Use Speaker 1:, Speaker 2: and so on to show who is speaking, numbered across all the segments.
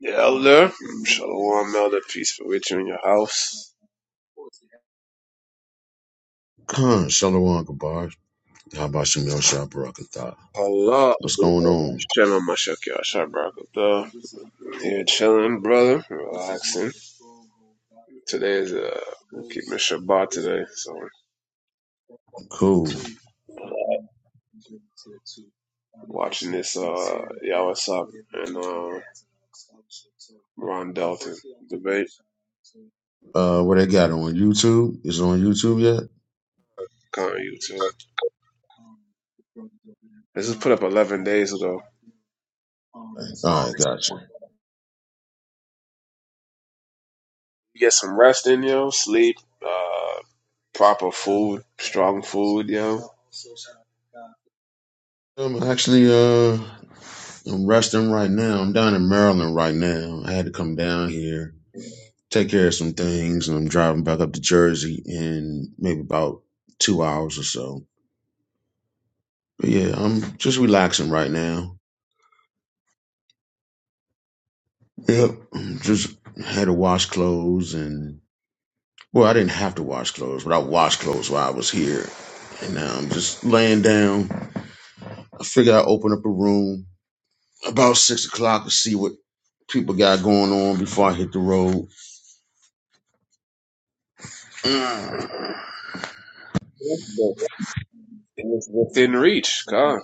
Speaker 1: The Elder, Shalom, Elder, peace be with you in your house.
Speaker 2: Khan, Shalom Kabar. How about some Yosha Barakatha?
Speaker 1: Allah,
Speaker 2: What's going on?
Speaker 1: Shalom, Mashaki, Ashar, Barakatah. Here chilling, brother, relaxing. Today is, uh, we're keeping Shabbat today, so
Speaker 2: Cool.
Speaker 1: watching this, uh, Yawasab and, uh, Ron Dalton debate
Speaker 2: Uh, what they got on YouTube? Is it on YouTube yet?
Speaker 1: Come on YouTube. This was put up 11 days ago.
Speaker 2: All right, gotcha.
Speaker 1: You Get some rest in, yo, sleep, uh, proper food, strong food, yo.
Speaker 2: I'm actually, uh, I'm resting right now. I'm down in Maryland right now. I had to come down here, take care of some things, and I'm driving back up to Jersey in maybe about two hours or so. But yeah, I'm just relaxing right now. Yep. Just had to wash clothes and Well, I didn't have to wash clothes, but I washed clothes while I was here. And now I'm um, just laying down. I figured I'd open up a room about six o'clock to see what people got going on before I hit the road. Mm.
Speaker 1: Didn't reach, God.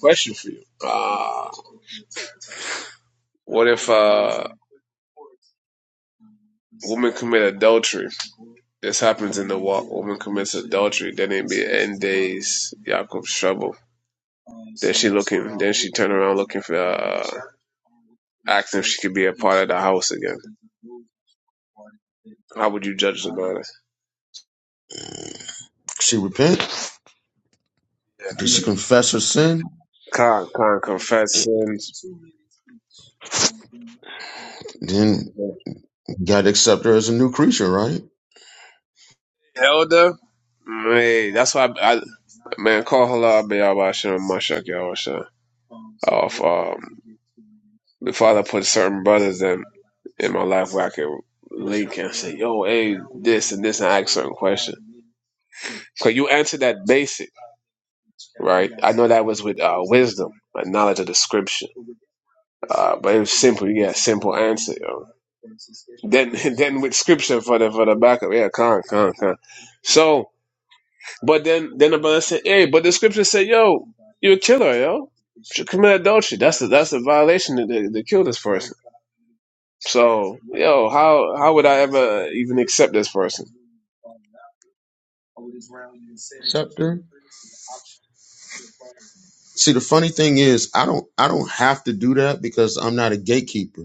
Speaker 1: Question for you. Uh, what if uh, woman commit adultery? This happens in the walk. Woman commits adultery. Then it be end days, Jacob's trouble. Then she looking. Then she turn around looking for uh, asking if she could be a part of the house again. How would you judge the matter?
Speaker 2: She repent? Did she confess her sin?
Speaker 1: Con, con, confess sins.
Speaker 2: Then God accept her as a new creature, right?
Speaker 1: Elder, man, that's why I, I Man, call halal Bayabashim Mashak Yahusha. Off um the father put certain brothers in in my life where I can link and say, yo, hey, this and this and ask certain questions. Cause you answered that basic, right? I know that was with uh, wisdom, like knowledge of the scripture. Uh, but it was simple, you get a simple answer, yo. Then then with scripture for the for the backup, yeah, con, con, con. So but then, then the brother said, "Hey, but the scripture said, yo, you're a killer, yo. You should commit adultery. That's a, that's a violation to, to, to kill this person. So, yo, how how would I ever even accept this person?
Speaker 2: Accept her. See, the funny thing is, I don't, I don't have to do that because I'm not a gatekeeper.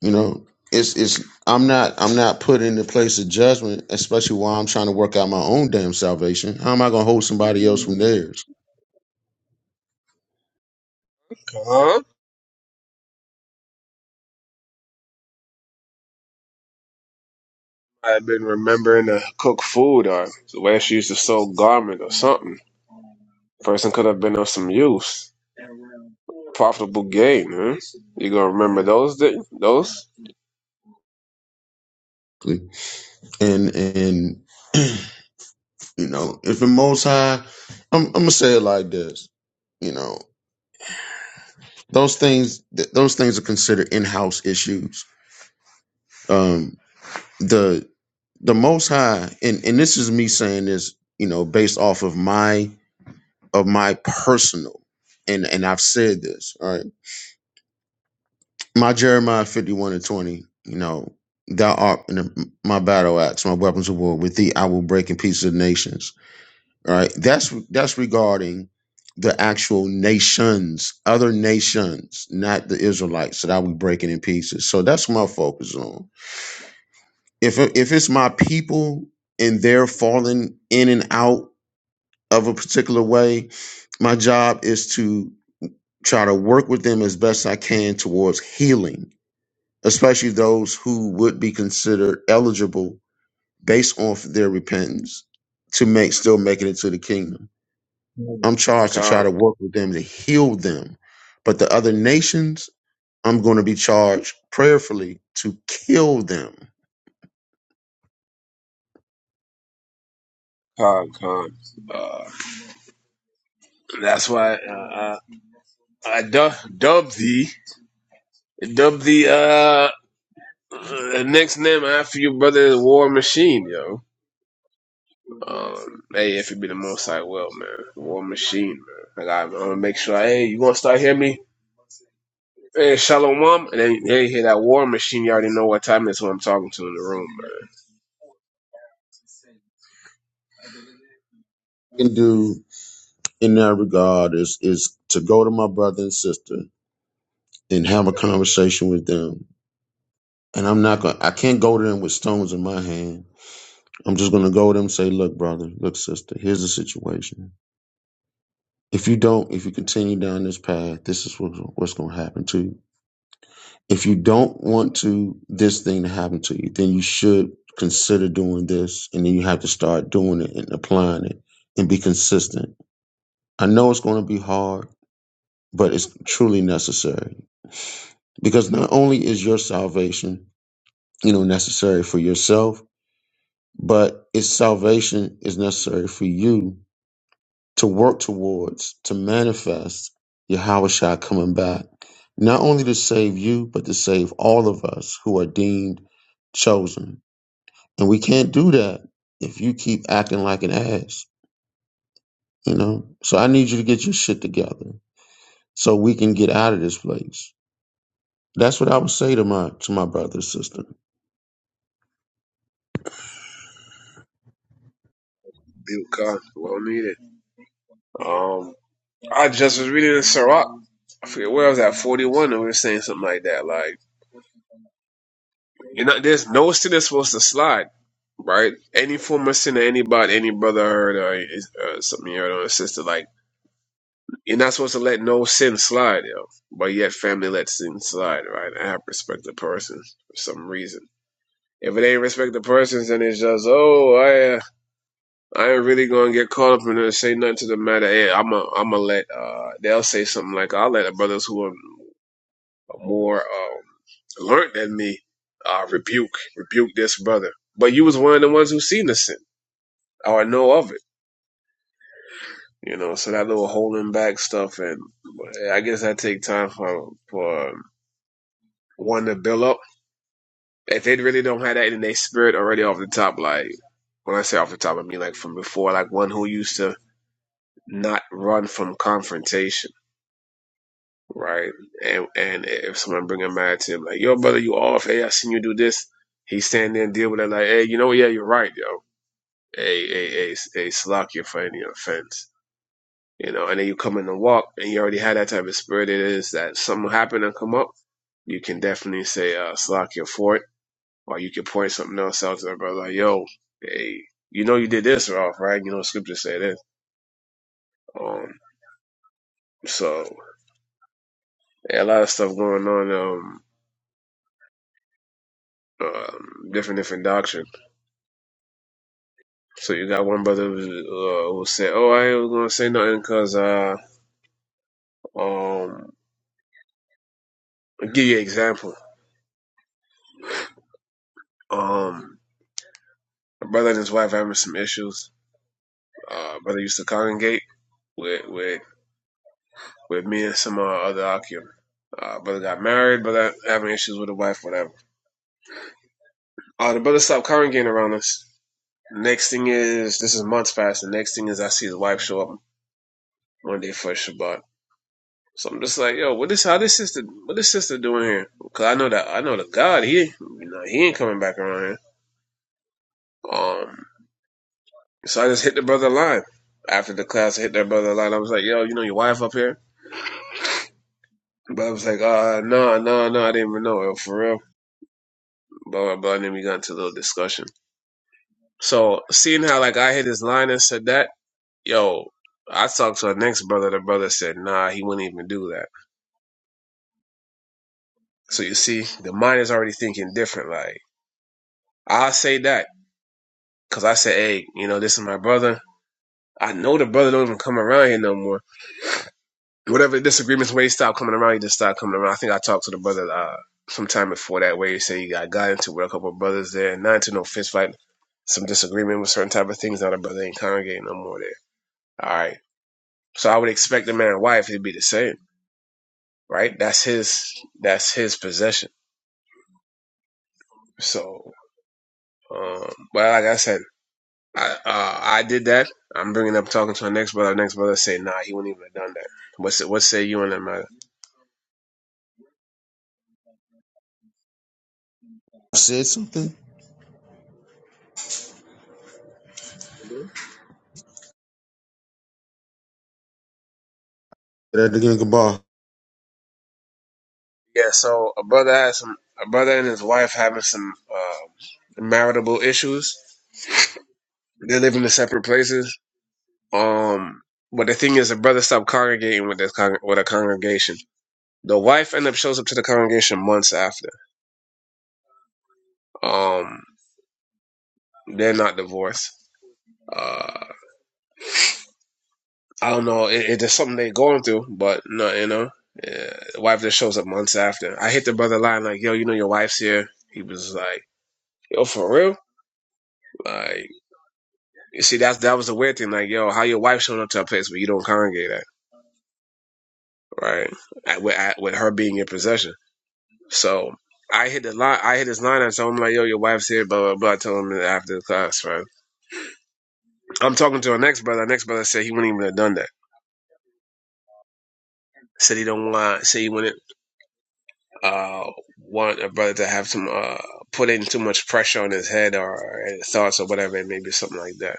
Speaker 2: You know, it's it's I'm not I'm not put in the place of judgment, especially while I'm trying to work out my own damn salvation. How am I gonna hold somebody else from theirs?
Speaker 1: Huh? I've been remembering to cook food or the way she used to sew garment or something. Person could have been of some use, profitable gain. Huh? You gonna remember those? Di- those?
Speaker 2: And and you know, if the Most High, I'm I'm gonna say it like this. You know, those things th- those things are considered in house issues. Um, the the Most High, and and this is me saying this, you know, based off of my of my personal, and and I've said this. right. my Jeremiah 51 and 20, you know, thou art in the, my battle axe, my weapons of war. With thee I will break in pieces the nations. All right. That's that's regarding the actual nations, other nations, not the Israelites that I will be breaking in pieces. So that's what my focus on. If it- if it's my people and they're falling in and out of a particular way, my job is to try to work with them as best I can towards healing especially those who would be considered eligible based off their repentance to make still making it to the kingdom. I'm charged to try
Speaker 1: Con,
Speaker 2: to work with them to heal them. But the other nations, I'm going to be charged prayerfully to kill them.
Speaker 1: con, con. Uh, that's why uh, I, I du- dubbed thee. Dub the uh, next name after your brother is War Machine, yo. Um, hey, if it be the most I will, man. War Machine, man. Like I, I'm gonna make sure. Hey, you gonna start hearing me? Hey, Shalom, Mom. and then hey, hear that War Machine. You already know what time it's when I'm talking to in the room, man.
Speaker 2: Can do in that regard is is to go to my brother and sister and have a conversation with them. And I'm not going to I can't go to them with stones in my hand. I'm just gonna go to them and say, look, brother, look, sister, here's the situation If you don't, if you continue down this path, this is what, what's going to happen to you. If you don't want to this thing to happen to you, then you should consider doing this, and then you have to start doing it and applying it and be consistent. I know it's going to be hard, but it's truly necessary because not only is your salvation, you know, necessary for yourself, but its salvation is necessary for you to work towards, to manifest Yahushua coming back, not only to save you, but to save all of us who are deemed chosen. And we can't do that if you keep acting like an ass, you know? So I need you to get your shit together so we can get out of this place. That's what I would say to my to my brother and sister.
Speaker 1: Built God, well needed. Um, I just was reading in Sirach. I forget where I was at, 41, and we were saying something like that, like. You know, there's no sin that's supposed to slide, right? Any form of sin that anybody, any brother heard or is- uh, something you heard or a sister, like you're not supposed to let no sin slide, yo. But yet, family lets sin slide, right? I have respect the person for some reason. If it ain't respect the persons, then it's just oh, I uh, I ain't really gonna get caught up in it. Say nothing to the matter. Hey, I'm a I'm a let. Uh, they'll say something like I'll let the brothers who are more. Um, Learned in me, uh, rebuke, rebuke this brother. But you was one of the ones who seen the sin or know of it, you know. So that little holding back stuff, and I guess that take time for for um, one to build up. If they really don't have that in their spirit already off the top, like when I say off the top, I mean like from before, like one who used to not run from confrontation, right? And and if someone bring a man to him, like yo brother, you off? Hey, I seen you do this. He's standing there and deal with it like, hey, you know, yeah, you're right, yo. A a a a hey, for any offense. You know, and then you come in the walk and you already had that type of spirit. It is that something happen and come up. You can definitely say, uh, slack your fort or you can point something else out to the brother. Like, yo, hey, you know, you did this, Ralph, right? You know, scripture say this. Um, so yeah, a lot of stuff going on. Um, um, different, different doctrine. So you got one brother who, uh, who said, "Oh, I ain't gonna say nothing because uh, um, I'll give you an example. Um, My brother and his wife having some issues. Uh, brother used to congregate with with, with me and some uh, other Akim. Uh, brother got married, brother having issues with the wife, whatever. Uh, the brother stopped congregating around us. Next thing is, this is months past. The next thing is, I see his wife show up one day for Shabbat. So I'm just like, yo, what this? How this sister? What this sister doing here? Cause I know that I know the God. He, you know, he ain't coming back around here. Um, so I just hit the brother line after the class. I hit that brother line. I was like, yo, you know your wife up here? But I was like, uh, no, no, no, I didn't even know it for real. But, but then we got into a little discussion. So seeing how like I hit his line and said that, yo, I talked to our next brother. The brother said, nah, he wouldn't even do that. So you see, the mind is already thinking different. Like I say that because I said, hey, you know, this is my brother. I know the brother don't even come around here no more. whatever disagreements way stop coming around, he just stopped coming around. I think I talked to the brother uh sometime before that Where He said he got, got into with a couple of brothers there, not into no fist fight, some disagreement with certain type of things. Now the brother ain't congregating no more there. All right. So I would expect the man and wife to be the same, right? That's his that's his possession. So um but like I said, I uh I did that. I'm bringing up talking to our next brother. Our next brother say, nah, he wouldn't even have done that. What's what say you on that matter?
Speaker 2: I said something? That the gang of bar.
Speaker 1: Yeah, so a brother has some a brother and his wife having some uh, maritable issues. They live in separate places. Um, but the thing is, the brother stopped congregating with this con- with a congregation. The wife end up shows up to the congregation months after. Um, they're not divorced. Uh, I don't know. It, it's just something they're going through, but no, you know, yeah, the wife just shows up months after. I hit the brother line like, "Yo, you know your wife's here." He was like, "Yo, for real?" Like. You see, that's that was the weird thing. Like, yo, how your wife showing up to a place where you don't congregate at, right? At, with, at, with her being in possession. So I hit the line. I hit his line. I told him like, yo, your wife's here. Blah blah blah. I told him after the class, right? I'm talking to our next brother. Our next brother said he wouldn't even have done that. Said he don't want. Said he wouldn't uh, want a brother to have some uh, put in too much pressure on his head or his thoughts or whatever it may be, something like that.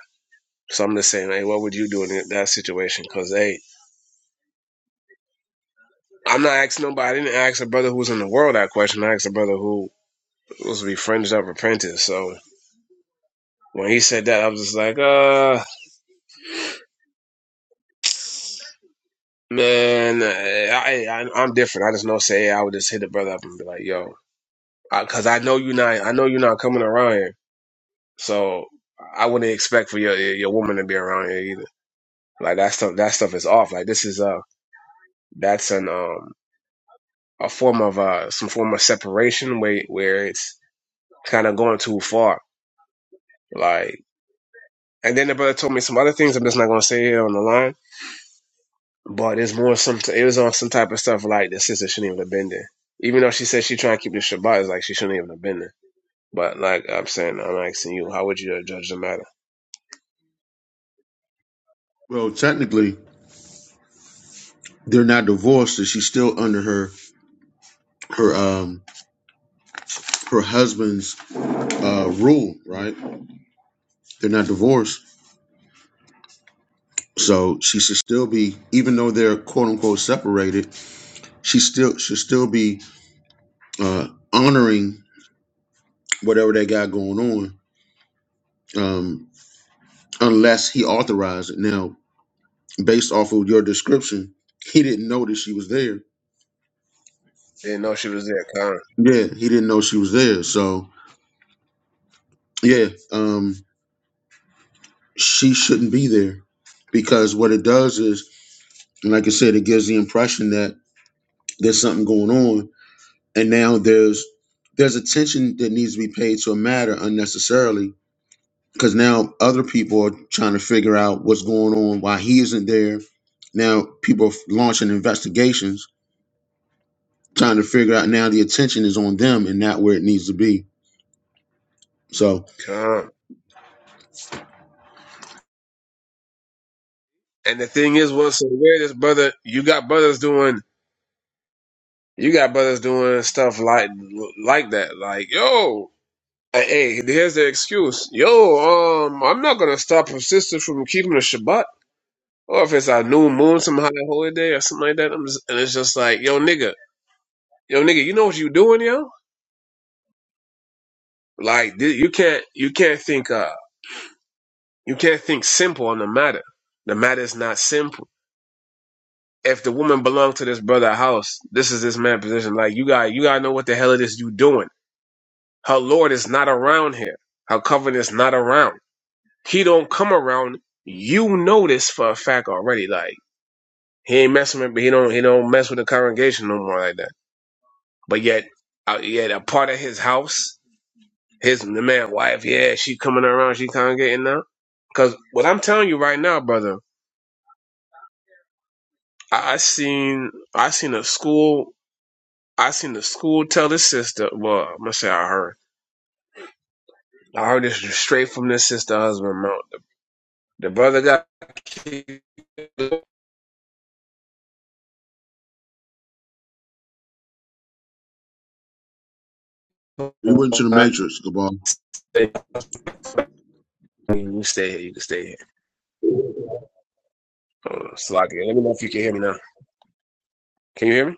Speaker 1: So I'm just saying, hey, what would you do in that situation? Because hey. I'm not asking nobody. I didn't ask a brother who was in the world that question. I asked a brother who was befriended up repentant. So when he said that, I was just like, uh, man, I, I, I'm different. I just know say I would just hit the brother up and be like, yo, because I, I know you are not. I know you're not coming around here. So I wouldn't expect for your your woman to be around here either. Like that stuff. That stuff is off. Like this is uh that's an um a form of uh some form of separation where where it's kind of going too far. Like. And then the brother told me some other things I'm just not gonna say here on the line. But it's more some it was on some type of stuff like the sister shouldn't even have been there. Even though she said she trying to keep the Shabbat, it's like she shouldn't even have been there. But like I'm saying, I'm asking you, how would you judge the matter?
Speaker 2: Well, technically, they're not divorced, and she's still under her her um her husband's uh rule, right? They're not divorced. So she should still be, even though they're quote unquote separated, she still should still be uh, honoring whatever they got going on, um, unless he authorized it. Now, based off of your description, he didn't know that she was there.
Speaker 1: Didn't know she was there. Come,
Speaker 2: Yeah, he didn't know she was there. So yeah, um, she shouldn't be there because what it does is, like I said, it gives the impression that there's something going on and now there's there's attention that needs to be paid to a matter unnecessarily because now other people are trying to figure out what's going on why he isn't there now people are launching investigations trying to figure out now the attention is on them and not where it needs to be so
Speaker 1: come. And the thing is, what's so weird is, brother, you got brothers doing You got brothers doing stuff like like that, like yo, hey, hey, here's the excuse, yo, um, I'm not gonna stop a sister from keeping the Shabbat, or if it's a new moon, some high holiday or something like that. I'm just, and it's just like, yo, nigga, yo, nigga, you know what you doing, yo? Like thi- you can't, you can't think, uh, you can't think simple on the matter. The matter is not simple. If the woman belonged to this brother house, this is this man position. Like you got, you gotta know what the hell it is you doing Her Lord is not around here. Her covenant is not around. He don't come around. You know this for a fact already. Like he ain't messing with, he don't he don't mess with the congregation no more like that. But yet, uh, yet a part of his house, his the man wife, yeah, she coming around, she congregating now. Cause what I'm telling you right now, brother, I, I seen I seen a school I seen the school tell the sister. Well, I'm gonna say I heard I heard this straight from this sister husband. Mount the brother got
Speaker 2: we went to the matrix Gabal.
Speaker 1: you stay here, you can stay here. Hold Slocky, let me know if you can hear me now. Can you hear me?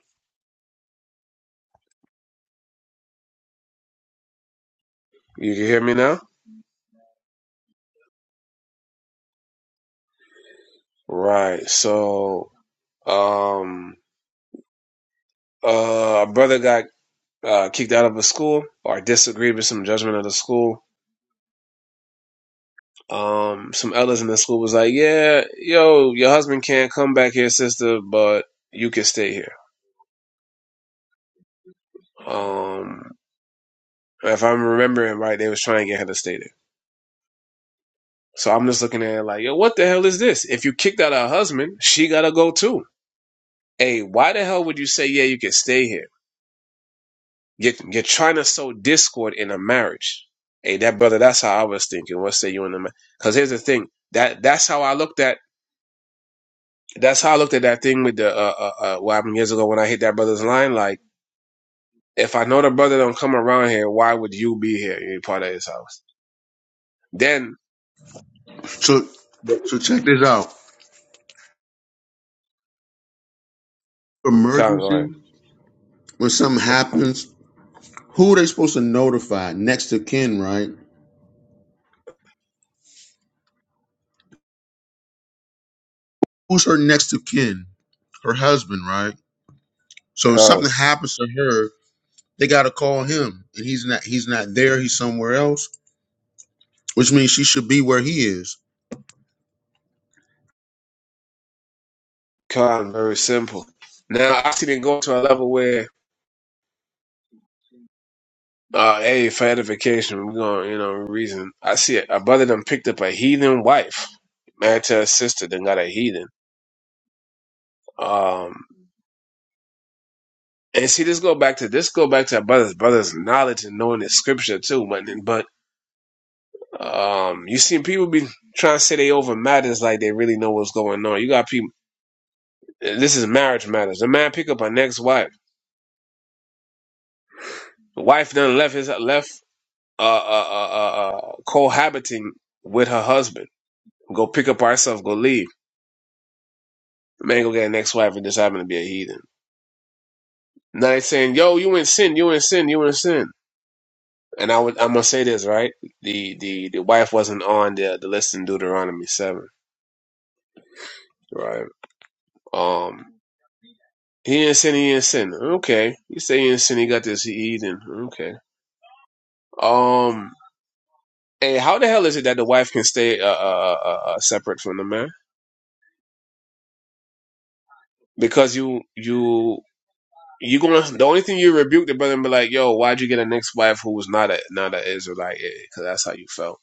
Speaker 1: You can hear me now? Right. So, um, uh, a brother got uh, kicked out of a school or disagreed with some judgment of the school. Um, some elders in the school was like, yeah, yo, your husband can't come back here, sister, but you can stay here. Um, if I'm remembering right, they was trying to get her to stay there. So I'm just looking at it like, yo, what the hell is this? If you kicked out her husband, she gotta go too. Hey, why the hell would you say, yeah, you can stay here? You're, you're trying to sow discord in a marriage. Hey, that brother, that's how I was thinking. What say you in the Because here's the thing that that's how I looked at that's how I looked at that thing with the uh, uh, uh what happened years ago when I hit that brother's line. Like, if I know the brother don't come around here, why would you be here? You're part of his house. Then
Speaker 2: so so check this out
Speaker 1: come on, go ahead.
Speaker 2: emergency when something happens who are they supposed to notify next of kin right who's her next of kin her husband right So if
Speaker 1: Come,
Speaker 2: something happens to her, they got to call him, and he's not he's not there. He's somewhere else, which means she should be where he is.
Speaker 1: come, very simple. Now I see them go to a level where uh, hey, for edification, we're going, you know, reason. I see it. A brother done picked up a heathen wife, married to a sister, then got a heathen. Um, and see, this go back to this go back to our brothers, brothers' knowledge and knowing the scripture too. But but um, you see, people be trying to say they over matters like they really know what's going on. You got people. This is marriage matters. The man pick up an ex wife. The wife then left his left uh, uh, uh, uh, uh, cohabiting with her husband. Go pick up herself. Go leave. The man go get an ex wife and just happen to be a heathen. Now they saying, "Yo, you in sin. You in sin. You in sin." And I would, I'm gonna say this right. The the the wife wasn't on the the list in Deuteronomy seven, right? Um, he didn't sin. He didn't sin. Okay, you say he didn't sin. He got this he eating. Okay. Um, hey, how the hell is it that the wife can stay uh, uh, uh, uh uh, separate from the man? Because you you you gonna the only thing you rebuke the brother and be like, yo, why'd you get a next wife who was not a not a Israelite? Because that's how you felt.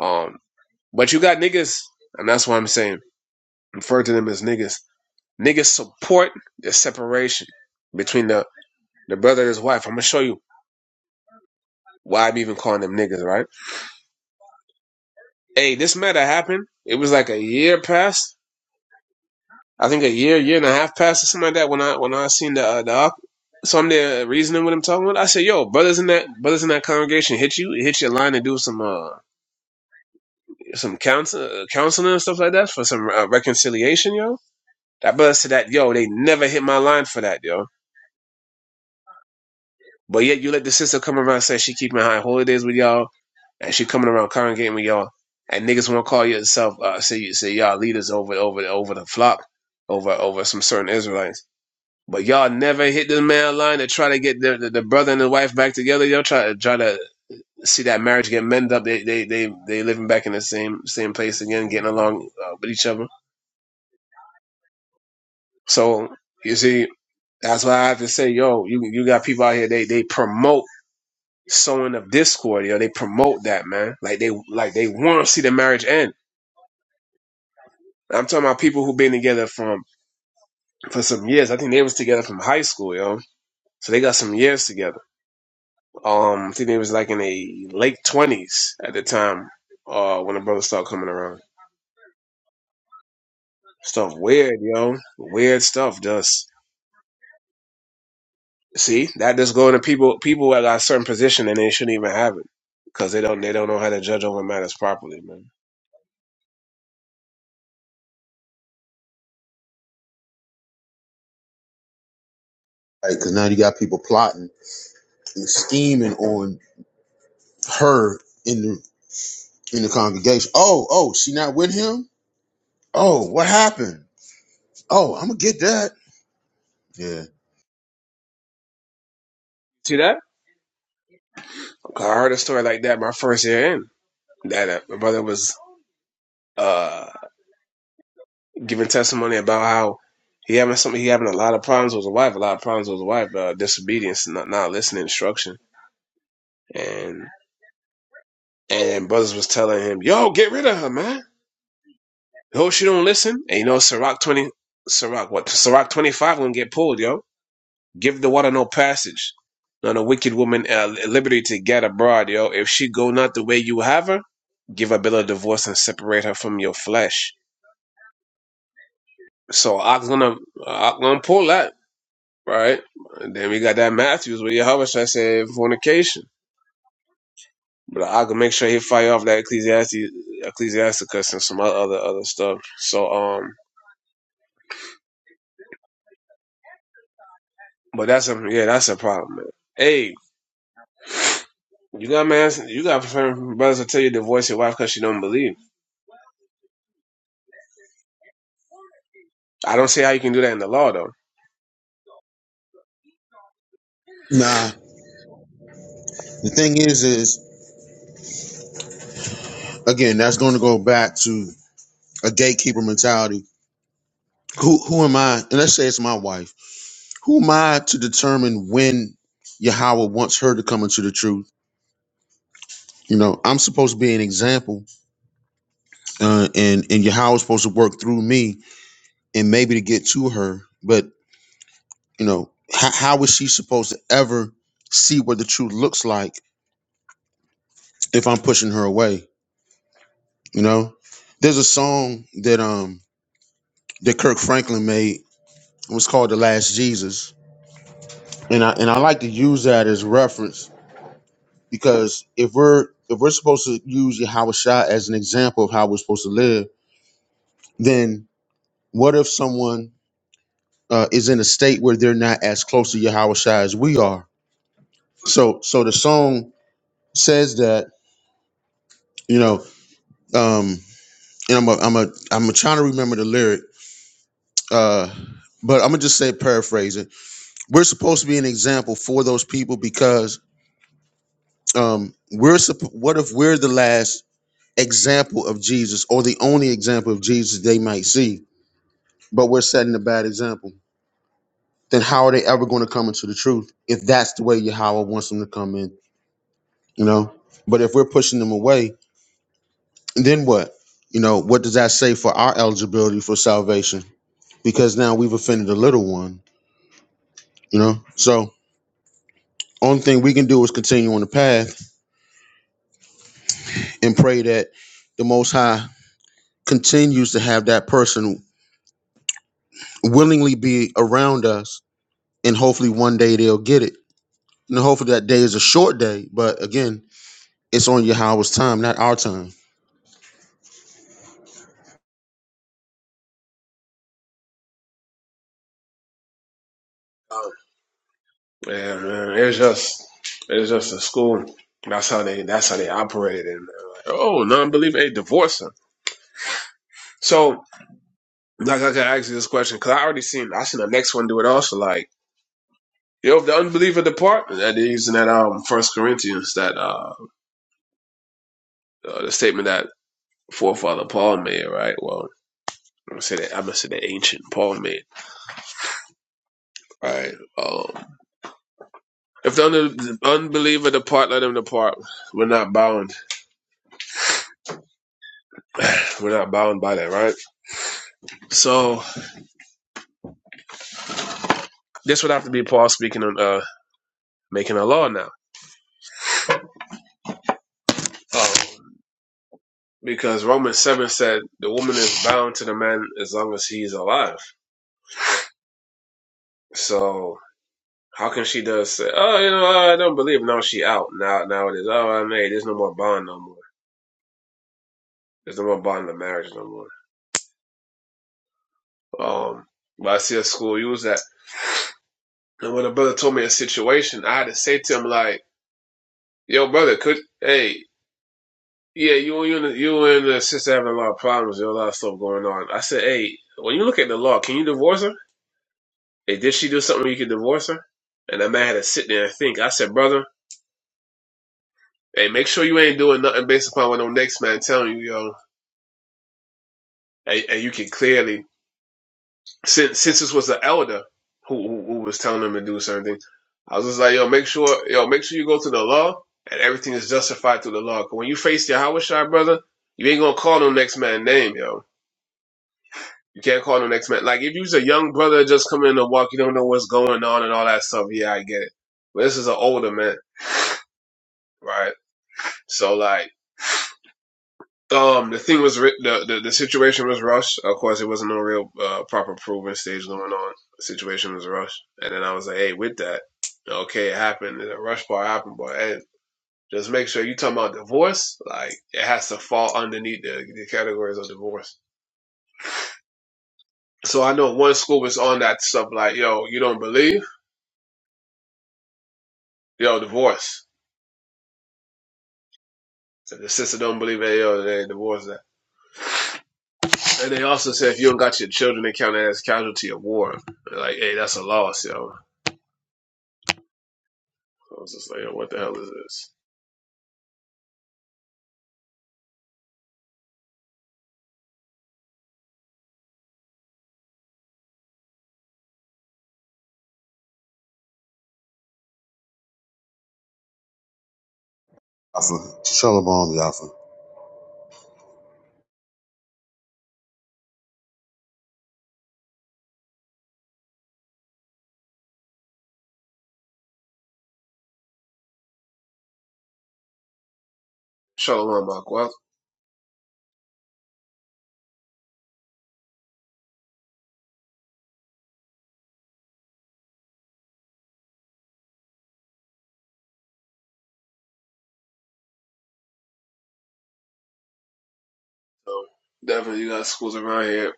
Speaker 1: Um, but you got niggas, and that's why I'm saying refer to them as niggas Niggas support the separation between the, the brother and his wife. I'm gonna show you why I'm even calling them niggas, right? Hey, this matter happened. It was like a year past. I think a year, year and a half past or something like that when I when I seen the uh, the op. So I'm there reasoning with him, talking with. Him. I said, "Yo, brothers in that brothers in that congregation hit you, hit your line and do some uh some counsel, uh, counseling and stuff like that for some uh, reconciliation, yo." That brother said that, "Yo, they never hit my line for that, yo." But yet you let the sister come around and say she keeping high holidays with y'all and she coming around congregating with y'all, and niggas want to call yourself uh, say you say y'all leaders over over over the flock, over over some certain Israelites. But y'all never hit the man line to try to get the, the, the brother and the wife back together. Y'all try to try to see that marriage get mended up. They they they they living back in the same same place again, getting along uh, with each other. So you see, that's why I have to say, yo, you you got people out here. They they promote sowing of discord. Yo, they promote that man. Like they like they want to see the marriage end I'm talking about people who've been together from for some years. I think they was together from high school, yo. So they got some years together. Um, I think they was like in the late twenties at the time, uh, when the brothers started coming around. Stuff weird, yo. Weird stuff. Just see that just going to people people that got a certain position and they shouldn't even have it because they don't they don't know how to judge over matters properly, man.
Speaker 2: Right? Because now you got people plotting and scheming on her in the in the congregation. Oh, oh, she not with him. Oh, what happened? Oh, I'm gonna get that. Yeah.
Speaker 1: I heard a story like that my first year in that uh, my brother was. uh. giving testimony about how he having some he having a lot of problems with his wife, a lot of problems with his wife, uh, disobedience, not not listening to instruction, and and brothers was telling him, "Yo, get rid of her, man. Yo, she don't listen." And you know, Sirach twenty, Sirach what? Sirach twenty five gonna get pulled, yo. Give the water no passage. None a wicked woman uh, liberty to get abroad, yo. If she go not the way you have her, give a bill of divorce and separate her from your flesh. So I'm gonna I'm gonna pull that. right? And then we got that Matthews where Yahweh Shai said fornication. But I can make sure he fire off that Ecclesiastes, Ecclesiasticus and some other other other stuff. So um, but that's a yeah, that's a problem, man. Hey, you got man, you got friend- brothers that tell you to divorce your wife because she don't believe. I don't see how you can do that in the law though.
Speaker 2: Nah. The thing is, is again, that's going to go back to a gatekeeper mentality. Who who am I? And let's say it's my wife. Who am I to determine when Yahweh wants her to come into the truth? You know, I'm supposed to be an example, uh, and and Yahweh is supposed to work through me and maybe to get to her. But you know, how, how is she supposed to ever see what the truth looks like if I'm pushing her away? You know, there's a song that um that Kirk Franklin made. It was called "The Last Jesus," and I and I like to use that as reference because if we're if we're supposed to use Yahweh Shah as an example of how we're supposed to live, then what if someone uh, is in a state where they're not as close to Yahweh Shai as we are. So so the song says that, you know, um, and I'm a, I'm a, I'm trying to remember the lyric, uh, but I'm gonna just say paraphrase it. We're supposed to be an example for those people because um, we're supp- what if we're the last example of Jesus or the only example of Jesus they might see, but we're setting a bad example. Then how are they ever going to come into the truth if that's the way Yahweh wants them to come in? you know but if we're pushing them away then what you know what does that say for our eligibility for salvation because now we've offended a little one you know so only thing we can do is continue on the path and pray that the most high continues to have that person willingly be around us and hopefully one day they'll get it and hopefully that day is a short day but again it's on yahweh's time not our time
Speaker 1: Yeah, man, it's just it's just a school. That's how they that's how they operated. And uh, like, oh, non-believer, hey, divorce her. So Like I can ask you this question because I already seen I seen the next one do it also. Like you know, if the unbeliever depart, that they're using that um First Corinthians that uh, uh the statement that forefather Paul made, right? Well, I'm gonna say that I'm gonna say that ancient Paul made, right? Um, if the un- unbeliever depart, let him depart. We're not bound. We're not bound by that, right? So this would have to be Paul speaking on uh making a law now. Um, because Romans seven said the woman is bound to the man as long as he is alive. So How come she does say, "Oh, you know, I don't believe." No, she out now. Now it is. Oh, I made. There's no more bond no more. There's no more bond in the marriage no more. Um, but I see a school use that. And when a brother told me a situation, I had to say to him like, "Yo, brother, could hey, yeah, you you and you and the sister having a lot of problems. There's a lot of stuff going on." I said, "Hey, when you look at the law, can you divorce her? Hey, did she do something you could divorce her?" And that man had to sit there and think. I said, "Brother, hey, make sure you ain't doing nothing based upon what no next man telling you, yo." And, and you can clearly since since this was the elder who, who who was telling him to do certain things, I was just like, yo, make sure yo, make sure you go to the law and everything is justified through the law. 'Cause when you face your Hawashai brother, you ain't gonna call no next man name, yo. You can't call no next man. Like if you was a young brother just coming in to walk, you don't know what's going on and all that stuff. Yeah, I get it. But this is an older man, right? So like. Um, the thing was the, the the situation was rushed. Of course, it wasn't no real uh, proper proven stage going on. The situation was rushed, and then I was like, "Hey, with that, okay, it happened. The rush part happened, but hey, just make sure you talking about divorce. Like, it has to fall underneath the, the categories of divorce." So I know one school was on that stuff like, "Yo, you don't believe? Yo, divorce." If the sister don't believe it, yo, they divorce that. And they also said if you don't got your children, they count it as casualty of war. Like, hey, that's a loss, yo I was just like, yo, what the hell is this?
Speaker 2: Alpha. shalom Alpha.
Speaker 1: Shalom, Mark. Well, so definitely you got schools around here.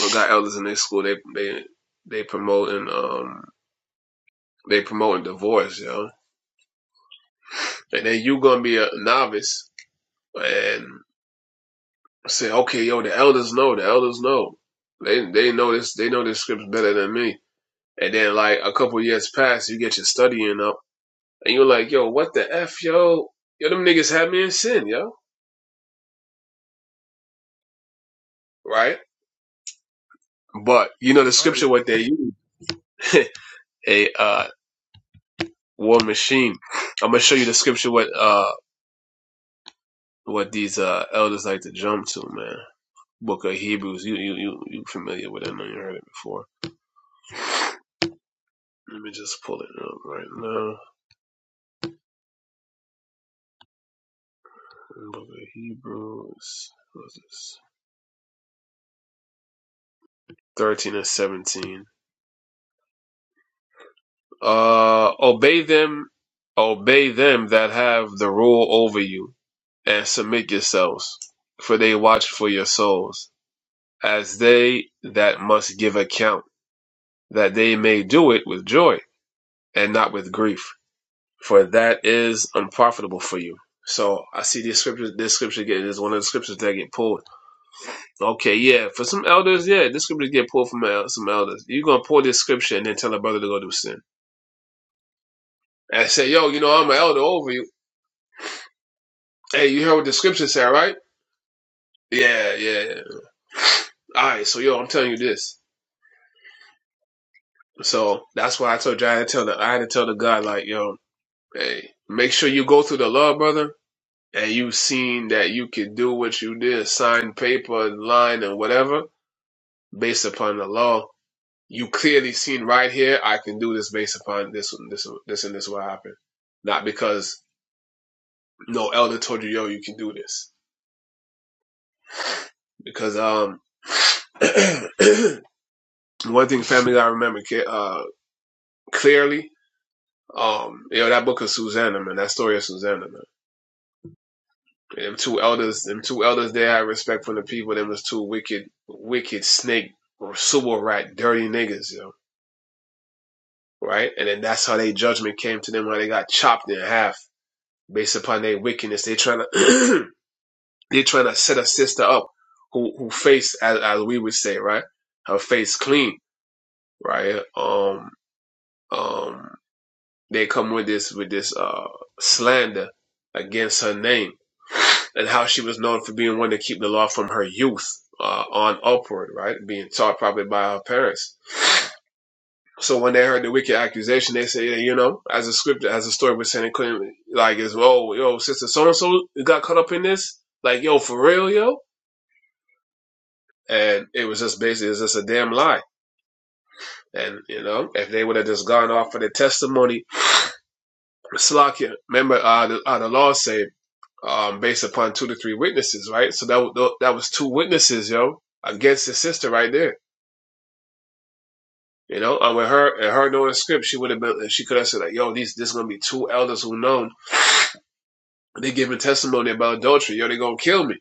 Speaker 1: We got elders in their school. They they they promoting um they promoting divorce, yo. And then you gonna be a novice and say, okay, yo, the elders know, the elders know. They they know this they know this scripts better than me. And then like a couple years pass, you get your studying up, and you're like, yo, what the f, yo, yo, them niggas had me in sin, yo, right? But you know the
Speaker 2: right
Speaker 1: scripture what they use. a uh, war machine. I'm gonna show you the scripture what uh what these uh elders like to jump to, man. Book of Hebrews. You you you, you familiar with it? I know you heard it before. Let me just pull it up right now. Book of Hebrews. What's this? Thirteen and seventeen. Uh, obey them, obey them that have the rule over you, and submit yourselves, for they watch for your souls, as they that must give account that they may do it with joy and not with grief, for that is unprofitable for you. So I see this scripture, this scripture getting is one of the scriptures that get pulled. Okay, yeah, for some elders, yeah, this scripture get pulled from el- some elders. You're gonna pull this scripture and then tell a brother to go do sin and say, yo, you know, I'm an elder over you. Hey, you heard what the scripture said, right? Yeah, yeah, yeah. All right, so yo, I'm telling you this. So that's why I told you I had to tell the I had to tell the guy like, yo, hey, make sure you go through the law, brother and you've seen that you could do what you did, sign paper, line, and whatever, based upon the law, you clearly seen right here, I can do this based upon this, this, this, and this will happen. Not because no elder told you, yo, you can do this. Because, um, one thing family I remember, ca- uh, clearly, um, yo, that book of Susanna, man, that story of Susanna, man. Them two elders, them two elders there had respect for the people. Them was two wicked, wicked snake or sewer rat, dirty niggas, yo. Right? And then that's how they judgment came to them, how they got chopped in half based upon their wickedness. They trying to, they trying to set a sister up who, who face, as, as we would say, right? Her face clean, right? Um, um, they come with this with this uh, slander against her name and how she was known for being one to keep the law from her youth uh, on upward, right? Being taught probably by her parents. So when they heard the wicked accusation, they say, you know, as a scripture, as a story was saying, it couldn't like is oh yo sister so and so got caught up in this, like yo for real yo, and it was just basically it's just a damn lie. And you know, if they would have just gone off for the testimony, Slakia, remember uh, the, uh, the law say um, based upon two to three witnesses, right? So that that was two witnesses, yo, against his sister right there. You know, and with her and her knowing the script, she would have been. She could have said, like, "Yo, these this gonna be two elders who known. They giving testimony about adultery. Yo, they gonna kill me."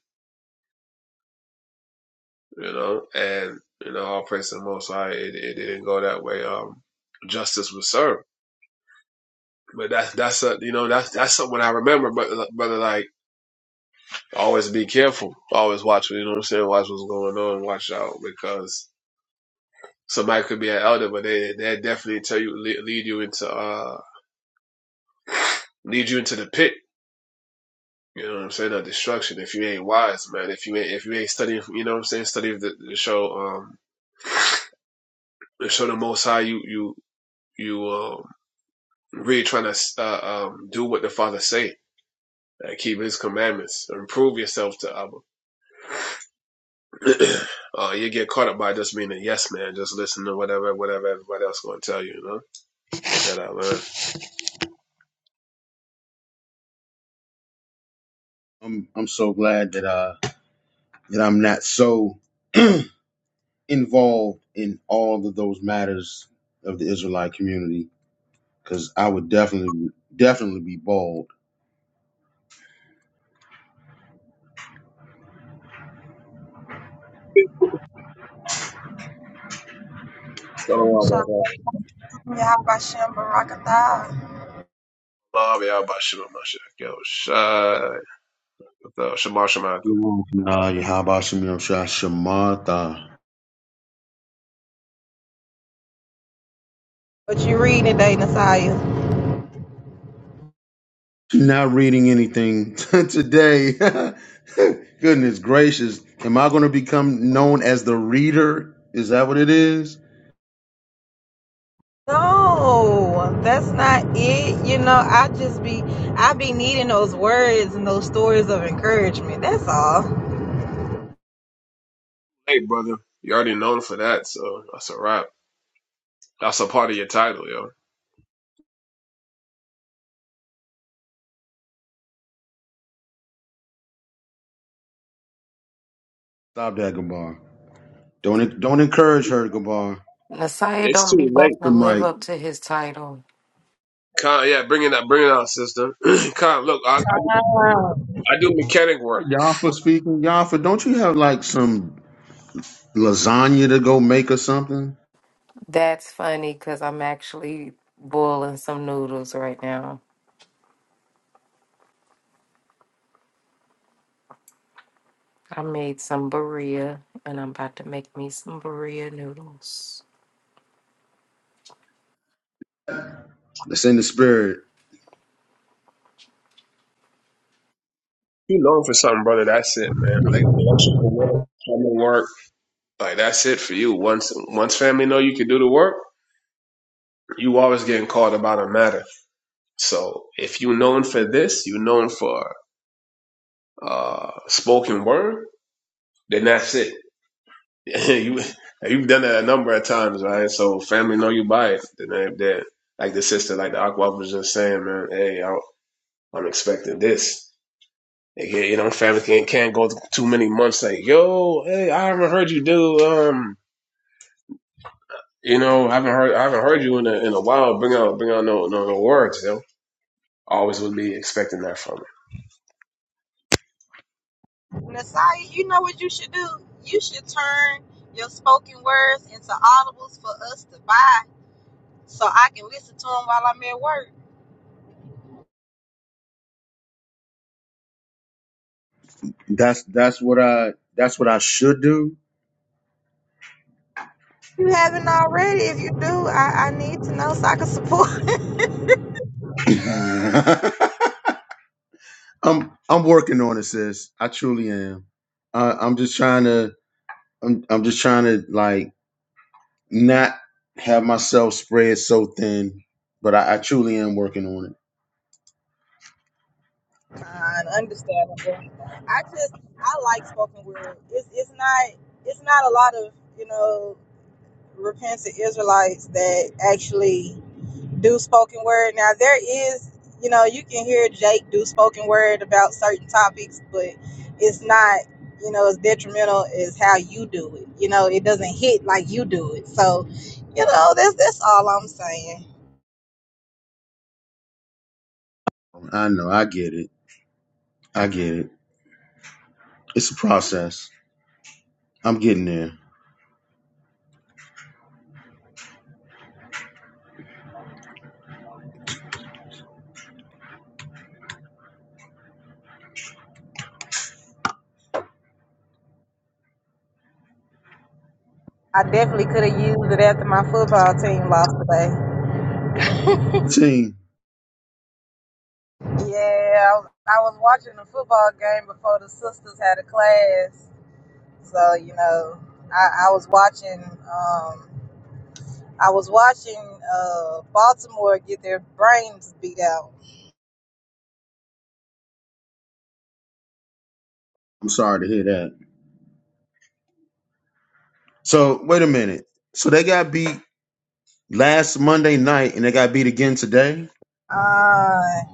Speaker 1: You know, and you know, all praise the Most High. It, it didn't go that way. Um, justice was served. But that's that's a you know that's that's something I remember. But brother, like always be careful. Always watch. You know what I'm saying? Watch what's going on. Watch out because Somebody could be an elder, but they they definitely tell you lead, you into uh lead you into the pit. You know what I'm saying? Of destruction if you ain't wise, man. If you ain't if you ain't studying, you know what I'm saying? Study the, the show um the show the Most High. You you you um really trying to uh, um do what the Father say. and keep his commandments Improve yourself to other. uh, you get caught up by just being a yes man, just listen to whatever, whatever everybody else going to tell you, you know? That I learned.
Speaker 2: i'm, I'm so glad that uh that I'm not so involved in all of those matters of the Israelite community because I would definitely, definitely be bald.
Speaker 3: Shalom, Yahabashim, Barakatah.
Speaker 1: Love y'all by Shema Mashiach. Yo, Shai. Yo, Shema Shema.
Speaker 2: Nah, Yahweh Shem Yom
Speaker 3: What you reading today, Nasiah?
Speaker 2: Not reading anything today. Goodness gracious. Am I going to become known as the reader? Is that what it is?
Speaker 3: No, that's not it. You know, I just be, I be needing those words and those stories of encouragement. That's all.
Speaker 1: Hey, brother. You already known for that, so that's a wrap. That's a part of your title, yo.
Speaker 2: Stop that, Gabar. Don't don't encourage her, Gabar.
Speaker 4: Messiah
Speaker 1: It's
Speaker 4: don't
Speaker 1: too
Speaker 4: be
Speaker 1: late.
Speaker 4: wanting to
Speaker 2: The
Speaker 4: live
Speaker 2: mic.
Speaker 4: up to his title.
Speaker 1: Con, yeah, bring it out, bring it out, sister. Con, look, I, I,
Speaker 3: Wow.
Speaker 1: do- I do mechanic work.
Speaker 2: Yafa speaking. Yafa, don't you have like some lasagna to go make or something.
Speaker 4: That's funny because I'm actually boiling some noodles right now. I made some burrito and I'm about to make me some burrito noodles.
Speaker 2: That's in the spirit.
Speaker 1: You known for something, brother. That's it, man. Like electrical work, plumbing work. Like that's it for you. Once, once family know you can do the work, you always getting called about a matter. So if you known for this, you known for uh spoken word, then that's it you you've done that a number of times, right? So family know you by it. Then they, they, like the sister, like the aqua was just saying, man, hey, I, I'm expecting this. And yeah, you know, family can't, can't go too many months. Like, yo, hey, I haven't heard you do. Um, you know, I haven't heard I haven't heard you in a in a while. Bring out bring out no no, no words. You always would be expecting that from her.
Speaker 3: Nasiah, you know what you should do? You should turn your spoken words into audibles for us to buy so I can listen to them while I'm at work.
Speaker 2: That's that's what I that's what I should do.
Speaker 3: You haven't already. If you do, I, I need to know so I can support.
Speaker 2: I'm I'm working on it, sis. I truly am. I, I'm just trying to I'm I'm just trying to like not have myself spread so thin, but I, I truly am working on it.
Speaker 3: fine, understandable. I just I like spoken word. It's it's not it's not a lot of you know repentant Israelites that actually do spoken word. Now there is you know you can hear Jake do spoken word about certain topics, but it's not you know as detrimental as how you do it. You know it doesn't hit like you do it. So you know that's that's all I'm saying.
Speaker 2: I know, I get it. I get it. It's a process. I'm getting there.
Speaker 3: I definitely could have used it after my football team lost today.
Speaker 2: Team,
Speaker 3: Yeah, I was, I was watching the football game before the sisters had a class, so you know, I, I was watching. Um, I was watching uh, Baltimore get their brains beat out.
Speaker 2: I'm sorry to hear that. So wait a minute. So they got beat last Monday night, and they got beat again today.
Speaker 3: Uh,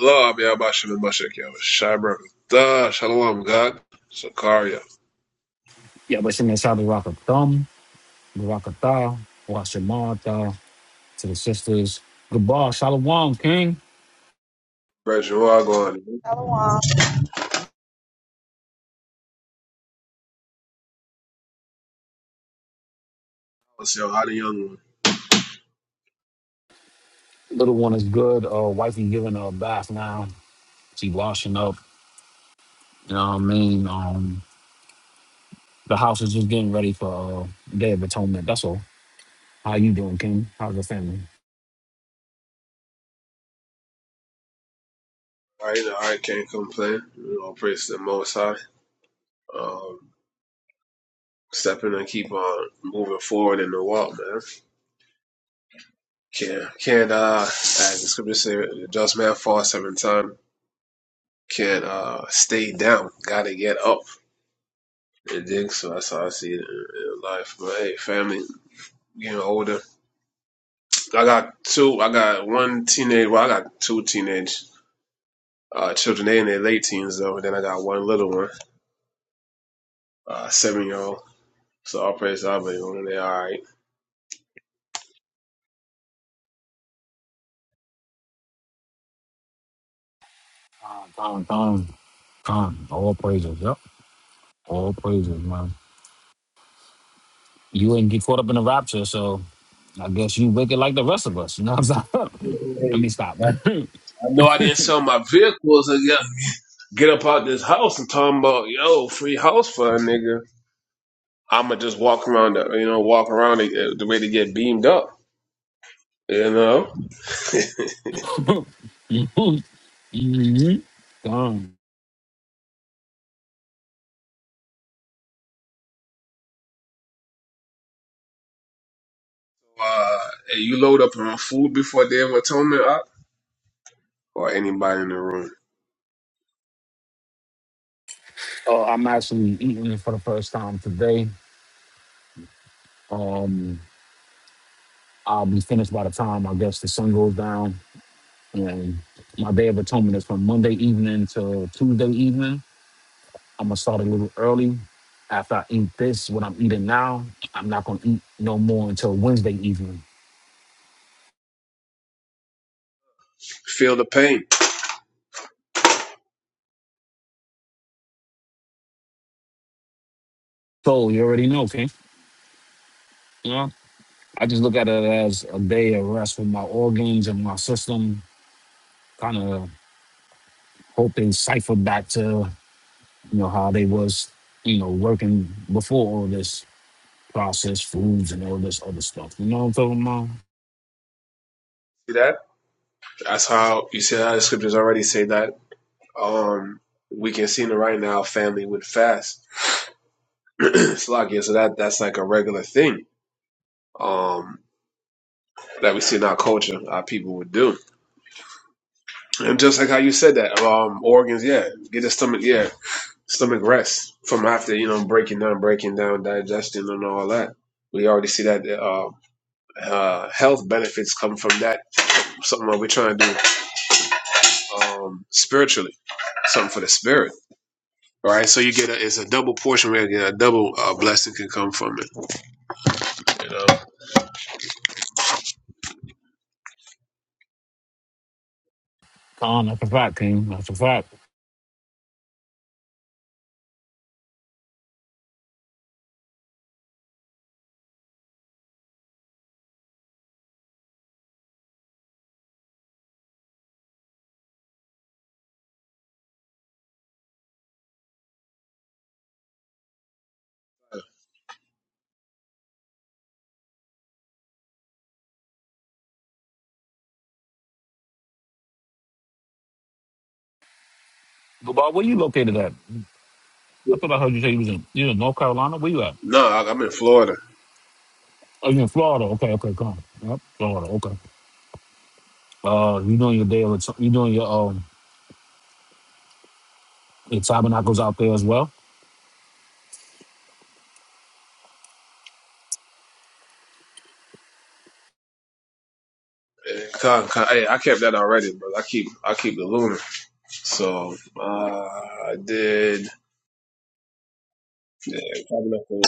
Speaker 1: Love Yabashim and Mashak Yabashim. Shalom, God. Sakaria.
Speaker 5: Yeah, but Shimon Shabbat Baraka Thumb, Baraka Tha, Washamar Tha, to the sisters. Goodbye, Shalom, King.
Speaker 1: Praise you all going.
Speaker 3: Shalom,
Speaker 1: Let's see how the young one.
Speaker 5: Little one is good. Uh, wifey giving her a bath now. She washing up. You know what I mean? Um, the house is just getting ready for uh, Day of Atonement. That's all. How you doing, King? How's your family?
Speaker 1: All right, all right, can't complain. You know, praise the Most High. Um, stepping and keep on moving forward in the walk, man. Can't, can't, uh, as the scripture say, the just man falls seven times. Can't, uh, stay down. Gotta get up. And dig, so that's how I see it in, in life. But hey, family, getting older. I got two. I got one teenage. Well, I got two teenage uh, children. They in their late teens though. And then I got one little one, uh, seven year old. So all praise God, but you know, they all right.
Speaker 5: Con, con, con. All praises. Yep. All praises, man. You ain't get caught up in the rapture, so I guess you wicked like the rest of us. You know what I'm saying? Let me stop, man.
Speaker 1: I know I didn't sell my vehicles and get, get up out this house and talking about yo free house for a nigga. I'ma just walk around, the, you know, walk around the, the way to get beamed up, you know.
Speaker 5: hmm Gone.
Speaker 1: uh, hey, you load up on food before Day of Atonement up, or anybody in the room.
Speaker 5: Uh, I'm actually eating it for the first time today. Um, I'll be finished by the time I guess the sun goes down. And my day of atonement is from Monday evening to Tuesday evening. I'm gonna start a little early. After I eat this, what I'm eating now, I'm not gonna eat no more until Wednesday evening.
Speaker 1: Feel the pain.
Speaker 5: So you already know, King. You know, I just look at it as a day of rest for my organs and my system. Kind of hope they cipher back to you know how they was you know working before all this processed foods and all this other stuff you know what i'm talking about
Speaker 1: See that? That's how you see how the scriptures already say that um we can see in the right now family would fast. Slovakia, so that that's like a regular thing um that we see in our culture, our people would do. And just like how you said that, um organs, yeah, get the stomach yeah, stomach rest from after, you know, breaking down, breaking down, digestion and all that. We already see that uh, uh, health benefits come from that. Something that we're trying to do um, spiritually, something for the spirit. All right, so you get a, it's a double portion where you get a double uh, blessing can come from it. You know,
Speaker 5: Con, that's a fact king that's a fact Goodbye, where you located at i thought i heard you say you was in you in north carolina where you at
Speaker 1: no, I, I'm in Florida.
Speaker 5: oh you in florida okay okay come yep florida okay uh you doing your day of you doing your um your tabernacles out there as well
Speaker 1: Eh, con- con- hey, I kept that already, but I keep I keep the lunar. So uh, I did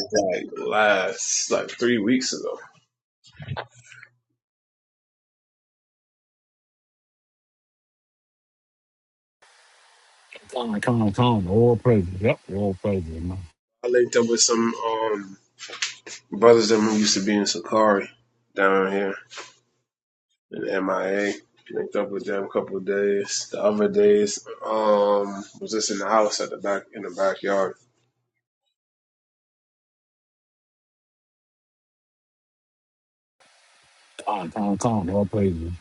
Speaker 1: like last like three weeks ago.
Speaker 5: Con, con, con, all praises. Yep, all praises, man.
Speaker 1: I linked up with some um, brothers that used to be in Sakari down here in MIA. Linked up with them a couple of days. The other days, um, was just in the house at the back in the backyard
Speaker 5: Con, con, con, all praises.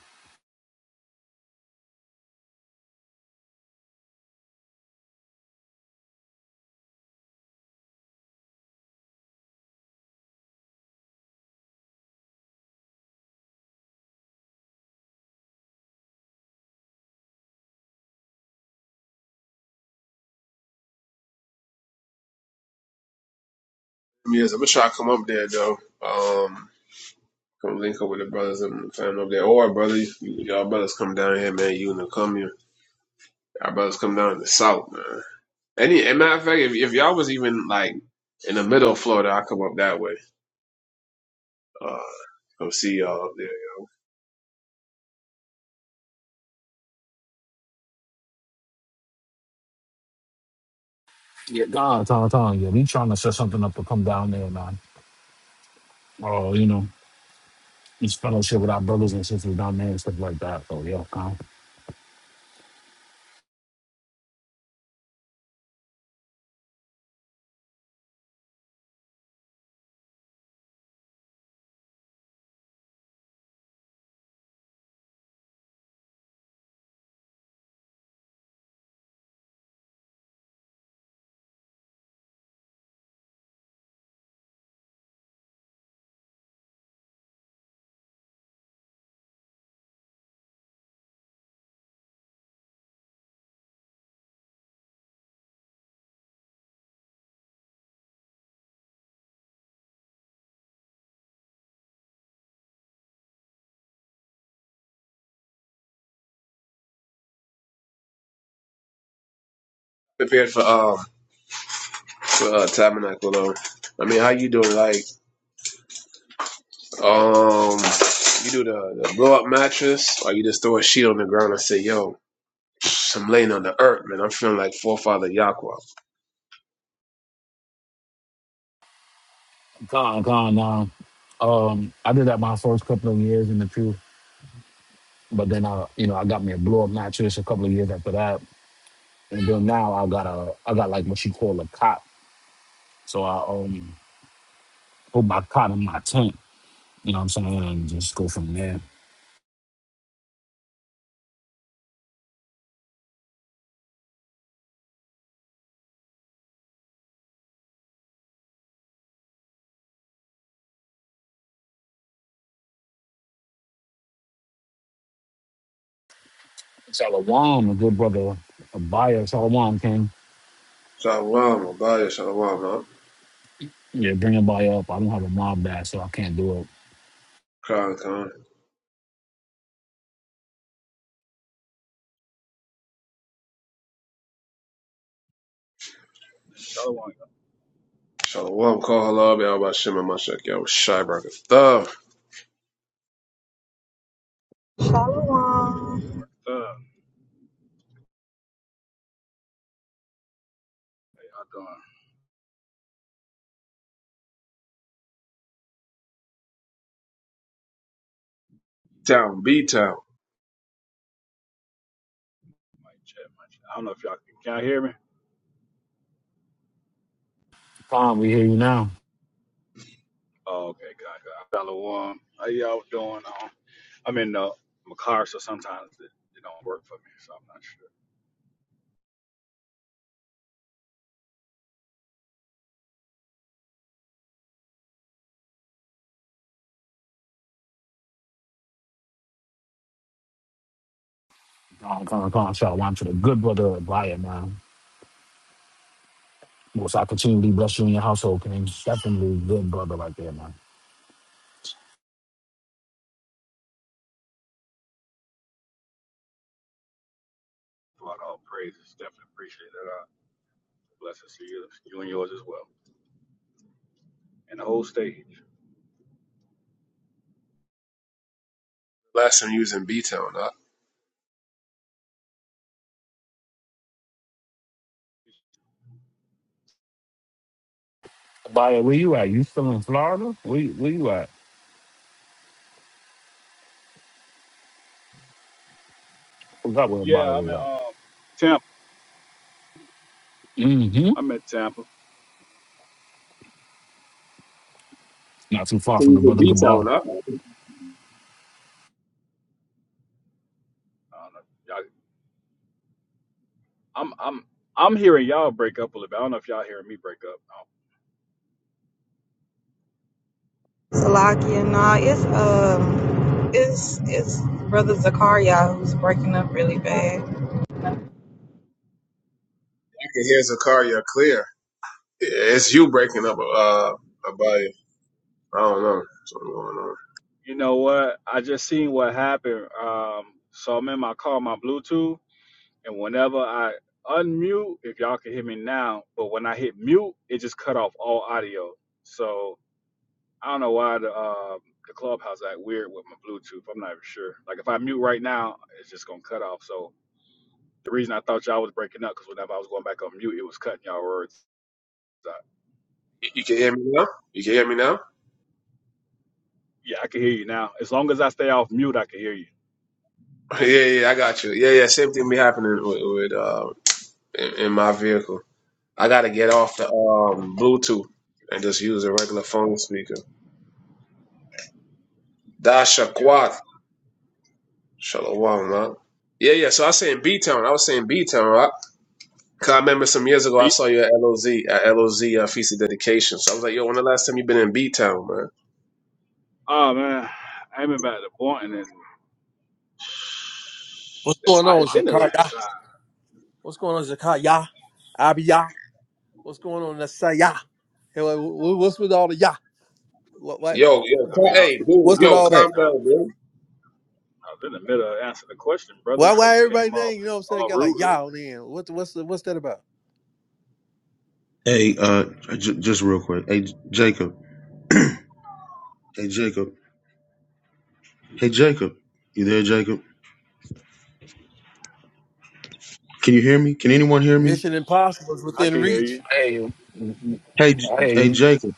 Speaker 1: Yes, I'm gonna try to come up there though. Um, come link up with the brothers and family up there. Or brother, you, y'all brothers come down here, man. You and the come here. Y'all brothers come down to the south, man. Any and matter of fact, if, if y'all was even like in the middle of Florida, I come up that way. Uh, come see y'all up there.
Speaker 5: Yeah, God, con, con. Yeah, we trying to set something up to come down there, man. Oh, you know. each fellowship with our brothers and sisters down there and stuff like that. So yeah, con,
Speaker 1: Prepared for um for uh, tabernacle though. I mean, how you doing? Like um, you do the, the blow up mattress, or you just throw a sheet on the ground and say, "Yo, I'm laying on the earth, man. I'm feeling like forefather Yahweh."
Speaker 5: con, con. Um, um, I did that my first couple of years in the pew, but then I, you know, I got me a blow up mattress a couple of years after that, and then now I got a, I got like what you call a cot. So I um put my cot in my tent. You know what I'm saying, and just go from there. Shalom, a good brother, a buyer. Shalom came.
Speaker 1: Shalom, Abaya, Shalom, huh?
Speaker 5: Yeah, bring a buyer up. I don't have a mob badge, so I can't do it.
Speaker 1: Khan Khan.
Speaker 6: Shalom, y'all
Speaker 1: Shalom, call halab, y'all about Shema Mashak, y'all Shy Thug,
Speaker 3: Shalom,
Speaker 6: Uh, y'all doing?
Speaker 1: Town, B Town.
Speaker 6: Mic check, mic check. I don't know if y'all can, can y'all hear me.
Speaker 5: Con, we hear you now.
Speaker 6: Oh, okay, God, God. Shalom. How y'all doing? Um, I'm in uh, my car, so sometimes it, it don't work for me, so I'm not sure.
Speaker 5: Con, con, con. Shalom to the good brother, buyer, man. Most I continually bless you in your household, King. Definitely a good brother right there, man.
Speaker 6: Throughout all praises, definitely appreciate it. Uh, blessings to you, you and yours as well, and the whole state.
Speaker 1: Last time you was in B Town, huh?
Speaker 5: Baya, where you at? You still in Florida? Where, where you at? Forgot where Baya
Speaker 6: Yeah, I'm
Speaker 5: was
Speaker 6: in
Speaker 5: at.
Speaker 6: um Tampa.
Speaker 5: Mm-hmm.
Speaker 6: I'm in Tampa.
Speaker 5: Not too far from the brother Gabal.
Speaker 6: I don't know. if Y'all, I'm I'm I'm hearing y'all break up a little bit. I don't know if y'all hearing me break up.
Speaker 3: Salakia. Nah, it's um, it's it's brother Zakaria who's breaking up really bad.
Speaker 1: I can hear Zakaria clear. Yeah, It's you breaking up, uh, Abaya. I don't know. Something going on.
Speaker 6: You know what? I just seen what happened. Um, so I'm in my car, my Bluetooth, and whenever I unmute, if y'all can hear me now, but when I hit mute, it just cut off all audio. So I don't know why the um, the clubhouse act weird with my Bluetooth. I'm not even sure. Like if I mute right now, it's just gonna cut off. So the reason I thought y'all was breaking up because whenever I was going back on mute, it was cutting y'all words. So,
Speaker 1: You, you can hear me now? You can hear me now?
Speaker 6: yeah, I can hear you now. As long as I stay off mute, I can hear you.
Speaker 1: Yeah, yeah, I got you. Yeah, yeah, same thing be happening with, with uh, in, in my vehicle. I gotta get off the um Bluetooth and just use a regular phone speaker. Dashaquath.
Speaker 6: Uh,
Speaker 1: Shalom, man. Yeah, yeah. So I was saying B Town. I was saying B Town, right? Cause I remember some years ago I
Speaker 6: beat.
Speaker 1: saw you at LOZ at LOZ uh, Feast of Dedication. So I was like, yo, when the last time you been in B Town, man?
Speaker 6: Oh man, I ain't been back to Boynton in
Speaker 7: What's
Speaker 6: That
Speaker 7: going
Speaker 6: might
Speaker 7: on,
Speaker 6: have been the last
Speaker 7: Zakaya?
Speaker 6: time.
Speaker 7: What's going on, Zakaya? Abia? What's going on, Nasaya? Hey, wha- wha- What's with all the ya? What, why,
Speaker 1: Yo, yo,
Speaker 6: I mean,
Speaker 1: cal-
Speaker 6: I, I,
Speaker 1: hey, dude,
Speaker 7: what's with
Speaker 1: yo,
Speaker 6: was,
Speaker 7: all
Speaker 1: calm
Speaker 7: that?
Speaker 6: I,
Speaker 1: down, dude.
Speaker 6: I was in the middle of answering the question, brother,
Speaker 7: Why,
Speaker 6: before
Speaker 7: why
Speaker 6: you
Speaker 7: everybody
Speaker 6: came off
Speaker 7: name? You know what I'm saying?
Speaker 6: all
Speaker 7: Got like
Speaker 6: rudely.
Speaker 7: ya on the end. What, the- what's the, what's that about?
Speaker 2: Hey, uh, j- just real quick. Hey, J- Jacob. Hey, Jacob. Hey, Jacob. You there, Jacob? Can you hear me? Can anyone hear me?
Speaker 7: Mission Impossible is
Speaker 6: I
Speaker 7: within
Speaker 6: can hear
Speaker 7: reach.
Speaker 6: you.
Speaker 5: Hey,
Speaker 2: Hey, J- hey,
Speaker 5: hey,
Speaker 2: Jacob.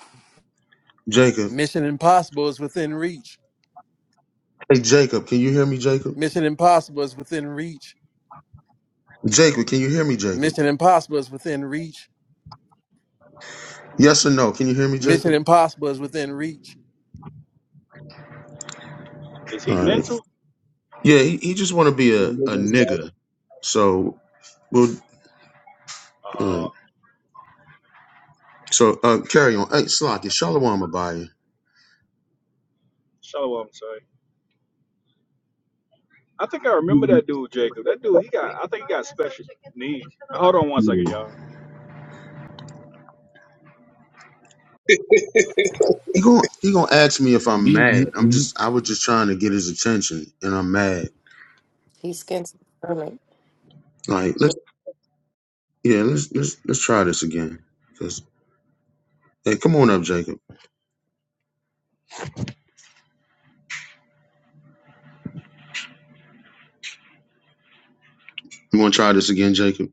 Speaker 2: Jacob.
Speaker 7: Mission Impossible is within reach.
Speaker 2: Hey, Jacob. Can you hear me, Jacob?
Speaker 7: Mission Impossible is within reach.
Speaker 2: Jacob, can you hear me, Jacob?
Speaker 7: Mission Impossible is within reach.
Speaker 2: Yes or no? Can you hear me,
Speaker 7: Mission
Speaker 2: Jacob?
Speaker 7: Impossible is within reach.
Speaker 6: Is he
Speaker 2: All right.
Speaker 6: mental?
Speaker 2: Yeah, he, he just want to be a, a nigga. So we'll. All
Speaker 6: Uh,
Speaker 2: right. So uh, carry on. Hey, Slocky, Shalom Abaya.
Speaker 6: shalom, sorry. I think I remember that dude, Jacob. That dude, he got, I think he got special needs. Hold on one second, y'all.
Speaker 2: He gon' he gonna ask me if I'm
Speaker 5: be, be,
Speaker 2: mad. I'm
Speaker 5: be.
Speaker 2: just I was just trying to get his attention, and I'm mad.
Speaker 4: He's getting some stomach.
Speaker 2: Like let's yeah let's let's let's try this again. 'Cause- hey, come on up, Jacob. You want to try this again, Jacob?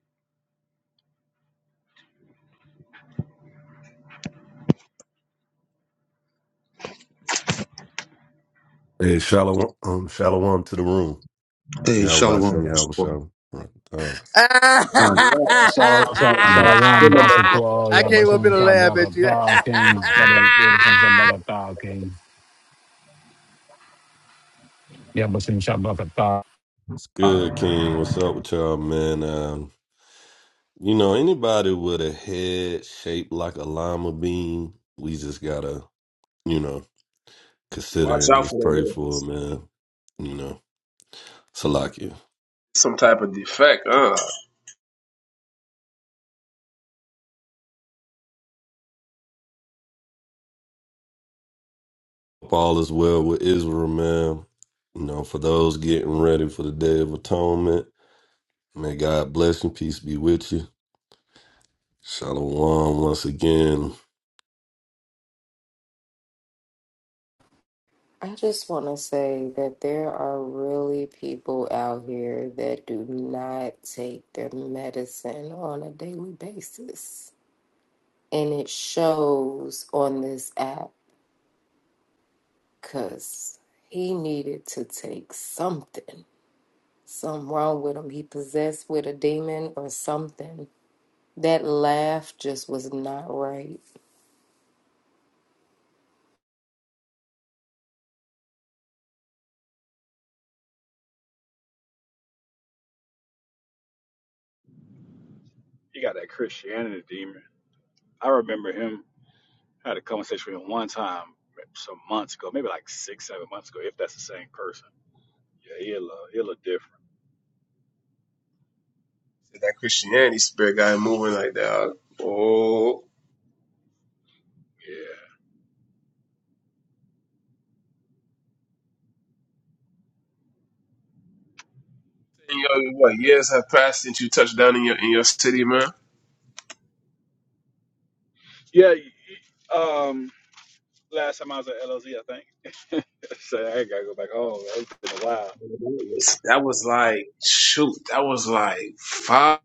Speaker 8: Hey, shalom, um, shalom to the room.
Speaker 2: Hey,
Speaker 8: Y'all about
Speaker 2: Shalom.
Speaker 8: to
Speaker 2: All
Speaker 8: y'all shalom. Uh,
Speaker 7: I
Speaker 5: Shalom, shalom,
Speaker 2: right.
Speaker 5: shalom, Dasakwa,
Speaker 7: came up
Speaker 5: Yabashim
Speaker 7: in a lab at you.
Speaker 5: Shabrakata, King, Yabashim Shabrakata, King, Yabashim Shabrakata.
Speaker 8: it's good, King. What's up with y'all, man? Um, you know, anybody with a head shaped like a lima bean, we just gotta, you know, consider
Speaker 1: Watch
Speaker 8: and
Speaker 1: out for
Speaker 8: just
Speaker 1: them.
Speaker 8: pray
Speaker 1: man.
Speaker 8: for, it, man. You know, Salakia.
Speaker 1: Some type of defect, huh?
Speaker 8: Hope All is well with Israel, man. You know, for those getting ready for the Day of Atonement, may God bless and peace be with you. Shalom once again.
Speaker 4: I just want to say that there are really people out here that do not take their medicine on a daily basis. And it shows on this app because he needed to take something. Something wrong with him. He possessed with a demon or something. That laugh just was not right.
Speaker 6: He got that Christianity demon. I remember him, I had a conversation with him one time some months ago, maybe like six, seven months ago, if that's the same person. Yeah, he a little, he a little different.
Speaker 1: That Christianity spirit guy moving like that. huh? Oh, And yo, what years have passed since you touched down in your in your city, man?
Speaker 6: Yeah. Yeah. y- Um, Last time I was at LLZ, think. so I gotta go back home. It's been a while.
Speaker 1: That was like shoot. That was like five.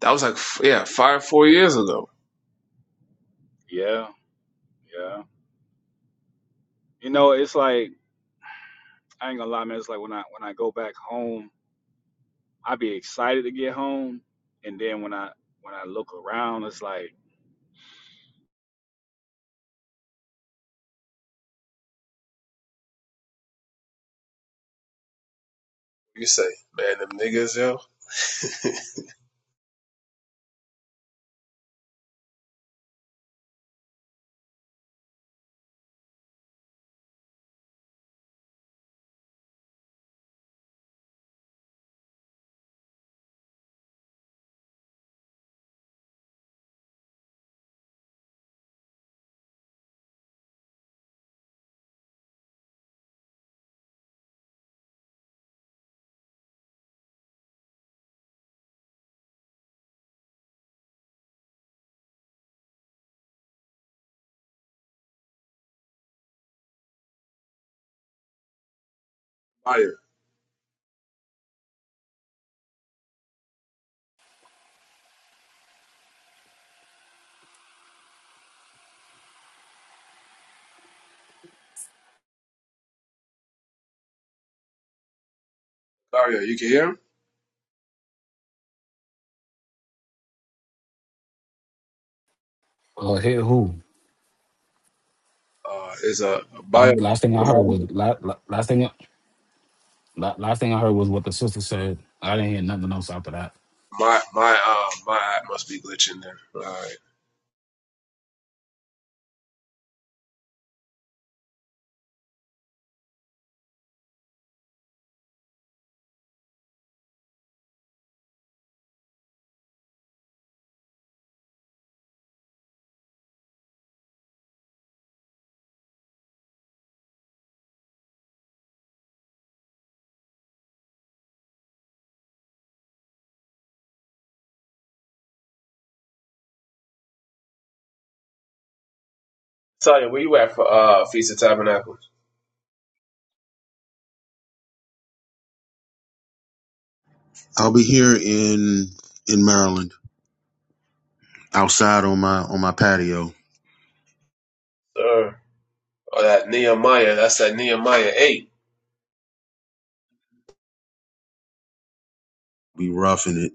Speaker 1: That was like, yeah, five, four years ago.
Speaker 6: Yeah, yeah. You know, it's like I ain't gonna lie, man. It's like when I when I go back home, I be excited to get home, and then when I when I look around, it's like
Speaker 1: You say, man, them niggas, yo. Mario, Mario, you can hear him?
Speaker 5: Uh, hit who?
Speaker 1: Uh, is a
Speaker 5: I,
Speaker 1: bio.
Speaker 5: last thing I heard was, la, la, last thing, la, last thing I heard was what the sister said. I didn't hear nothing else after that.
Speaker 1: My my uh my app must be glitching there. All right. Talia, where you at for uh Feast of Tabernacles?
Speaker 2: I'll be here in in Maryland, outside on my on my patio.
Speaker 1: Sir. Or that Nehemiah, that's that Nehemiah 8.
Speaker 2: Be roughing it.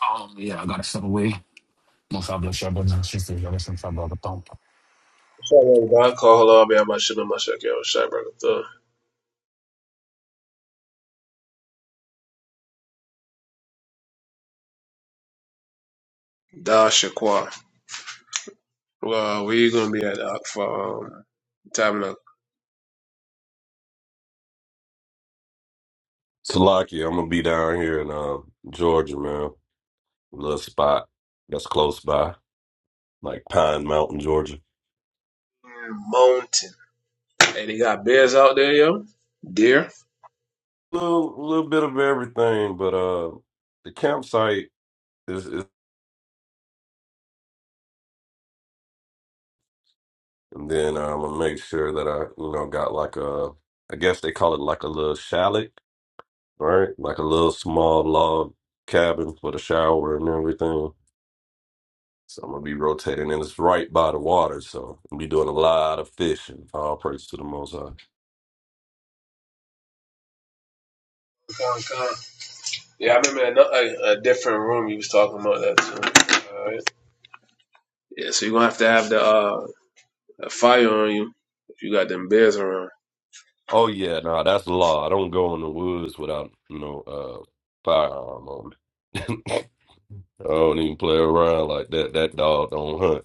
Speaker 5: Um, yeah, I gotta step away. Most I bless your brothers and sisters. Y'all listen to Brother Thump.
Speaker 1: Da Shakwa. Well, we gonna be at uh, for um, Tabernacle
Speaker 8: Salaki, I'm gonna be down here in uh, Georgia, man. Little spot that's close by, like Pine Mountain, Georgia.
Speaker 1: Mountain. Hey, they got bears out there, yo. Deer.
Speaker 8: Little little bit of everything, but uh, the campsite is, is and then I'm gonna make sure that I, you know, got like a, I guess they call it like a little chalet, right? Like a little small log cabin for the shower and everything. So I'm gonna be rotating, and it's right by the water, so I'm gonna be doing a lot of fishing. All praise to the Most High.
Speaker 1: Yeah, I remember in a, a, different room you was talking about that too. All right. Yeah, so you're gonna have to have the uh a fire on you if you got them bears around.
Speaker 8: Oh yeah, no, that's the law. I don't go in the woods without, you know, uh firearm on me. I don't even play around like that. That dog don't hunt.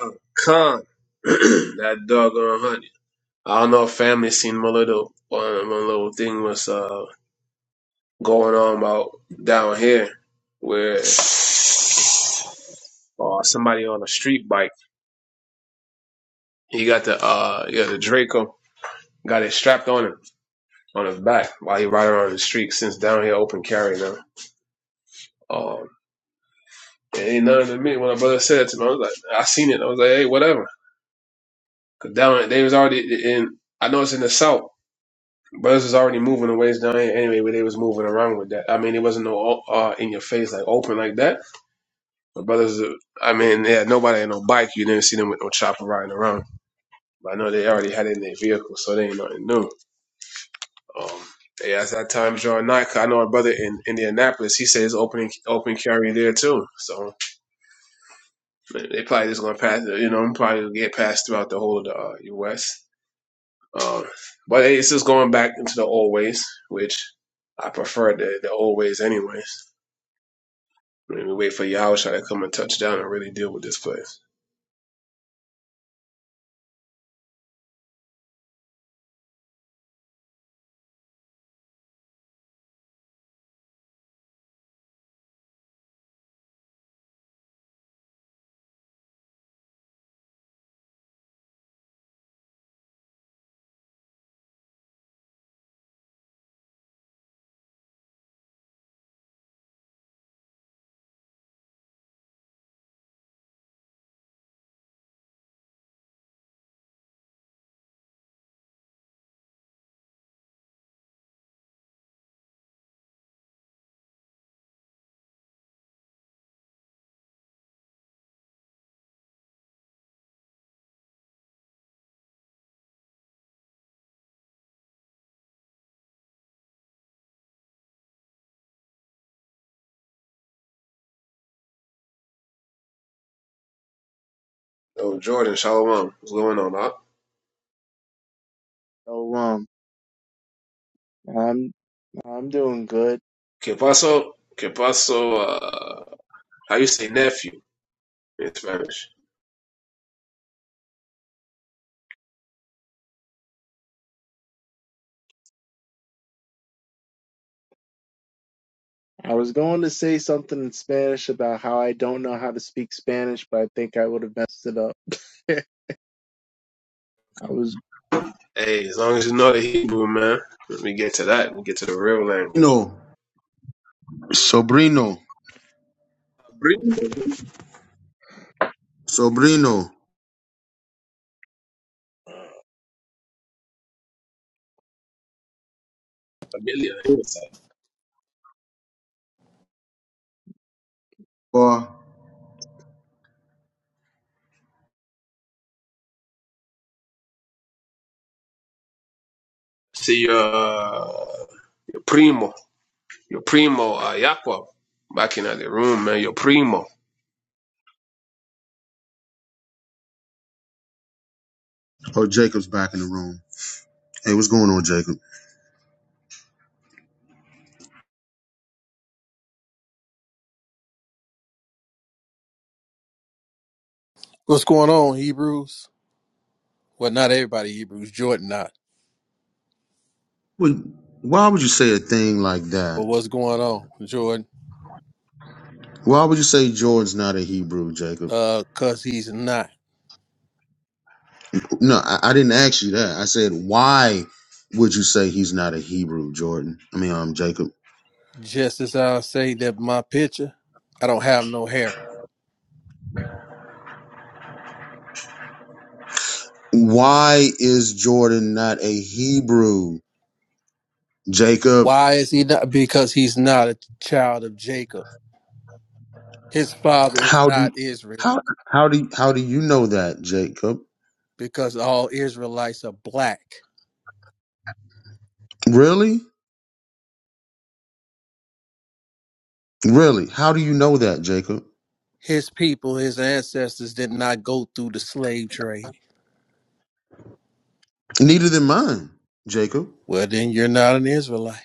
Speaker 1: Uh, Con that doggone honey. I don't know if family seen my little one, my little thing was uh going on about down here where uh, somebody on a street bike. He got the uh yeah the Draco got it strapped on him on his back while he riding on the street since down here open carry now. Um, It ain't nothing to me. When my brother said that to me, I was like, I seen it. I was like, hey, whatever. Cause down they was already in. I know it's in the south. Brothers was already moving the ways down here anyway, but they was moving around with that. I mean, it wasn't no uh, in your face like open like that. But brothers, uh, I mean, they had nobody on no bike. You didn't see them with no chopper riding around. But I know they already had it in their vehicle, so they ain't nothing new. Um, they as that time drawing nigh. 'cause I know a brother in Indianapolis. He says open open carry there too. So. They probably just gonna pass. it, You know, I'm probably gonna get passed throughout the whole of the uh, U.S. Um, but it's just going back into the old ways, which I prefer the, the old ways, anyways. I mean, we wait for Yahusha to come and touch down and really deal with this place. Oh, Jordan, Shalom, what's going on? Huh?
Speaker 9: So um, I'm I'm doing good.
Speaker 1: Que paso? Que paso? Uh, how you say nephew in Spanish?
Speaker 9: I was going to say something in Spanish about how I don't know how to speak Spanish, but I think I would have messed it up. I was
Speaker 1: Hey, as long as you know the Hebrew, man. Let me get to that. We get to the real
Speaker 2: You
Speaker 1: language.
Speaker 2: know, sobrino,
Speaker 1: Primo,
Speaker 2: sobrino,
Speaker 1: familia.
Speaker 2: or
Speaker 1: See your uh, primo. Your primo, uh, Yakwa, back in uh, the room, man. Your primo.
Speaker 2: oh Jacob's back in the room. Hey, what's going on, Jacob?
Speaker 7: What's going on, Hebrews? Well, not everybody Hebrews. Jordan not.
Speaker 2: Wait, Why would you say a thing like that?
Speaker 7: But what's going on, Jordan?
Speaker 2: Why would you say Jordan's not a Hebrew, Jacob?
Speaker 7: Uh, cause he's not.
Speaker 2: No, I, I didn't ask you that. I said, why would you say he's not a Hebrew, Jordan? I mean, um, Jacob.
Speaker 7: Just as I say that my picture, I don't have no hair.
Speaker 2: Why is Jordan not a Hebrew, Jacob?
Speaker 7: Why is he not? Because he's not a child of Jacob. His father is
Speaker 2: How
Speaker 7: not
Speaker 2: do
Speaker 7: Israel.
Speaker 2: how how do how do you know that, Jacob?
Speaker 7: Because all Israelites are black.
Speaker 2: Really, really? How do you know that, Jacob?
Speaker 7: His people, his ancestors did not go through the slave trade.
Speaker 2: Neither than mine, Jacob.
Speaker 7: Well, then you're not an Israelite.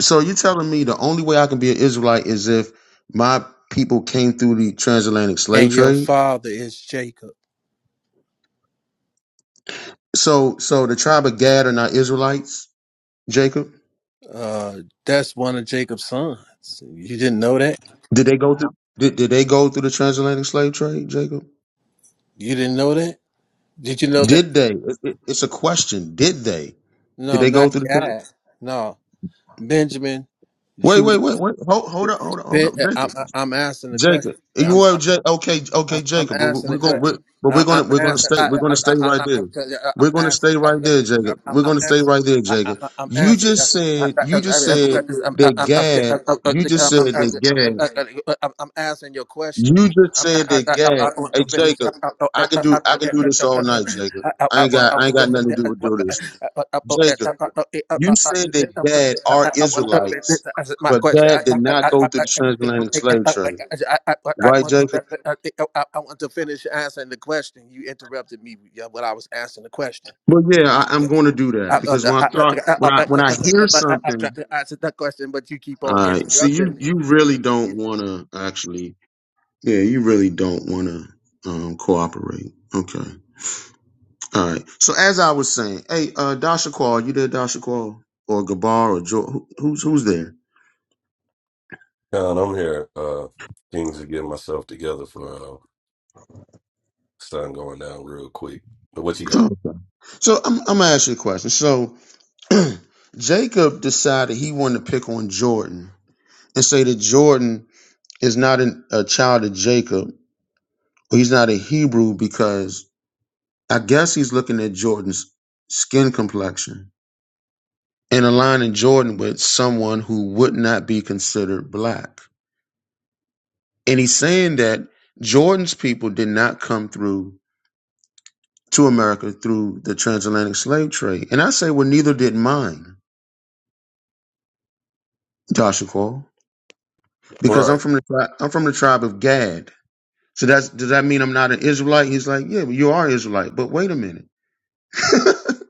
Speaker 2: So you're telling me the only way I can be an Israelite is if my people came through the transatlantic slave
Speaker 7: And your
Speaker 2: trade?
Speaker 7: father is Jacob.
Speaker 2: So, so the tribe of Gad are not Israelites. Jacob,
Speaker 7: Uh, that's one of Jacob's sons. You didn't know that?
Speaker 2: did they go through? Did, did they go through the transatlantic slave trade, Jacob?
Speaker 7: You didn't know that? Did you know that?
Speaker 2: Did they? It- it- it's a question. Did they? Did
Speaker 7: No,
Speaker 2: they go
Speaker 7: not
Speaker 2: through the? Trans-
Speaker 7: God. No, Benjamin,
Speaker 2: wait,
Speaker 7: Judah.
Speaker 2: wait, wait, wait. Hold, hold up, hold up, hold
Speaker 7: Ben,
Speaker 2: up,
Speaker 7: I'm,
Speaker 2: Jacob.
Speaker 7: I'm asking the question.
Speaker 2: Jacob, you
Speaker 7: I'm.
Speaker 2: are Ja- okay,
Speaker 7: I'm
Speaker 2: okay,
Speaker 7: I'm
Speaker 2: Jacob. But we're
Speaker 7: answering the
Speaker 2: going,
Speaker 7: question.
Speaker 2: we're, but we're
Speaker 7: I-
Speaker 2: going to,
Speaker 7: I'm
Speaker 2: we're going to
Speaker 7: answering. I,
Speaker 2: stay,
Speaker 7: I,
Speaker 2: we're going
Speaker 7: I,
Speaker 2: to
Speaker 7: I,
Speaker 2: stay
Speaker 7: I,
Speaker 2: right there.
Speaker 7: I'm I'm
Speaker 2: We're going to
Speaker 7: answering.
Speaker 2: stay
Speaker 7: I'm,
Speaker 2: right there, Jacob.
Speaker 7: I'm
Speaker 2: We're
Speaker 7: I'm
Speaker 2: going to stay
Speaker 7: answering.
Speaker 2: right there,
Speaker 7: I, I,
Speaker 2: Jacob.
Speaker 7: I- I'm
Speaker 2: You
Speaker 7: answering. I, I, I, I-
Speaker 2: just said,
Speaker 7: I'm, I'm,
Speaker 2: you
Speaker 7: i I'm,
Speaker 2: just said
Speaker 7: I'm
Speaker 2: that Gad. You just said that
Speaker 7: I'm-
Speaker 2: Gad.
Speaker 7: I'm- I'm- I'm answering your
Speaker 2: You
Speaker 7: question.
Speaker 2: just
Speaker 7: I'm
Speaker 2: said that Gag.
Speaker 7: want
Speaker 2: Hey
Speaker 7: to finish. I
Speaker 2: Jacob,
Speaker 7: want
Speaker 2: I can do I can do this all night, Jacob. I ain't got I ain't got nothing to do with do this. Jacob, you said that Gad are
Speaker 7: to finish.
Speaker 2: Israelites,
Speaker 7: As my
Speaker 2: but
Speaker 7: question, I
Speaker 2: Gad did not go through the transatlantic slave trade. Right, Jacob?
Speaker 7: want to finish answering the question. You interrupted me yeah, when I was answering the question.
Speaker 2: But yeah, I, I'm going to do
Speaker 7: I
Speaker 2: that
Speaker 7: want
Speaker 2: because
Speaker 7: to
Speaker 2: when I start when I when I hear something,
Speaker 7: answer that question, but you keep
Speaker 2: all
Speaker 7: on
Speaker 2: right. See, you
Speaker 7: interrupting
Speaker 2: you really
Speaker 7: me.
Speaker 2: don't want to actually. Yeah, you really don't want to um, cooperate. Okay. All right. So as I was saying, hey, uh, Dasha Qual, you there, Dasha Qual, or Gabar, or jo- who, who's who's there?
Speaker 8: John, I'm here, uh things to get myself together for uh sun going down real quick. But what you got?
Speaker 2: Oh, so I'm I'm gonna ask you a question. So Jacob decided he wanted to pick on Jordan and say that Jordan is not an, a child of Jacob, or he's not a Hebrew because I guess he's looking at Jordan's skin complexion and aligning Jordan with someone who would not be considered black, and he's saying that Jordan's people did not come through to America through the transatlantic slave trade. And I say, well, neither did mine, Joshua, Cole, because
Speaker 8: Right.
Speaker 2: I'm from the tri- I'm from the tribe of Gad. So that's does that mean I'm not an Israelite? He's like, yeah, but you are Israelite. But wait a minute,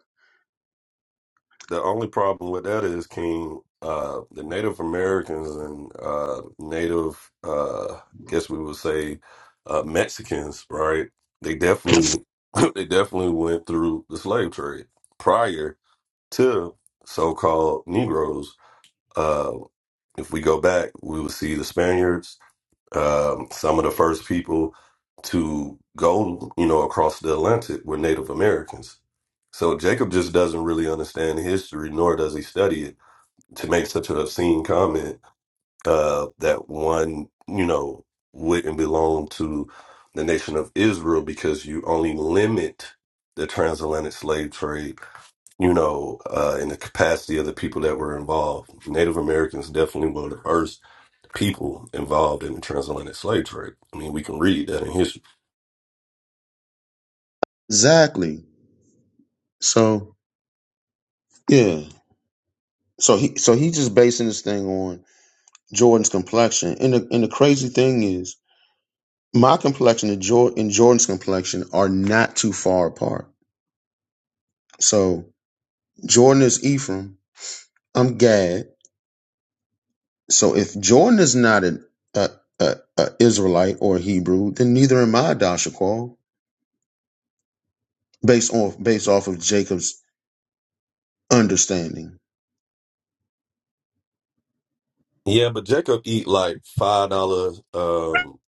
Speaker 8: The only problem with that is, King, uh, the Native Americans and uh, Native, uh, guess we would say, uh, Mexicans, right? They definitely, they definitely went through the slave trade prior to so-called Negroes. Uh, if we go back, we would see the Spaniards, um, some of the first people to go, you know, across the Atlantic were Native Americans. So Jacob just doesn't really understand history, nor does he study it. To make such an obscene comment uh, that one, you know, wouldn't belong to the nation of Israel because you only limit the transatlantic slave trade, you know, uh, in the capacity of the people that were involved. Native Americans definitely were the first people involved in the transatlantic slave trade. I mean, we can read that in history.
Speaker 2: exactly. So yeah, so he so he's just basing this thing on Jordan's complexion. And the and the crazy thing is, my complexion and, Jor- and Jordan's complexion are not too far apart. So Jordan is Ephraim. I'm Gad. So if Jordan is not an a, a, a Israelite or a Hebrew, then neither am I, Dashaqual, based off based off of Jacob's understanding.
Speaker 8: Yeah, but Jacob eat like five dollar um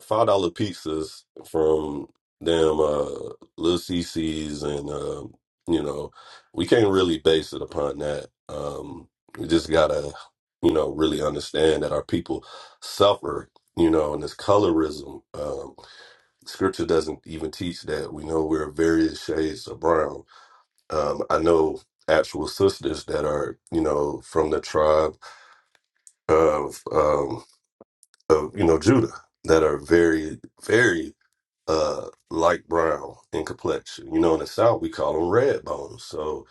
Speaker 8: five dollar pizzas from them uh little CC's and um you know, we can't really base it upon that. Um we just gotta, you know, really understand that our people suffer, you know, and this colorism. Um scripture doesn't even teach that. We know we're various shades of brown Um, I know actual sisters that are, you know, from the tribe of, um, of you know, Judah that are very, very uh, light brown in complexion. You know, in the South, we call them red bones. So,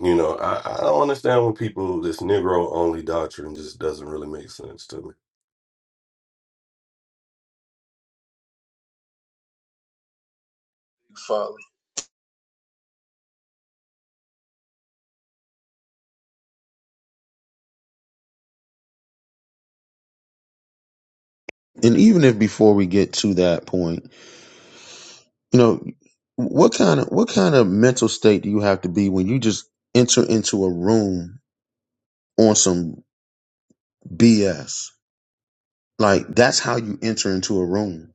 Speaker 8: you know, I, I don't understand when people, this Negro only doctrine just doesn't really make sense to me.
Speaker 1: Father.
Speaker 2: And even if before we get to that point, you know, what kind of what kind of mental state do you have to be when you just enter into a room on some BS? Like that's how you enter into a room,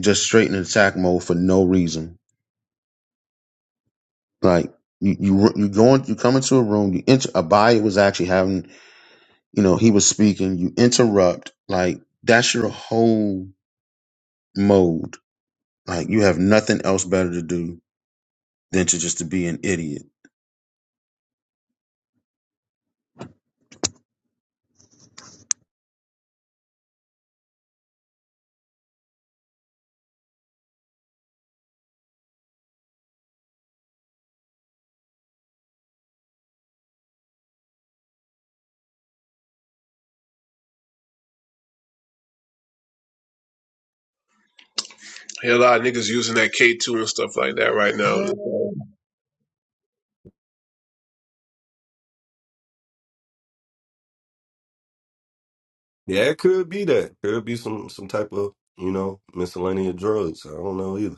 Speaker 2: just straight in attack mode for no reason. Like you you you going you come into a room, you enter. Abaya was actually having You know, he was speaking, you interrupt, like that's your whole mode. Like you have nothing else better to do than to just to be an idiot.
Speaker 1: Hell, a lot of niggas using that K2 and stuff like that right now.
Speaker 8: Yeah, it could be that. Could be some, some type of, you know, miscellaneous drugs. I don't know either.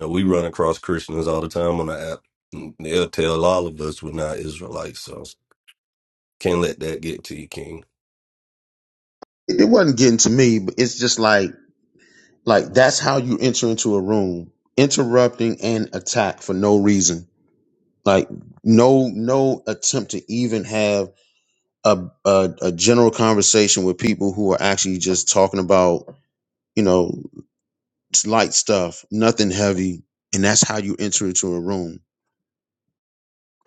Speaker 8: know, we run across Christians all the time on the app. and They'll tell all of us we're not Israelites. So can't let that get to you, King.
Speaker 2: It it wasn't getting to me, but it's just like like that's how you enter into a room, interrupting and attack for no reason. Like no no attempt to even have a a, a general conversation with people who are actually just talking about, you know, light stuff, nothing heavy, and that's how you enter into a room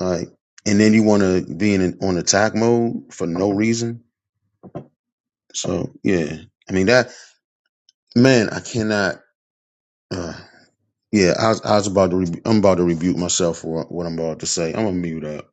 Speaker 2: Like, and then you want to be in an, on attack mode for no reason. So yeah, I mean that man, I cannot. Uh, yeah, I was, I was about to. Rebu- I'm about to rebuke myself for what I'm about to say. I'm gonna mute up.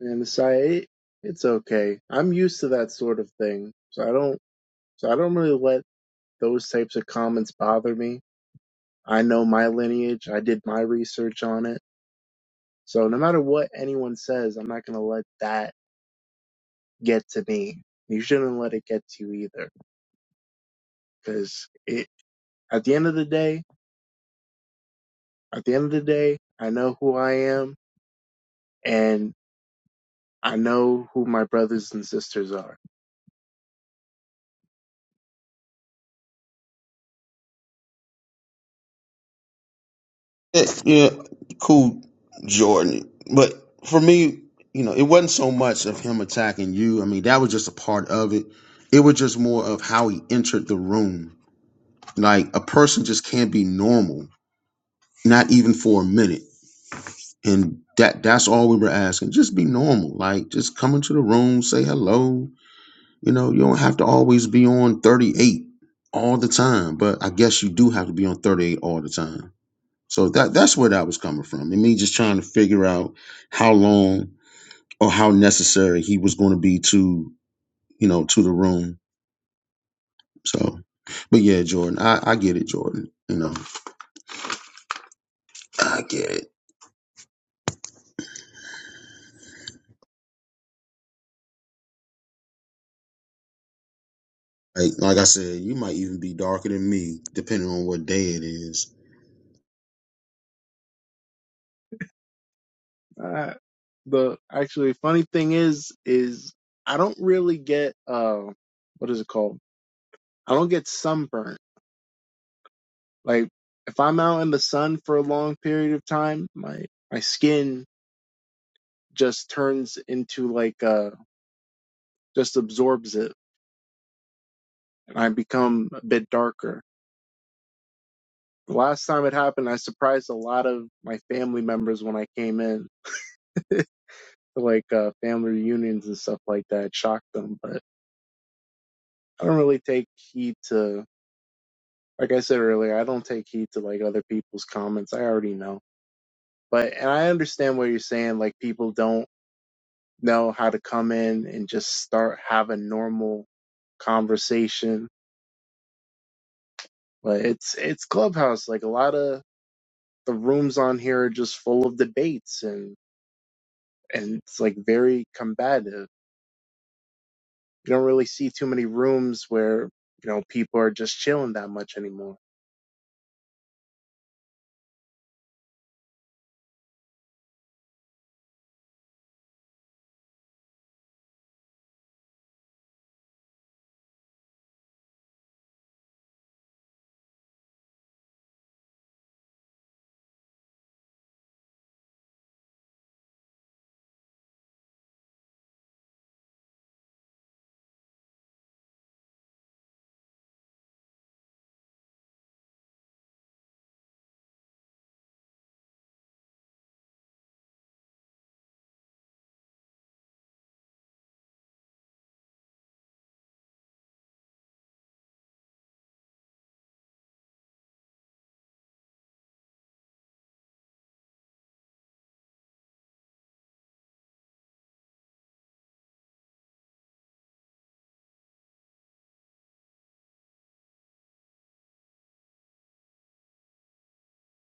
Speaker 9: and so I, it's okay. I'm used to that sort of thing, so I don't so I don't really let those types of comments bother me. I know my lineage. I did my research on it. So no matter what anyone says, I'm not gonna let that get to me. You shouldn't let it get to you either, because it at the end of the day. At the end of the day, I know who I am and I know who my brothers and sisters are.
Speaker 2: Eh, Yeah, cool, Jordan. But for me, you know, it wasn't so much of him attacking you. I mean, that was just a part of it. It was just more of how he entered the room. Like a person just can't be normal, not even for a minute and that that's all we were asking just be normal like just come into the room say hello you know you don't have to always be on 38 all the time but i guess you do have to be on 38 all the time so that that's where that was coming from and me just trying to figure out how long or how necessary he was going to be to you know to the room so but yeah jordan i i get it jordan you know i get it like, like i said you might even be darker than me depending on what day it is
Speaker 9: Uh, the actually funny thing is, is I don't really get, uh, what is it called? I don't get sunburnt. Like if I'm out in the sun for a long period of time, my, my skin just turns into like, uh, just absorbs it and I become a bit darker. The last time it happened, I surprised a lot of my family members when I came in. like uh, family reunions and stuff like that shock them. But I don't really take heed to, like I said earlier, I don't take heed to like other people's comments. I already know. But and I understand what you're saying. Like people don't know how to come in and just start having normal conversation. But it's it's clubhouse. Like a lot of the rooms on here are just full of debates and and it's like very combative. You don't really see too many rooms where you know people are just chilling that much anymore.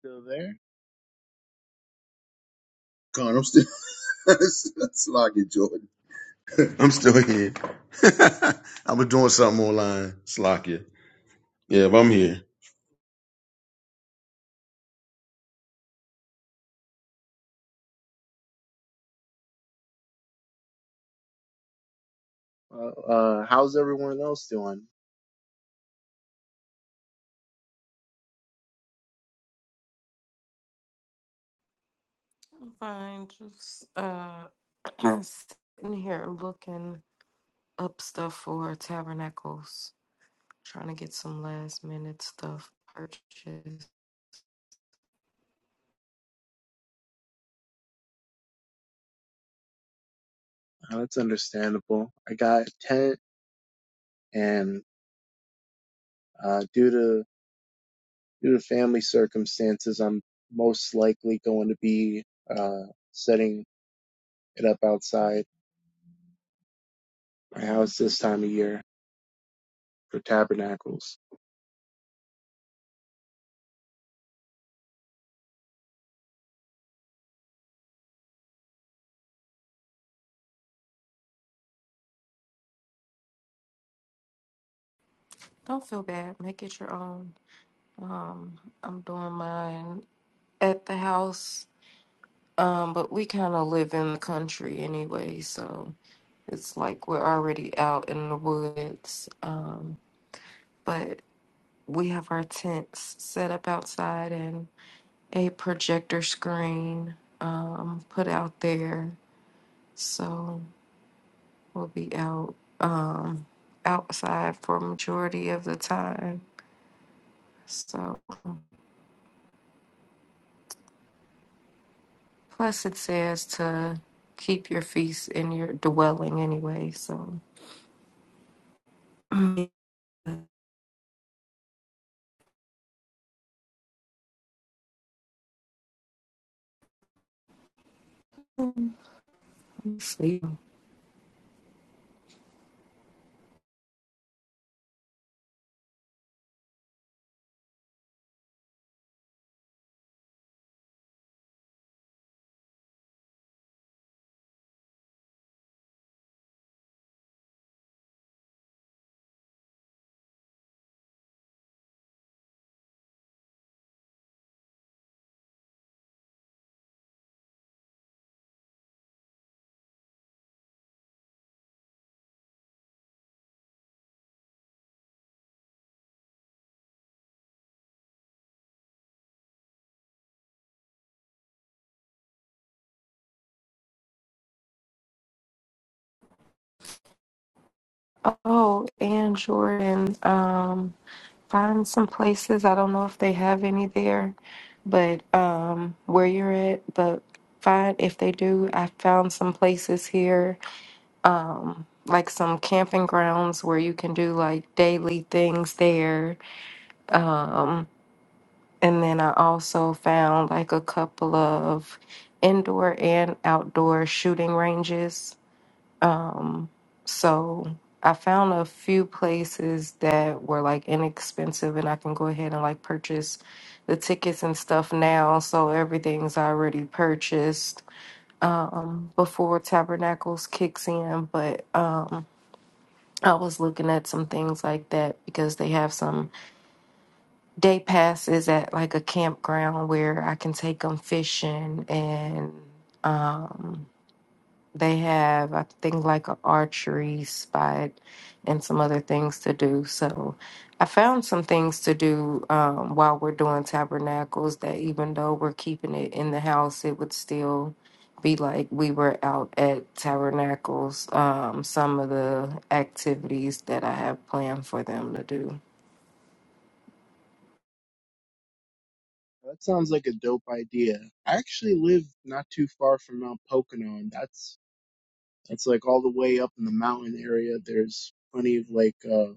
Speaker 9: Still there?
Speaker 2: God, I'm still Slocky Jordan. I'm still here. I was doing something online. Slocky. Yeah, but I'm here.
Speaker 9: Uh, uh, how's everyone else doing?
Speaker 4: I'm fine. Just uh, sitting here looking up stuff for tabernacles, trying to get some last minute stuff purchased.
Speaker 9: Uh, That's understandable. I got a tent, and uh, due to due to family circumstances, I'm most likely going to be uh, setting it up outside my house this time of year for tabernacles.
Speaker 4: Don't feel bad. Make it your own. Um, I'm doing mine at the house. Um, but we kind of live in the country anyway, so. It's like we're already out in the woods, um, but we have our tents set up outside and a projector screen um, put out there. So we'll be out um, outside for majority of the time. So plus it says to keep your feast in your dwelling anyway. So let me see. Oh, and Jordan. Um, find some places. I don't know if they have any there, but um, where you're at, but find if they do. I found some places here, um, like some camping grounds where you can do like daily things there. Um, and then I also found like a couple of indoor and outdoor shooting ranges um, so I found a few places that were like inexpensive and I can go ahead and like purchase the tickets and stuff now. So everything's already purchased um before Tabernacles kicks in, but um I was looking at some things like that because they have some day passes at like a campground where I can take them fishing and. They have, I think, like an archery spot and some other things to do. So I found some things to do um, while we're doing tabernacles that even though we're keeping it in the house, it would still be like we were out at tabernacles. Um, some of the activities that I have planned for them to do.
Speaker 9: That sounds like a dope idea. I actually live not too far from Mount Pocono, and that's that's like all the way up in the mountain area. There's plenty of like uh.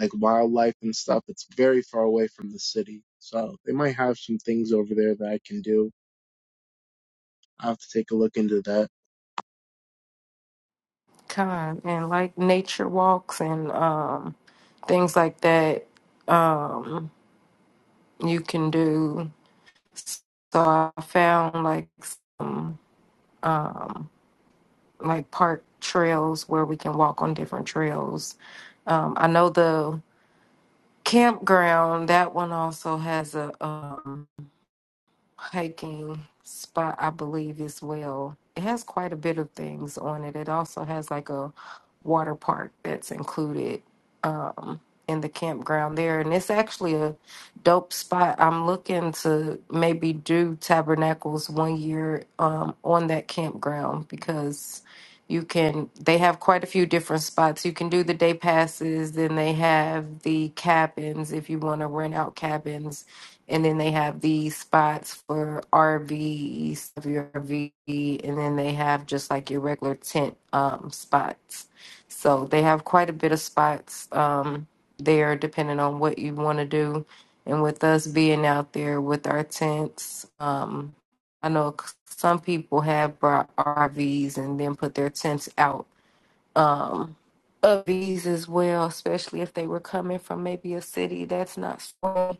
Speaker 9: like wildlife and stuff. It's very far away from the city. So they might have some things over there that I can do. I'll have to take a look into that.
Speaker 4: Kind and like nature walks and um, things like that. Um, you can do So I found like some um, like park trails where we can walk on different trails. Um, I know the campground that one also has a um, hiking spot, I believe, as well. It has quite a bit of things on it. It also has like a water park that's included um, in the campground there. And it's actually a dope spot. I'm looking to maybe do tabernacles one year um, on that campground because you can, they have quite a few different spots. You can do the day passes, then they have the cabins if you want to rent out cabins and then they have these spots for RVs, RV, and then they have just like your regular tent um, spots. So they have quite a bit of spots um, there, depending on what you want to do. And with us being out there with our tents, um, I know c- some people have brought RVs and then put their tents out. Um, of these as well, especially if they were coming from maybe a city that's not. strong.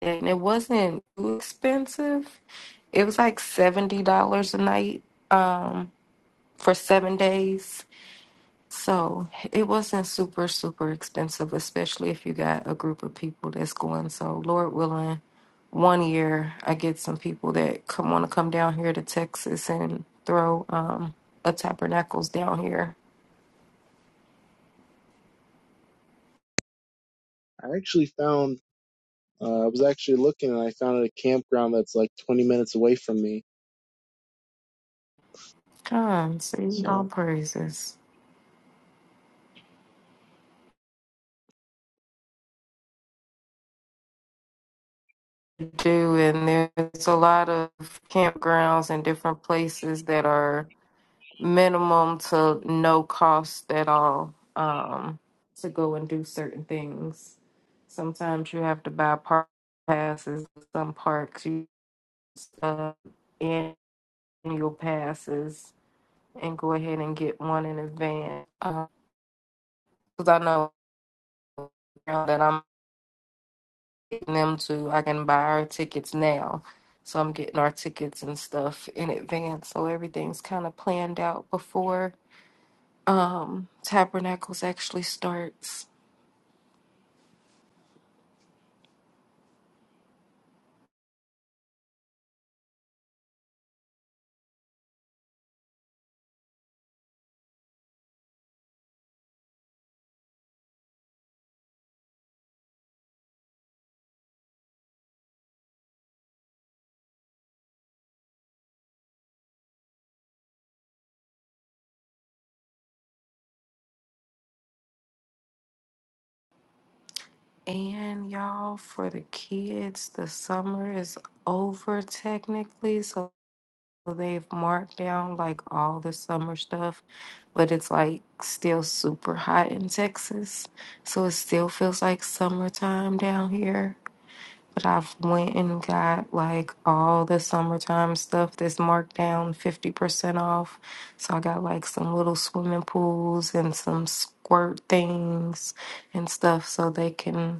Speaker 4: and it wasn't too expensive. It was like seventy dollars a night um, for seven days, so it wasn't super super expensive, especially if you got a group of people that's going. So Lord willing, one year I get some people that come want to come down here to Texas and throw um, a tabernacles down here.
Speaker 9: I actually found, uh, I was actually looking and I found a campground that's like 20 minutes away from me.
Speaker 4: Come, sing all
Speaker 9: So
Speaker 4: praises. Do and there's a lot of campgrounds and different places that are minimum to no cost at all um, to go and do certain things. Sometimes you have to buy park passes. Some parks you uh, annual passes and go ahead and get one in advance. Because I know now that I'm getting them to, I can buy our tickets now. So I'm getting our tickets and stuff in advance. So everything's kind of planned out before um, Tabernacles actually starts. And y'all, for the kids, the summer is over technically. So they've marked down like all the summer stuff, but it's like still super hot in Texas. So it still feels like summertime down here. But I've went and got like all the summertime stuff that's marked down 50% off. So I got like some little swimming pools and some squirt things and stuff so they can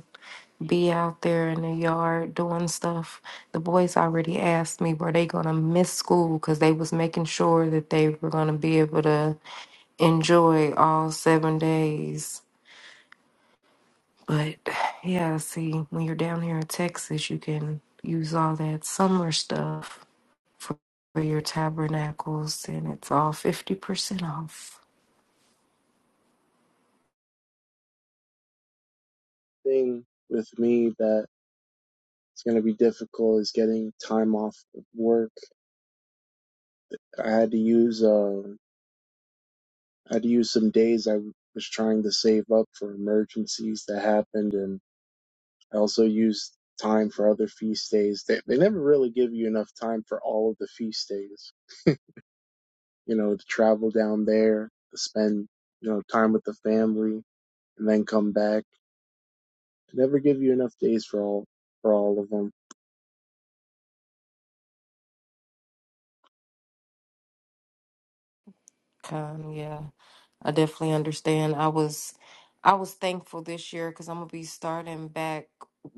Speaker 4: be out there in the yard doing stuff. The boys already asked me, were they gonna miss school? Cause they was making sure that they were gonna be able to enjoy all seven days. But yeah, see, when you're down here in Texas, you can use all that summer stuff for, for your tabernacles, and it's all fifty percent off.
Speaker 9: the thing with me that it's going to be difficult is getting time off of work. I had to use, uh, I had to use some days I was trying to save up for emergencies that happened and. I also use time for other feast days. They, they never really give you enough time for all of the feast days, you know, to travel down there, to spend, you know, time with the family and then come back. They never give you enough days for all, for all of them.
Speaker 4: Come, yeah. I definitely understand. I was I was thankful this year because I'm gonna be starting back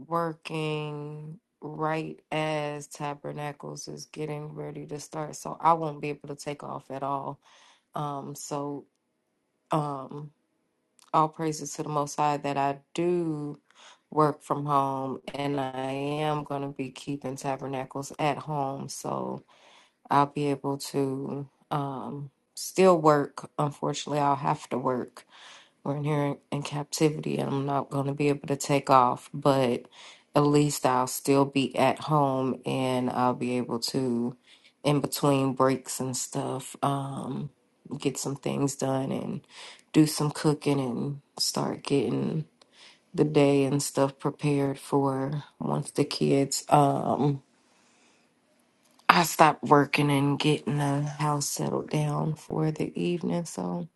Speaker 4: working right as Tabernacles is getting ready to start. So I won't be able to take off at all. Um so um all praises to the most high that I do work from home and I am gonna be keeping tabernacles at home so I'll be able to um still work. Unfortunately I'll have to work we're in here in captivity and I'm not going to be able to take off, but at least I'll still be at home and I'll be able to, in between breaks and stuff, um, get some things done and do some cooking and start getting the day and stuff prepared for once the kids, um, I stop working and getting the house settled down for the evening. So,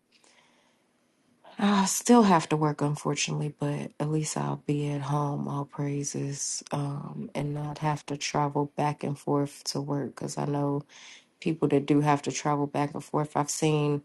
Speaker 4: I still have to work, unfortunately, but at least I'll be at home, all praises, um, and not have to travel back and forth to work. Because I know people that do have to travel back and forth. I've seen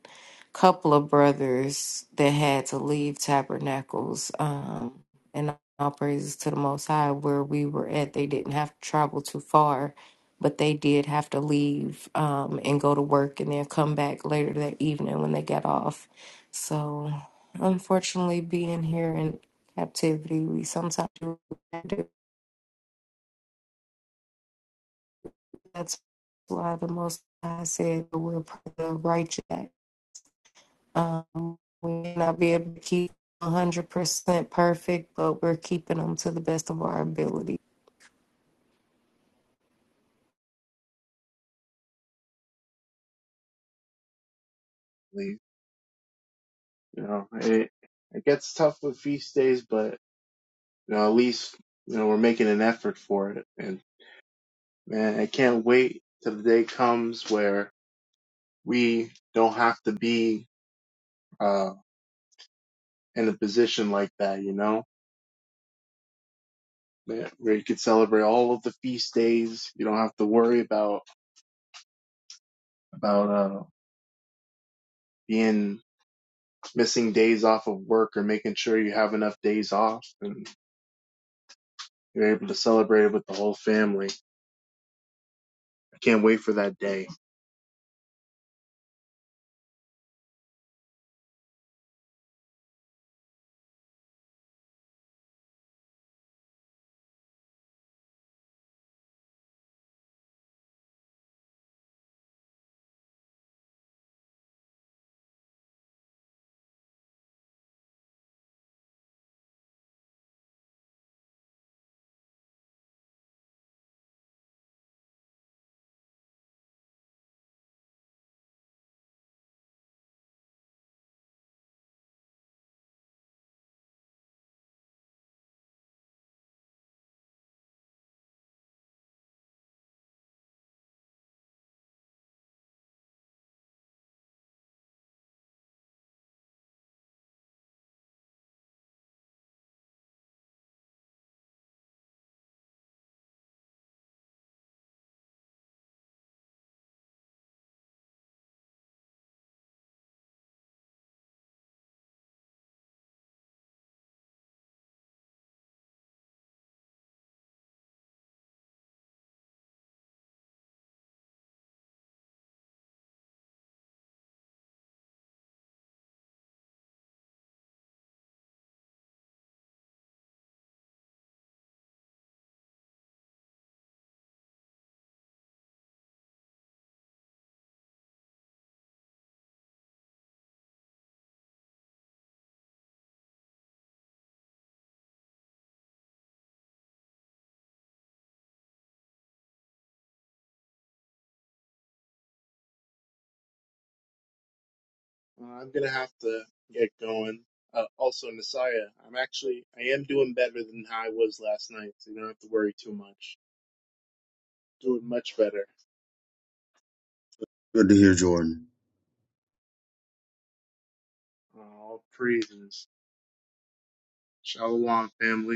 Speaker 4: couple of brothers that had to leave Tabernacles. Um, and all praises to the Most High, where we were at, they didn't have to travel too far, but they did have to leave um, and go to work and then come back later that evening when they got off. So, unfortunately, being here in captivity, we sometimes do. what we gotta do. That's why the Most High said, that We're part of the righteous. Um, we may not be able to keep 100% perfect, but we're keeping them to the best of our ability.
Speaker 9: Like, You know, it, it gets tough with feast days, but, you know, at least, you know, we're making an effort for it. And man, I can't wait till the day comes where we don't have to be, uh, in a position like that, you know? Yeah, where you could celebrate all of the feast days. You don't have to worry about about uh, being missing days off of work or making sure you have enough days off, and you're able to celebrate it with the whole family. I can't wait for that day. Uh, I'm gonna have to get going. Uh, also, Messiah, I'm actually I am doing better than how I was last night, so you don't have to worry too much. Doing much better.
Speaker 2: Good to hear Jordan.
Speaker 9: Uh, all praises. Shalom, family.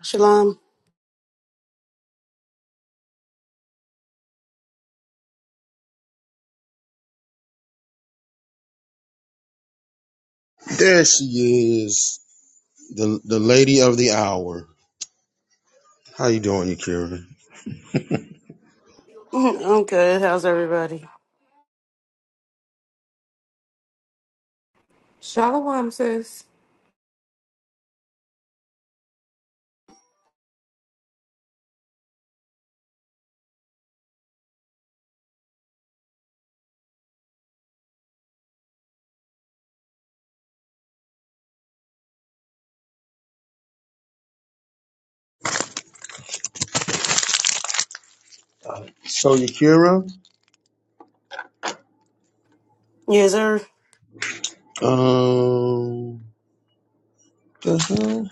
Speaker 10: Shalom.
Speaker 2: There she is. The the lady of the hour. How you doing, Yakira?
Speaker 10: I'm good. How's everybody?
Speaker 4: Shalom says,
Speaker 2: So Yakira?
Speaker 10: Yes, sir.
Speaker 2: Um the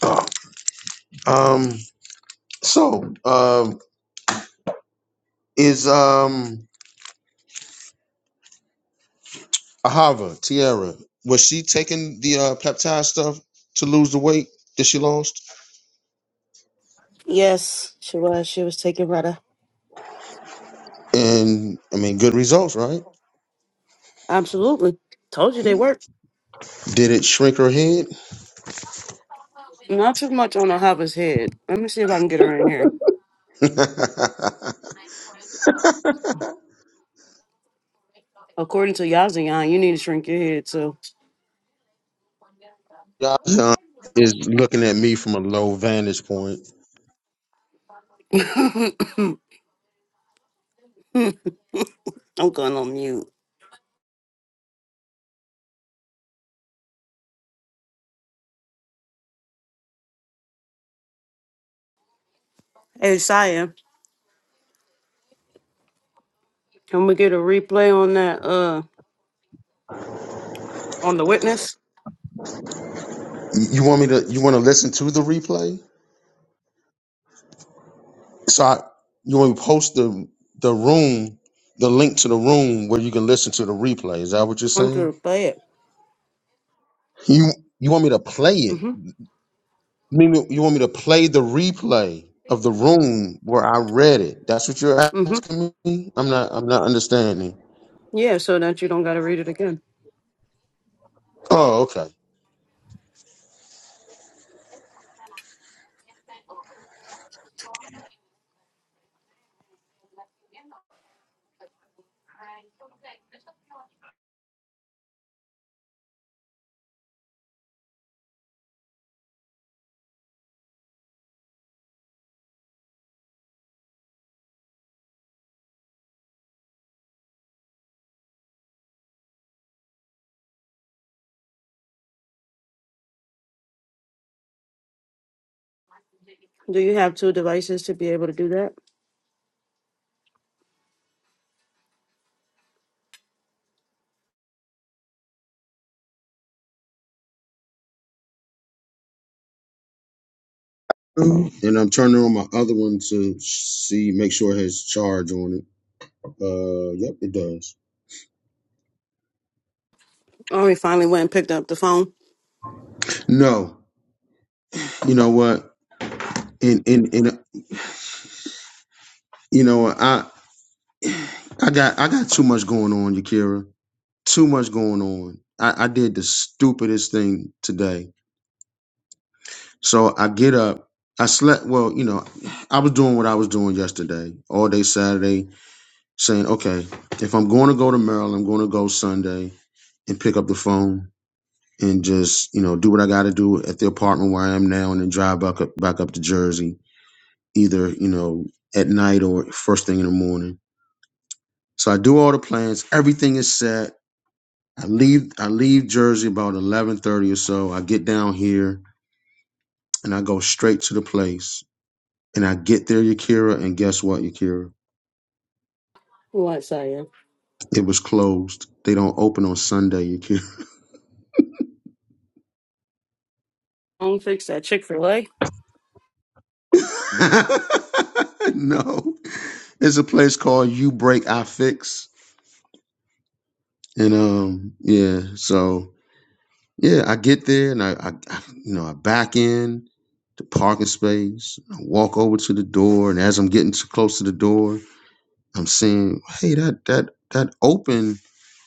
Speaker 2: hell? Oh, um so um is um Ahava, Tierra, was she taking the uh peptide stuff to lose the weight that she lost?
Speaker 10: Yes, she was. She was taking Retta.
Speaker 2: And I mean, good results, right?
Speaker 10: Absolutely. Told you they work.
Speaker 2: Did it shrink her head?
Speaker 10: Not too much on Ahaba's head. Let me see if I can get her in here. According to Yazayan, you need to shrink your head, so
Speaker 2: Josh is looking at me from a low vantage point.
Speaker 10: I'm going on mute. Hey, Saya, can we get a replay on that, uh, on the witness?
Speaker 2: You want me to? You want to listen to the replay? So I, you want me to post the the room, the link to the room where you can listen to the replay? Is that what you're
Speaker 10: I'm to
Speaker 2: saying?
Speaker 10: replay it.
Speaker 2: You you want me to play it?
Speaker 10: Mm-hmm.
Speaker 2: You mean you want me to play the replay of the room where I read it? That's what you're
Speaker 10: Mm-hmm.
Speaker 2: asking me. I'm not. I'm not understanding.
Speaker 10: Yeah, so that you don't got to read it again.
Speaker 2: Oh, okay.
Speaker 10: Do you have two devices to be able to do that?
Speaker 2: And I'm turning on my other one to see, make sure it has charge on it. Uh, yep, it does.
Speaker 10: Oh, we finally went and picked up the phone.
Speaker 2: No, you know what? And and and uh, you know what? I I got I got too much going on, Yakira. Too much going on. I, I did the stupidest thing today. So I get up. I slept well, you know, I was doing what I was doing yesterday, all day Saturday, saying, okay, if I'm going to go to Maryland, I'm going to go Sunday and pick up the phone. and just you know do what I got to do at the apartment where I am now, and then drive back up back up to Jersey, either you know at night or first thing in the morning. So I do all the plans. Everything is set. I leave I leave Jersey about eleven thirty or so. I get down here and I go straight to the place. And I get there, Yakira, and guess what, Yakira?
Speaker 10: Yes, I am.
Speaker 2: It was closed. They don't open on Sunday, Yakira.
Speaker 10: Phone fix that Chick fil A.
Speaker 2: no. It's a place called You Break I Fix. And um, yeah, so Yeah, I get there and I, I, I you know, I back in the parking space. I walk over to the door, and as I'm getting too close to the door, I'm seeing, hey, that that that open,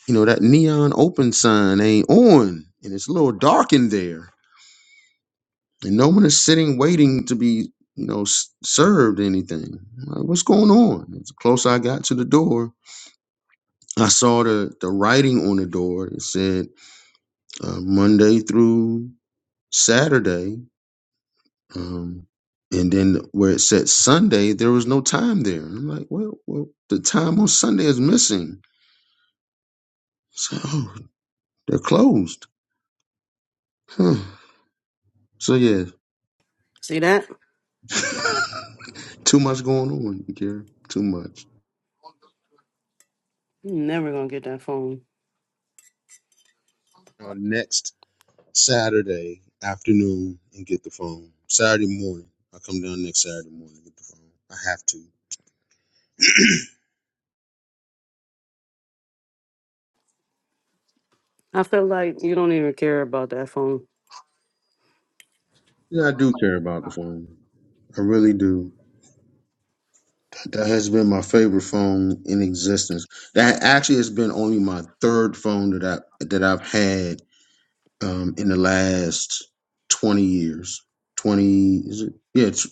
Speaker 2: you know, that neon open sign ain't on, and it's a little dark in there, and no one is sitting waiting to be, you know, s- served anything. I'm like, what's going on? As close I got to the door, I saw the the writing on the door. It said uh, Monday through Saturday Um, and then where it said Sunday, there was no time there. And I'm like, well, well, the time on Sunday is missing. So oh, they're closed. Huh. So yeah,
Speaker 10: See that?
Speaker 2: too much going on, Gary. Too much.
Speaker 10: you never gonna get that phone.
Speaker 2: Uh, next Saturday afternoon and get the phone. Saturday morning, I come down next Saturday morning and get the phone. I have to.
Speaker 10: I feel like you don't even care about that phone.
Speaker 2: Yeah, I do care about the phone. I really do. That has been my favorite phone in existence. That actually has been only my third phone that I that I've had um, in the last twenty years. Twenty is it? Yeah, it's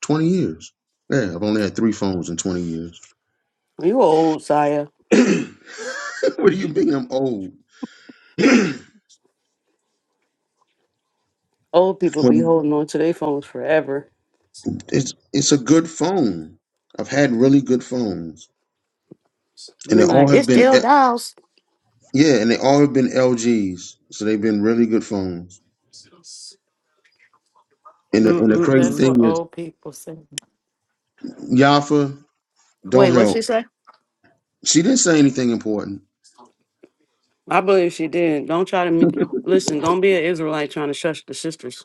Speaker 2: twenty years. Yeah, I've only had three phones in twenty years.
Speaker 10: You old, Saya.
Speaker 2: what do you mean I'm old? well,
Speaker 10: Old people be holding on to their phones forever.
Speaker 2: it's it's a good phone. I've had really good phones,
Speaker 10: You
Speaker 2: and they
Speaker 10: be like,
Speaker 2: all
Speaker 10: it
Speaker 2: have been
Speaker 10: still
Speaker 2: eh,
Speaker 10: dials.
Speaker 2: yeah, and they all have been LGs. So they've been really good phones. And the, and the crazy
Speaker 4: That's
Speaker 10: Mm-mm-mm.
Speaker 4: what
Speaker 2: thing is.
Speaker 4: old people say.
Speaker 2: Yafa, don't
Speaker 10: Wait, what'd she
Speaker 2: help.
Speaker 10: say?
Speaker 2: She didn't say anything important.
Speaker 10: I believe she did. Don't try to me- listen. Don't be an Israelite trying to shush the sisters.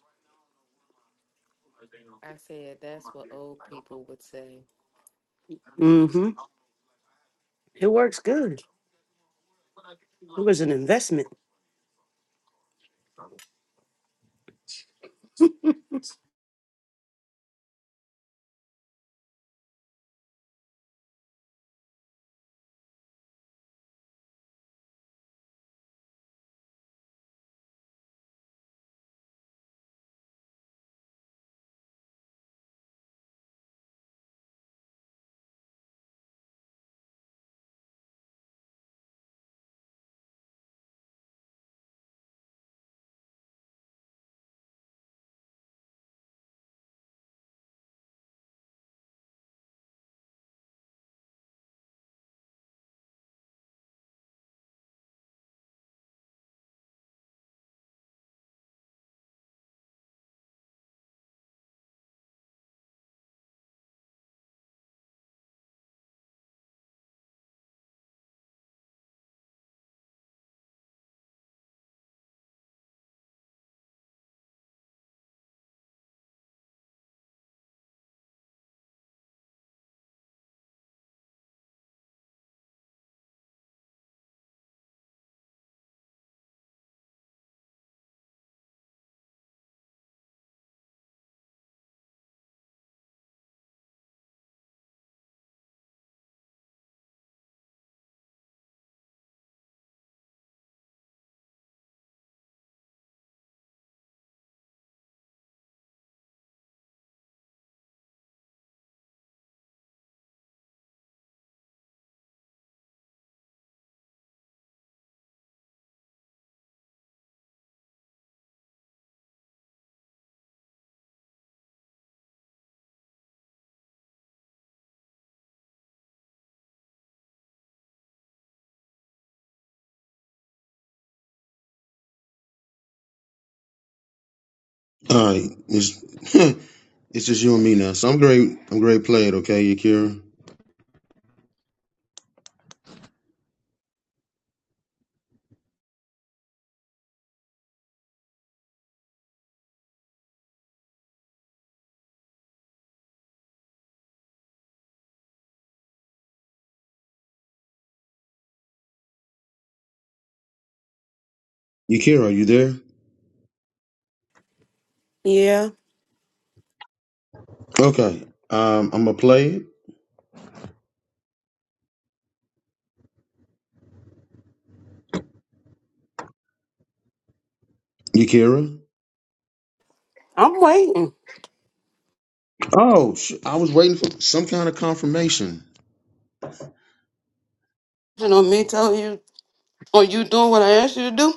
Speaker 4: I said that's what old people would say.
Speaker 10: Mm-hmm. It works good. It was an investment.
Speaker 2: All right, it's it's just you and me now. So I'm great. I'm great. Play it, okay, Yakira. Yakira, are you there?
Speaker 10: Yeah,
Speaker 2: Okay. Um, I'm gonna play it, Yakira.
Speaker 10: I'm waiting.
Speaker 2: Oh, sh- I was waiting for some kind of confirmation.
Speaker 10: You know me telling you, are you doing what I asked you to do?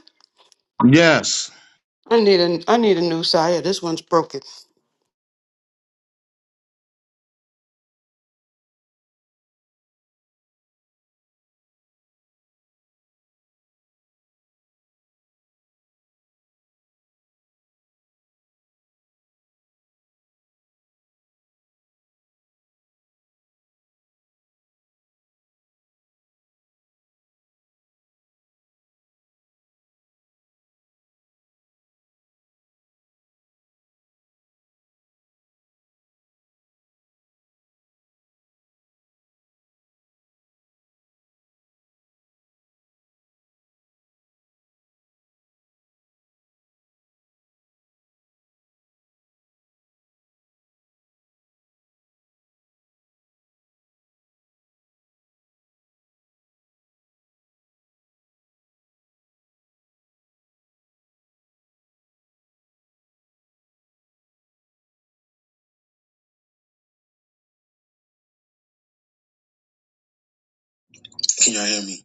Speaker 2: Yes.
Speaker 10: I need a I need a new Saya. This one's broken.
Speaker 2: Can y'all hear me?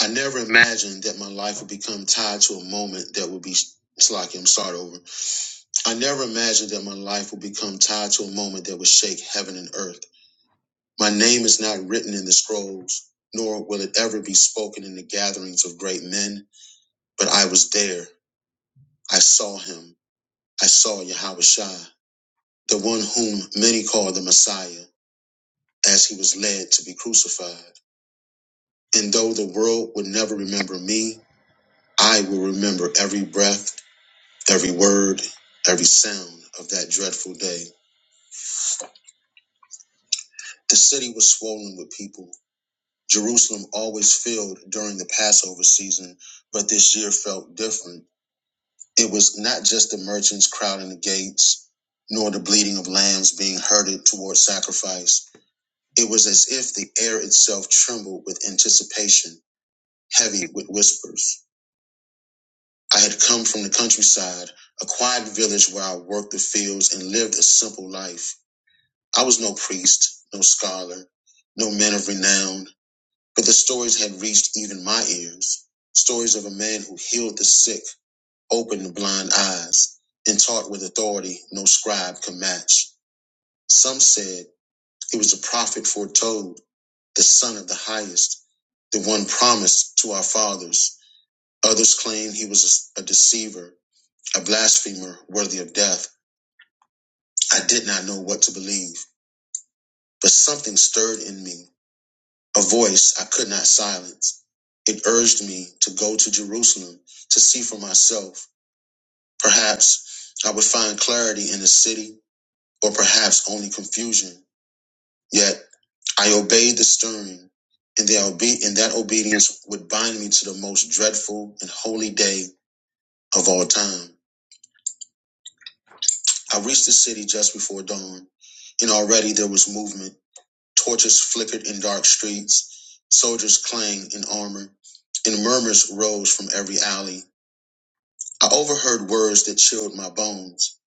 Speaker 2: I never imagined that my life would become tied to a moment that would be. It's like start over. I never imagined that my life would become tied to a moment that would shake heaven and earth. My name is not written in the scrolls, nor will it ever be spoken in the gatherings of great men, but I was there. I saw him. I saw Yahushua, the one whom many call the Messiah, as he was led to be crucified. And though the world would never remember me, I will remember every breath, every word, every sound of that dreadful day. The city was swollen with people. Jerusalem always filled during the Passover season, but this year felt different. It was not just the merchants crowding the gates, nor the bleating of lambs being herded toward sacrifice. It was as if the air itself trembled with anticipation, heavy with whispers. I had come from the countryside, a quiet village where I worked the fields and lived a simple life. I was no priest, no scholar, no man of renown, but the stories had reached even my ears. Stories of a man who healed the sick opened the blind eyes, and taught with authority no scribe can match. Some said he was the prophet foretold, the son of the highest, the one promised to our fathers. Others claimed he was a deceiver, a blasphemer worthy of death. I did not know what to believe, but something stirred in me, a voice I could not silence. It urged me to go to Jerusalem to see for myself. Perhaps I would find clarity in the city or perhaps only confusion. Yet I obeyed the stirring, and, the obe- and that obedience would bind me to the most dreadful and holy day of all time. I reached the city just before dawn, and already there was movement. Torches flickered in dark streets, soldiers clanged in armor, and murmurs rose from every alley. I overheard words that chilled my bones.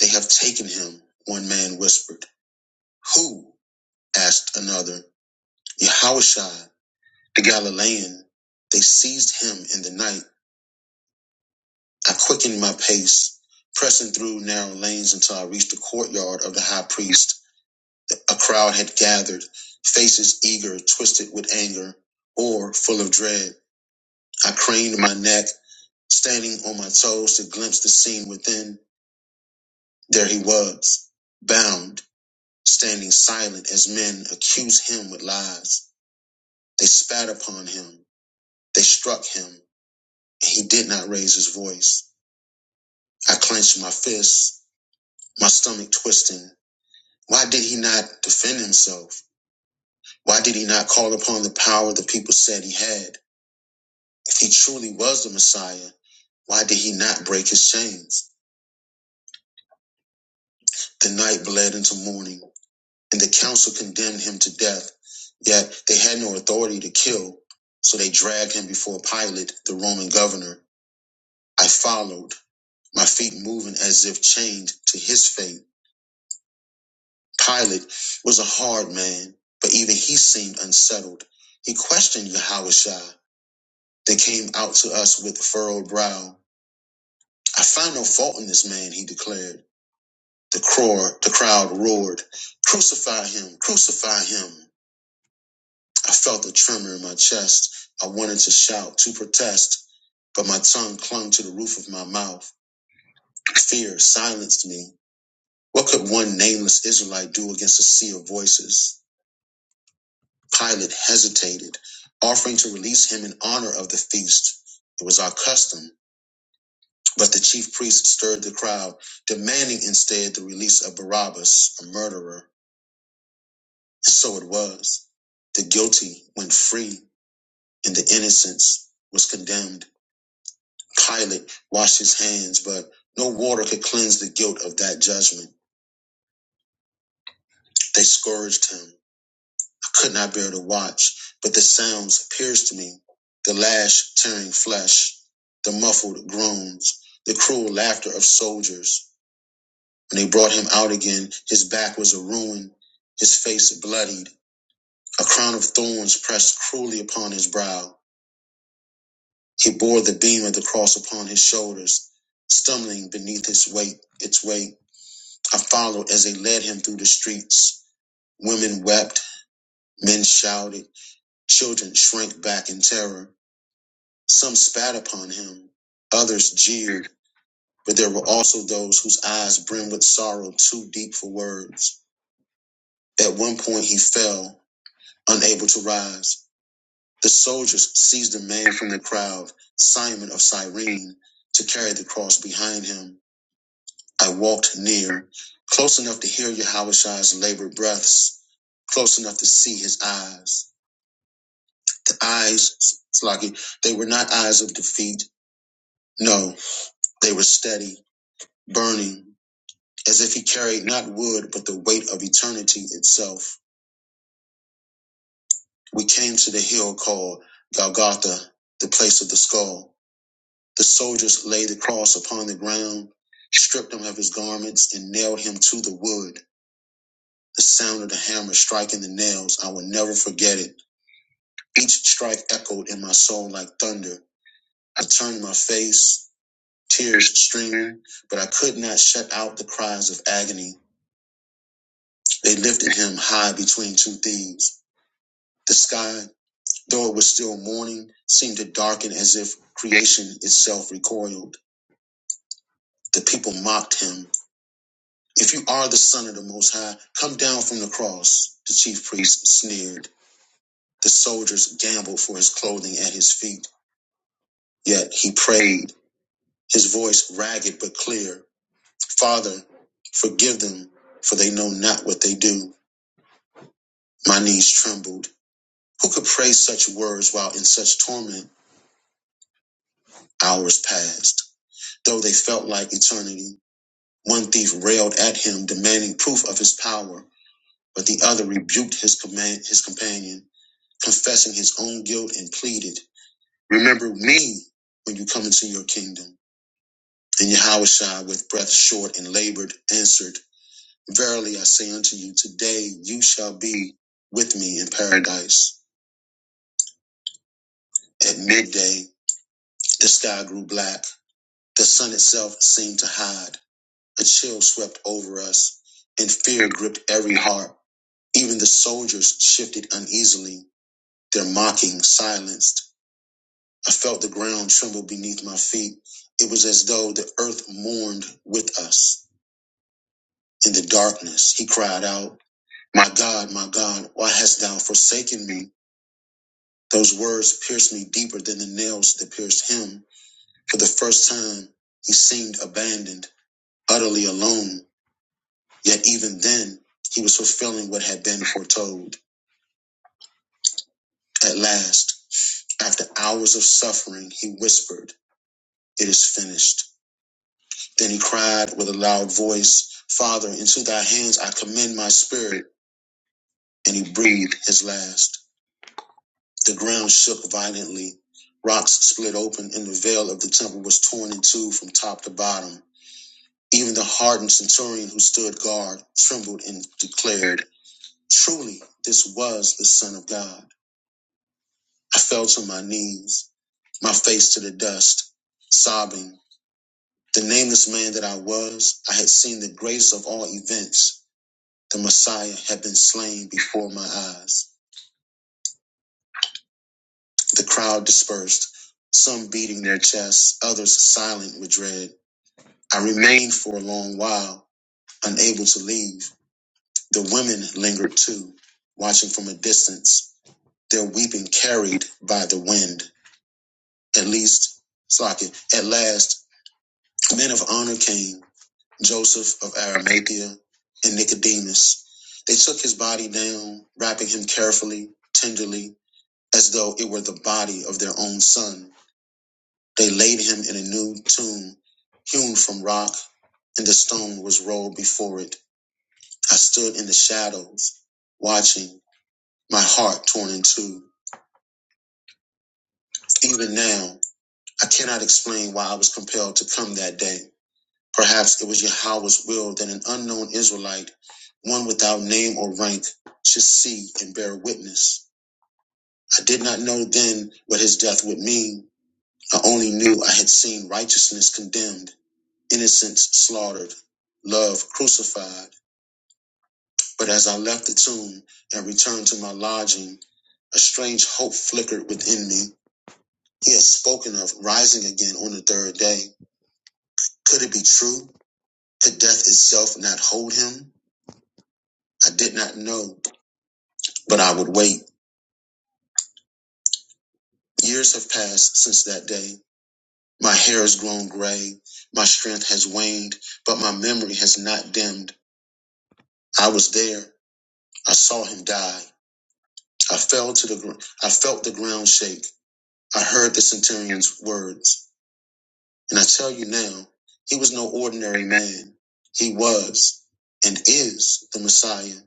Speaker 2: They have taken him, one man whispered. Who? asked another. Yahushua The Galilean, they seized him in the night. I quickened my pace, pressing through narrow lanes until I reached the courtyard of the high priest. A crowd had gathered, faces eager, twisted with anger, or full of dread. I craned my neck, standing on my toes to glimpse the scene within. There he was, bound, standing silent as men accused him with lies. They spat upon him, they struck him, and he did not raise his voice. I clenched my fists, my stomach twisting. Why did he not defend himself? Why did he not call upon the power the people said he had? If he truly was the Messiah, why did he not break his chains? The night bled into morning, and the council condemned him to death. Yet they had no authority to kill, so they dragged him before Pilate, the Roman governor. I followed, my feet moving as if chained to his fate. Pilate was a hard man, but even he seemed unsettled. He questioned Yahushua that came out to us with furrowed brow. I find no fault in this man, he declared. The crowd, the crowd roared, Crucify him, crucify him. I felt a tremor in my chest. I wanted to shout, to protest, but my tongue clung to the roof of my mouth. Fear silenced me. What could one nameless Israelite do against a sea of voices? Pilate hesitated, offering to release him in honor of the feast. It was our custom, but the chief priests stirred the crowd, demanding instead the release of Barabbas, a murderer. And so it was. The guilty went free, and the innocence was condemned. Pilate washed his hands, but no water could cleanse the guilt of that judgment. They scourged him could not bear to watch, but the sounds pierced to me, the lash tearing flesh, the muffled groans, the cruel laughter of soldiers. When they brought him out again, his back was a ruin, his face bloodied, a crown of thorns pressed cruelly upon his brow. He bore the beam of the cross upon his shoulders, stumbling beneath his weight, its weight. I followed as they led him through the streets. Women wept, men shouted, children shrank back in terror. Some spat upon him, others jeered, but there were also those whose eyes brimmed with sorrow too deep for words. At one point he fell, unable to rise. The soldiers seized a man from the crowd, Simon of Cyrene, to carry the cross behind him. I walked near, close enough to hear Yahushua's labored breaths, close enough to see his eyes. The eyes, Slaki, they were not eyes of defeat. No, they were steady, burning. as if he carried not wood, but the weight of eternity itself. We came to the hill called Golgotha, the place of the skull. The soldiers laid the cross upon the ground, stripped him of his garments, and nailed him to the wood. The sound of the hammer striking the nails, I will never forget it. Each strike echoed in my soul like thunder. I turned my face, tears streaming, but I could not shut out the cries of agony. They lifted him high between two thieves. The sky Though it was still morning, seemed to darken as if creation itself recoiled. The people mocked him. If you are the son of the Most High, come down from the cross. The chief priest sneered. The soldiers gambled for his clothing at his feet. Yet he prayed, his voice ragged but clear. Father, forgive them, for they know not what they do. My knees trembled. Who could pray such words while in such torment? Hours passed, though they felt like eternity. One thief railed at him, demanding proof of his power, but the other rebuked his command, his companion, confessing his own guilt and pleaded, "Remember me when you come into your kingdom." And Yahushua, with breath short and labored, answered, "Verily I say unto you, today you shall be with me in paradise." At midday, the sky grew black; the sun itself seemed to hide. A chill swept over us, and fear gripped every heart. Even the soldiers shifted uneasily, their mocking silenced. I felt the ground tremble beneath my feet. It was as though the earth mourned with us. In the darkness, he cried out, My God, my God, why hast thou forsaken me? Those words pierced me deeper than the nails that pierced him. For the first time, he seemed abandoned, utterly alone. Yet even then, he was fulfilling what had been foretold. At last, after hours of suffering, he whispered, It is finished. Then he cried with a loud voice, Father, into thy hands I commend my spirit. And he breathed his last. The ground shook violently. Rocks split open, and the veil of the temple was torn in two from top to bottom. Even the hardened centurion who stood guard trembled and declared, Truly, this was the Son of God. I fell to my knees, my face to the dust, sobbing. The nameless man that I was, I had seen the grace of all events The Messiah had been slain before my eyes. The crowd dispersed, some beating their chests, others silent with dread. I remained for a long while, unable to leave. The women lingered too, watching from a distance, their weeping carried by the wind. At least, Slocket, at last, men of honor came Joseph of Arimathea and Nicodemus. They took his body down, wrapping him carefully, tenderly, as though it were the body of their own son. They laid him in a new tomb hewn from rock, and the stone was rolled before it. I stood in the shadows, watching, my heart torn in two. Even now, I cannot explain why I was compelled to come that day. Perhaps it was Yahweh's will that an unknown Israelite, one without name or rank, should see and bear witness. I did not know then what his death would mean. I only knew I had seen righteousness condemned innocence slaughtered, love crucified. But as I left the tomb and returned to my lodging, a strange hope flickered within me. He had spoken of rising again on the third day. Could it be true? Could death itself not hold him? I did not know, but I would wait. Years have passed since that day. My hair has grown gray. My strength has waned, but my memory has not dimmed. I was there. I saw him die. I fell to the gr- I felt the ground shake. I heard the centurion's words, and I tell you now, he was no ordinary man. He was and is the Messiah,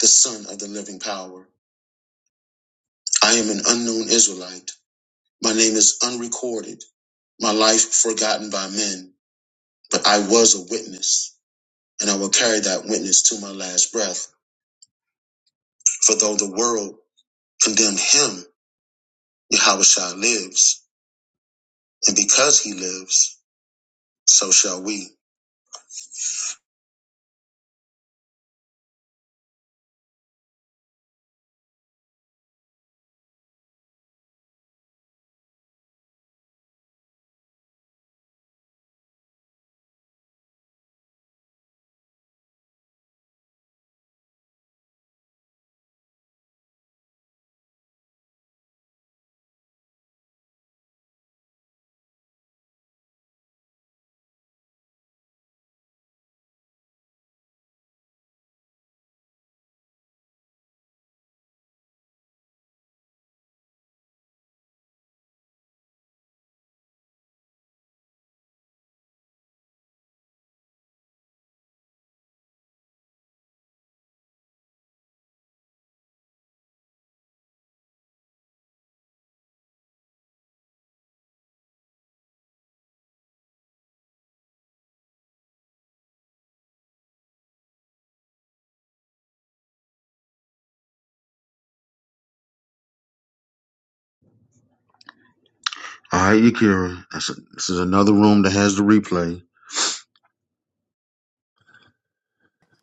Speaker 2: the Son of the living power. I am an unknown Israelite. My name is unrecorded, my life forgotten by men, but I was a witness, and I will carry that witness to my last breath. For though the world condemned him, Yahushua lives, and because he lives, so shall we. All right, Yakira. That's this is another room that has the replay.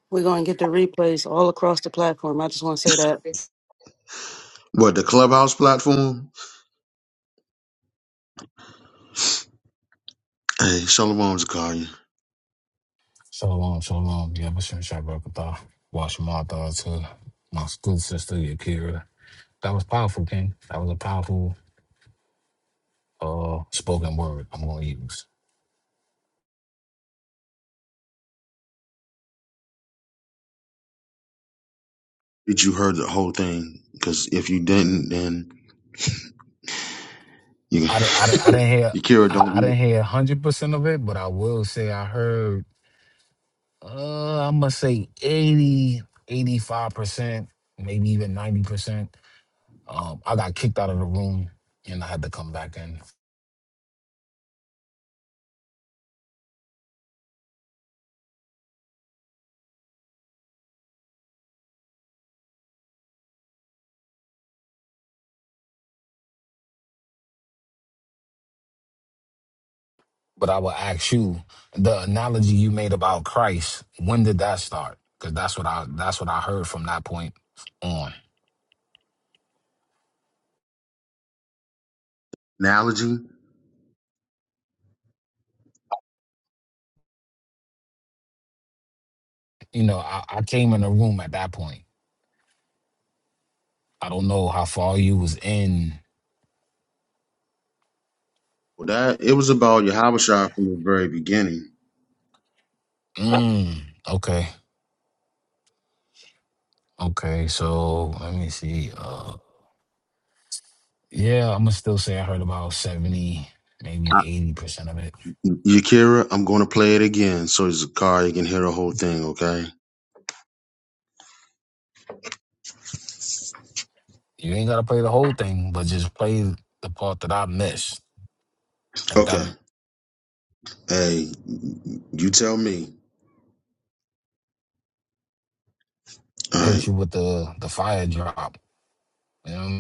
Speaker 10: We're gonna get the replays all across the platform. I just want to say that.
Speaker 2: What the clubhouse platform? Hey, Shalom Zakaria.
Speaker 5: So long, so long. Yeah, but since I broke up, watch my thoughts to my school sister, Yakira. That was powerful, King. That was a powerful uh spoken word. I'm gonna use.
Speaker 2: Did you heard the whole thing? Because if you didn't, then you
Speaker 5: I, di- I, di- I didn't hear.
Speaker 2: you
Speaker 5: I,
Speaker 2: don't
Speaker 5: I
Speaker 2: need
Speaker 5: didn't hear 100 percent of it, but I will say I heard. Uh, I'm gonna say 80, 85 percent, maybe even 90 percent. Um, I got kicked out of the room and I had to come back in. But I will ask you the analogy you made about Christ. When did that start? Because that's what I that's what I heard from that point on.
Speaker 2: analogy.
Speaker 5: You know, I, I came in the room at that point. I don't know how far you was in.
Speaker 2: Well, that it was about Yahabashah from the very beginning.
Speaker 5: Mm, okay, okay. So let me see. Uh, yeah, I'm gonna still say I heard about seventy, maybe eighty percent of it.
Speaker 2: Yakira, I'm going to play it again so Zakaria can hear the whole thing. Okay.
Speaker 5: You ain't gotta play the whole thing, but just play the part that I missed. If that
Speaker 2: Okay. Hey, you tell me. All right,
Speaker 5: hit you with the the fire drop, you know. what I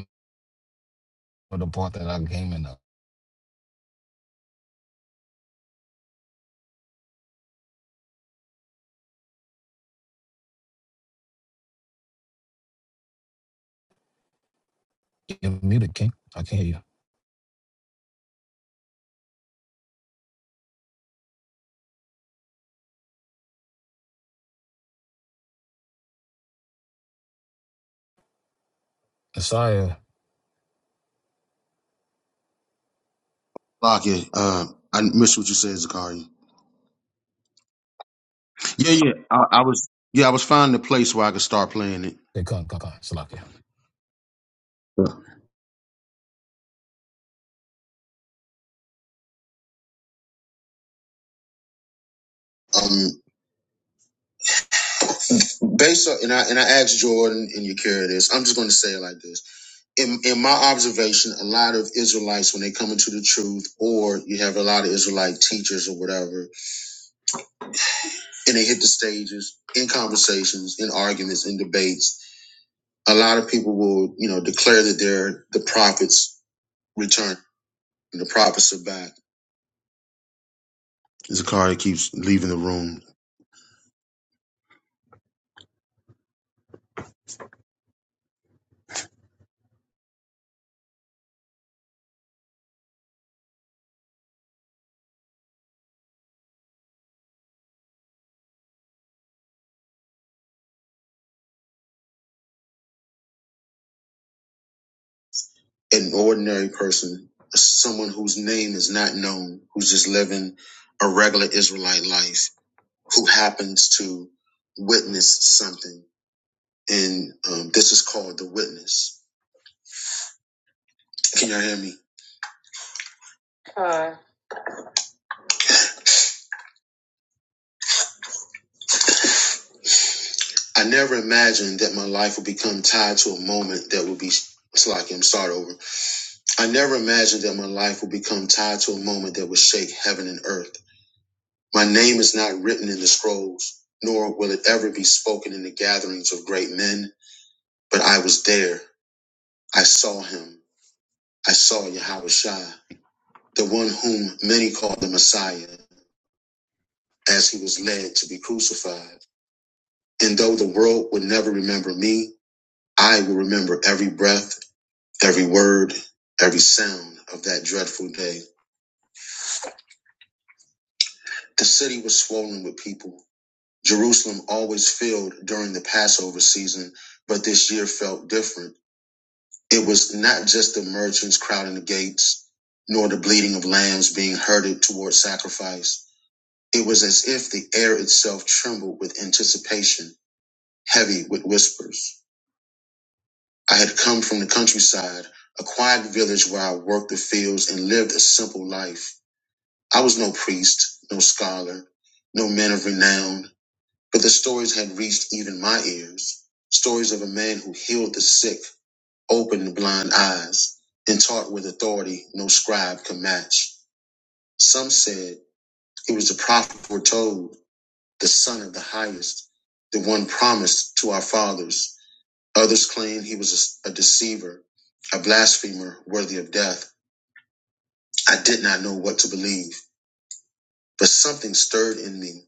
Speaker 5: for the part that I came in of. You're muted, King. I can't hear you. Messiah,
Speaker 2: Lock it. Uh, I missed what you said, Zakaria. Yeah, yeah. I, I was yeah, I was finding a place where I could start playing it.
Speaker 5: they come, come, come, Salakia.
Speaker 2: Um, based on, and I and I asked Jordan and you carry this. I'm just going to say it like this. In in my observation, a lot of Israelites when they come into the truth, or you have a lot of Israelite teachers or whatever, and they hit the stages in conversations, in arguments, in debates. A lot of people will, you know, declare that they're the prophets return and the prophets are back. Zakari keeps leaving the room. an ordinary person, someone whose name is not known, who's just living a regular Israelite life, who happens to witness something. And um, this is called the witness. Can y'all hear me? Uh. I never imagined that my life would become tied to a moment that would be. It's like I'm start over. I never imagined that my life would become tied to a moment that would shake heaven and earth. My name is not written in the scrolls, nor will it ever be spoken in the gatherings of great men But I was there. I saw him. I saw Yahweh Shai, the one whom many call the Messiah, as he was led to be crucified. And though the world would never remember me, I will remember every breath, every word, every sound of that dreadful day. The city was swollen with people. Jerusalem always filled during the Passover season, but this year felt different. It was not just the merchants crowding the gates, nor the bleating of lambs being herded toward sacrifice. It was as if the air itself trembled with anticipation, heavy with whispers. I had come from the countryside, a quiet village where I worked the fields and lived a simple life. I was no priest, no scholar, no man of renown, but the stories had reached even my ears. Stories of a man who healed the sick, opened blind eyes, and taught with authority no scribe can match. Some said it was the prophet foretold, the son of the highest, the one promised to our fathers. Others claimed he was a, a deceiver, a blasphemer worthy of death. I did not know what to believe, but something stirred in me,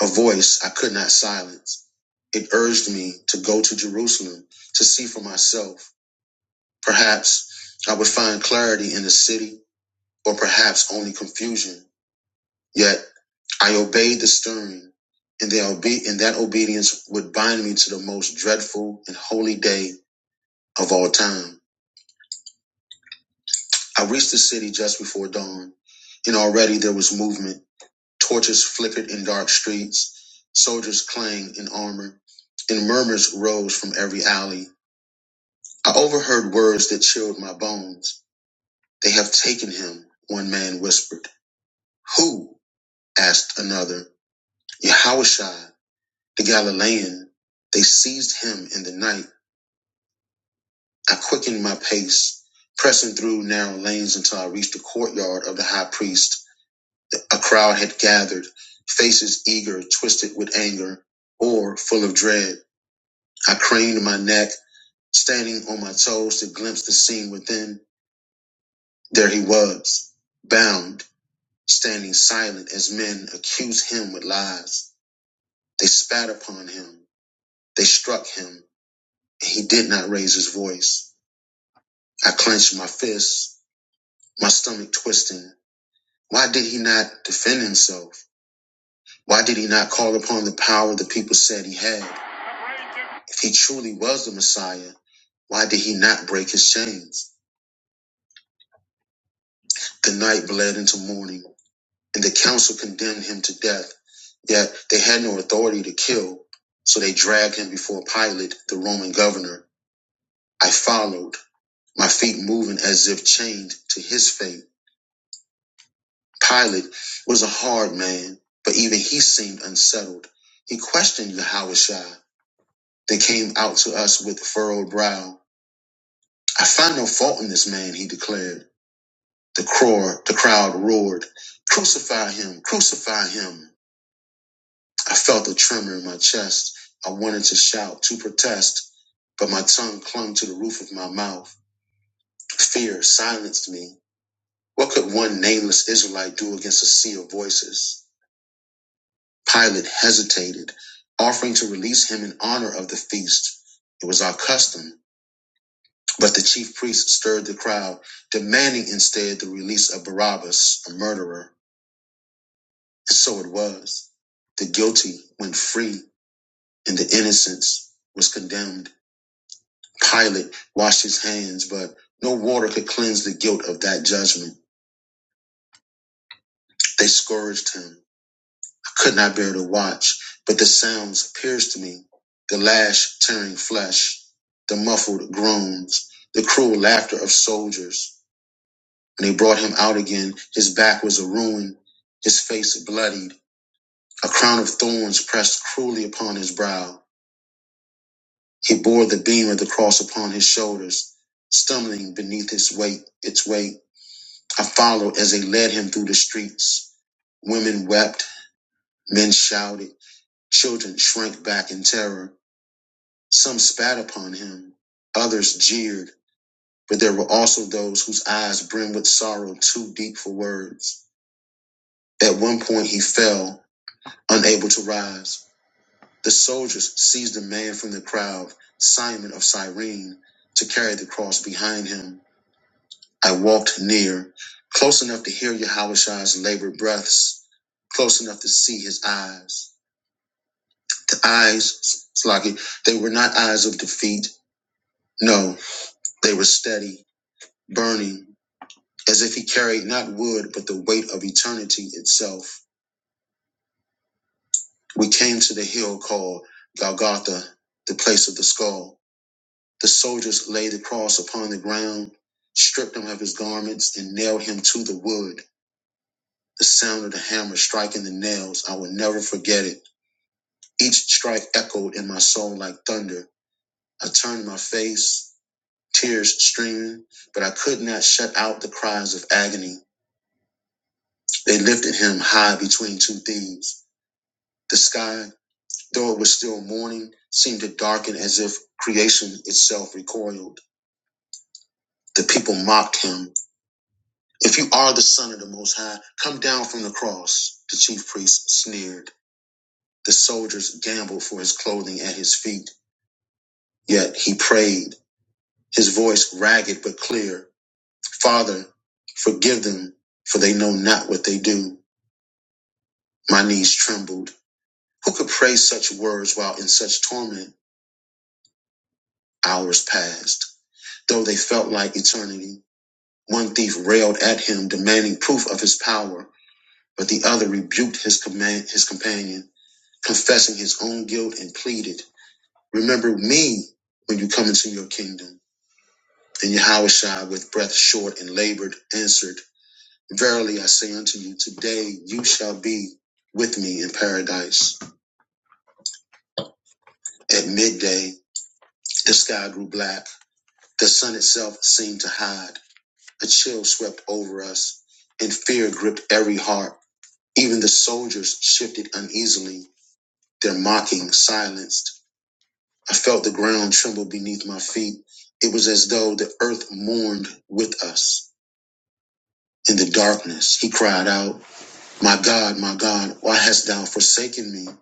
Speaker 2: a voice I could not silence. It urged me to go to Jerusalem to see for myself. Perhaps I would find clarity in the city or perhaps only confusion. Yet I obeyed the stirring, and, the obe- and that obedience would bind me to the most dreadful and holy day of all time. I reached the city just before dawn, and already there was movement. Torches flickered in dark streets, soldiers clanged in armor, and murmurs rose from every alley. I overheard words that chilled my bones. They have taken him, one man whispered. Who? asked another. Yahushua The Galilean, they seized him in the night. I quickened my pace, pressing through narrow lanes until I reached the courtyard of the high priest. A crowd had gathered, faces eager, twisted with anger, or full of dread. I craned my neck, standing on my toes to glimpse the scene within. There he was, bound, standing silent as men accused him with lies. They spat upon him. They struck him. He did not raise his voice. I clenched my fists, my stomach twisting. Why did he not defend himself? Why did he not call upon the power the people said he had? If he truly was the Messiah, why did he not break his chains? The night bled into morning, and the council condemned him to death. Yet they had no authority to kill, so they dragged him before Pilate, the Roman governor. I followed, my feet moving as if chained to his fate. Pilate was a hard man, but even he seemed unsettled. He questioned Yahushua that came out to us with furrowed brow. I find no fault in this man, he declared. The, crowd, the crowd roared, Crucify him! Crucify him! I felt a tremor in my chest. I wanted to shout, to protest, but my tongue clung to the roof of my mouth. Fear silenced me. What could one nameless Israelite do against a sea of voices? Pilate hesitated, offering to release him in honor of the feast. It was our custom, but the chief priests stirred the crowd, demanding instead the release of Barabbas, a murderer. And so it was. The guilty went free, and the innocence was condemned. Pilate washed his hands, but no water could cleanse the guilt of that judgment. They scourged him could not bear to watch, but the sounds pierced me, the lash tearing flesh, the muffled groans, the cruel laughter of soldiers. When they brought him out again, his back was a ruin, his face bloodied, a crown of thorns pressed cruelly upon his brow. He bore the beam of the cross upon his shoulders, stumbling beneath his weight, its weight. I followed as they led him through the streets. Women wept, men shouted, children shrank back in terror. Some spat upon him, others jeered, but there were also those whose eyes brimmed with sorrow too deep for words. At one point he fell, unable to rise. The soldiers seized a man from the crowd, Simon of Cyrene, to carry the cross behind him. I walked near, close enough to hear Yahushua's labored breaths, close enough to see his eyes. The eyes, Slaki, they were not eyes of defeat. No, they were steady, burning, as if he carried not wood, but the weight of eternity itself. We came to the hill called Golgotha, the place of the skull. The soldiers laid the cross upon the ground, stripped him of his garments, and nailed him to the wood. The sound of the hammer striking the nails, I will never forget it. Each strike echoed in my soul like thunder. I turned my face, tears streaming, but I could not shut out the cries of agony. They lifted him high between two thieves. The sky Though it was still morning, seemed to darken as if creation itself recoiled. The people mocked him. If you are the son of the Most High, come down from the cross. The chief priest sneered. The soldiers gambled for his clothing at his feet. Yet he prayed, his voice ragged but clear. Father, forgive them, for they know not what they do. My knees trembled. Who could pray such words while in such torment? Hours passed, though they felt like eternity. One thief railed at him, demanding proof of his power, but the other rebuked his command, his companion, confessing his own guilt and pleaded, "Remember me when you come into your kingdom." And Yahushua, with breath short and labored, answered, "Verily I say unto you, today you shall be with me in paradise." At midday, the sky grew black; the sun itself seemed to hide. A chill swept over us, and fear gripped every heart. Even the soldiers shifted uneasily, their mocking silenced. I felt the ground tremble beneath my feet. It was as though the earth mourned with us. In the darkness, he cried out, My God, my God, why hast thou forsaken me?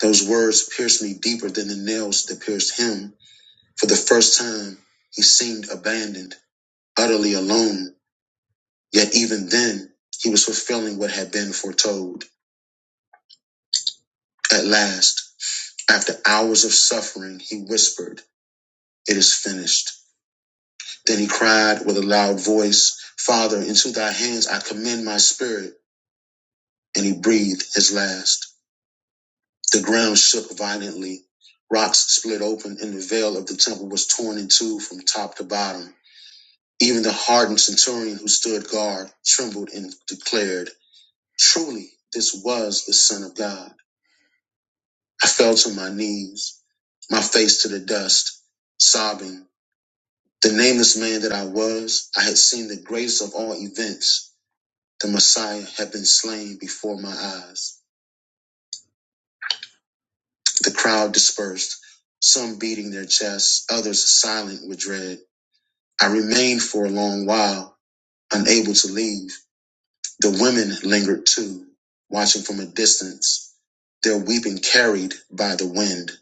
Speaker 2: Those words pierced me deeper than the nails that pierced him. For the first time, he seemed abandoned, utterly alone. Yet even then, he was fulfilling what had been foretold. At last, after hours of suffering, he whispered, It is finished. Then he cried with a loud voice, Father, into thy hands I commend my spirit. And he breathed his last. The ground shook violently. Rocks split open, and the veil of the temple was torn in two from top to bottom. Even the hardened centurion who stood guard trembled and declared, Truly, this was the Son of God. I fell to my knees, my face to the dust, sobbing. The nameless man that I was, I had seen the greatest of all events The Messiah had been slain before my eyes. The crowd dispersed, some beating their chests, others silent with dread. I remained for a long while, unable to leave. The women lingered too, watching from a distance, their weeping carried by the wind.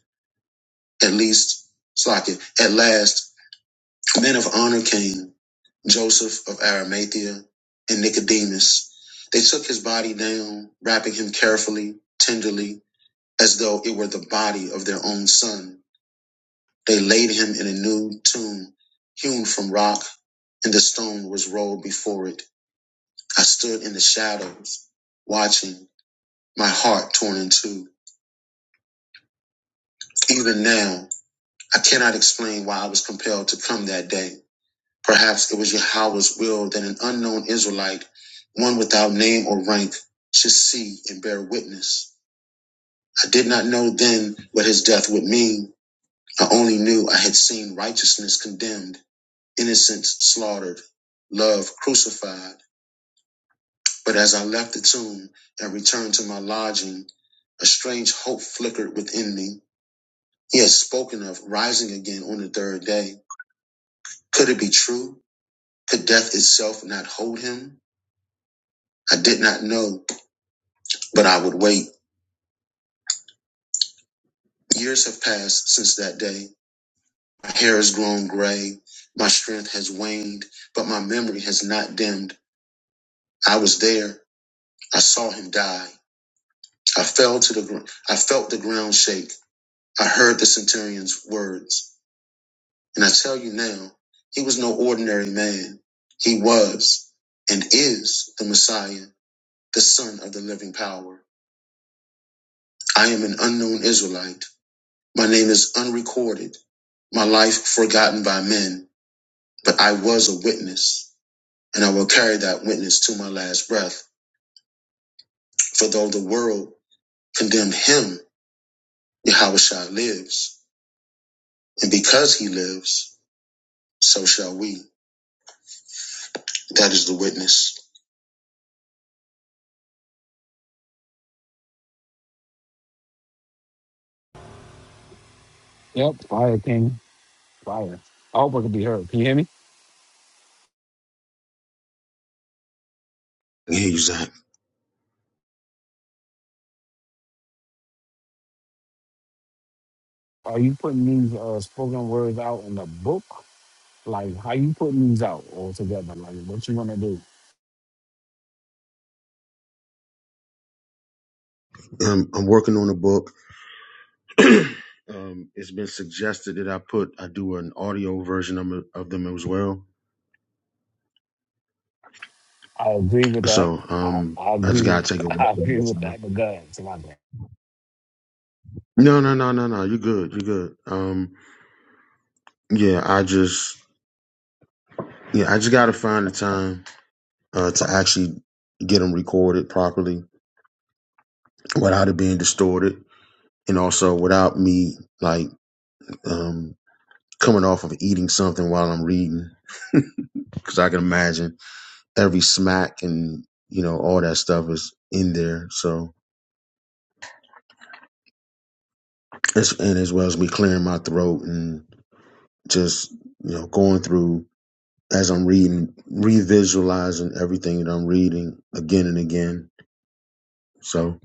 Speaker 2: At least, Slocket, at last, men of honor came, Joseph of Arimathea and Nicodemus. They took his body down, wrapping him carefully, tenderly, as though it were the body of their own son. They laid him in a new tomb hewn from rock, and the stone was rolled before it. I stood in the shadows, watching, my heart torn in two. Even now, I cannot explain why I was compelled to come that day. Perhaps it was Yahweh's will that an unknown Israelite, one without name or rank, should see and bear witness. I did not know then what his death would mean. I only knew I had seen righteousness condemned Innocents slaughtered, love crucified. But as I left the tomb and returned to my lodging, a strange hope flickered within me. He had spoken of rising again on the third day. Could it be true? Could death itself not hold him? I did not know, but I would wait. Years have passed since that day. My hair has grown gray. My strength has waned, but my memory has not dimmed. I was there. I saw him die. I fell to the ground. I felt the ground shake. I heard the centurion's words, and I tell you now, he was no ordinary man. He was and is the Messiah, the Son of the living power. I am an unknown Israelite. My name is unrecorded, my life forgotten by men, but I was a witness, and I will carry that witness to my last breath. For though the world condemned him, Yahushua lives, and because he lives, so shall we. That is the witness.
Speaker 5: Yep, fire king, fire. I hope I can be heard. Can you hear me? Are you putting these uh, spoken words out in the book? Like, how you putting these out all together? Like, what you gonna do?
Speaker 2: Um, I'm working on a book. Um, it's been suggested that I put I do an audio version of, of them as well.
Speaker 5: I agree with that.
Speaker 2: So
Speaker 5: I,
Speaker 2: um,
Speaker 5: I
Speaker 2: I
Speaker 5: agree
Speaker 2: just
Speaker 5: with
Speaker 2: gotta take a one
Speaker 5: I
Speaker 2: step at
Speaker 5: agree
Speaker 2: a
Speaker 5: with
Speaker 2: time.
Speaker 5: that. But God, Salakia.
Speaker 2: No, no, no, no, no. You're good. You're good. Um, yeah, I just yeah, I just gotta find the time uh, to actually get them recorded properly without it being distorted, and also without me like um, coming off of eating something while I'm reading, because I can imagine every smack and you know all that stuff is in there. So it's and as well as me clearing my throat and just you know going through as I'm reading, revisualizing everything that I'm reading again and again. So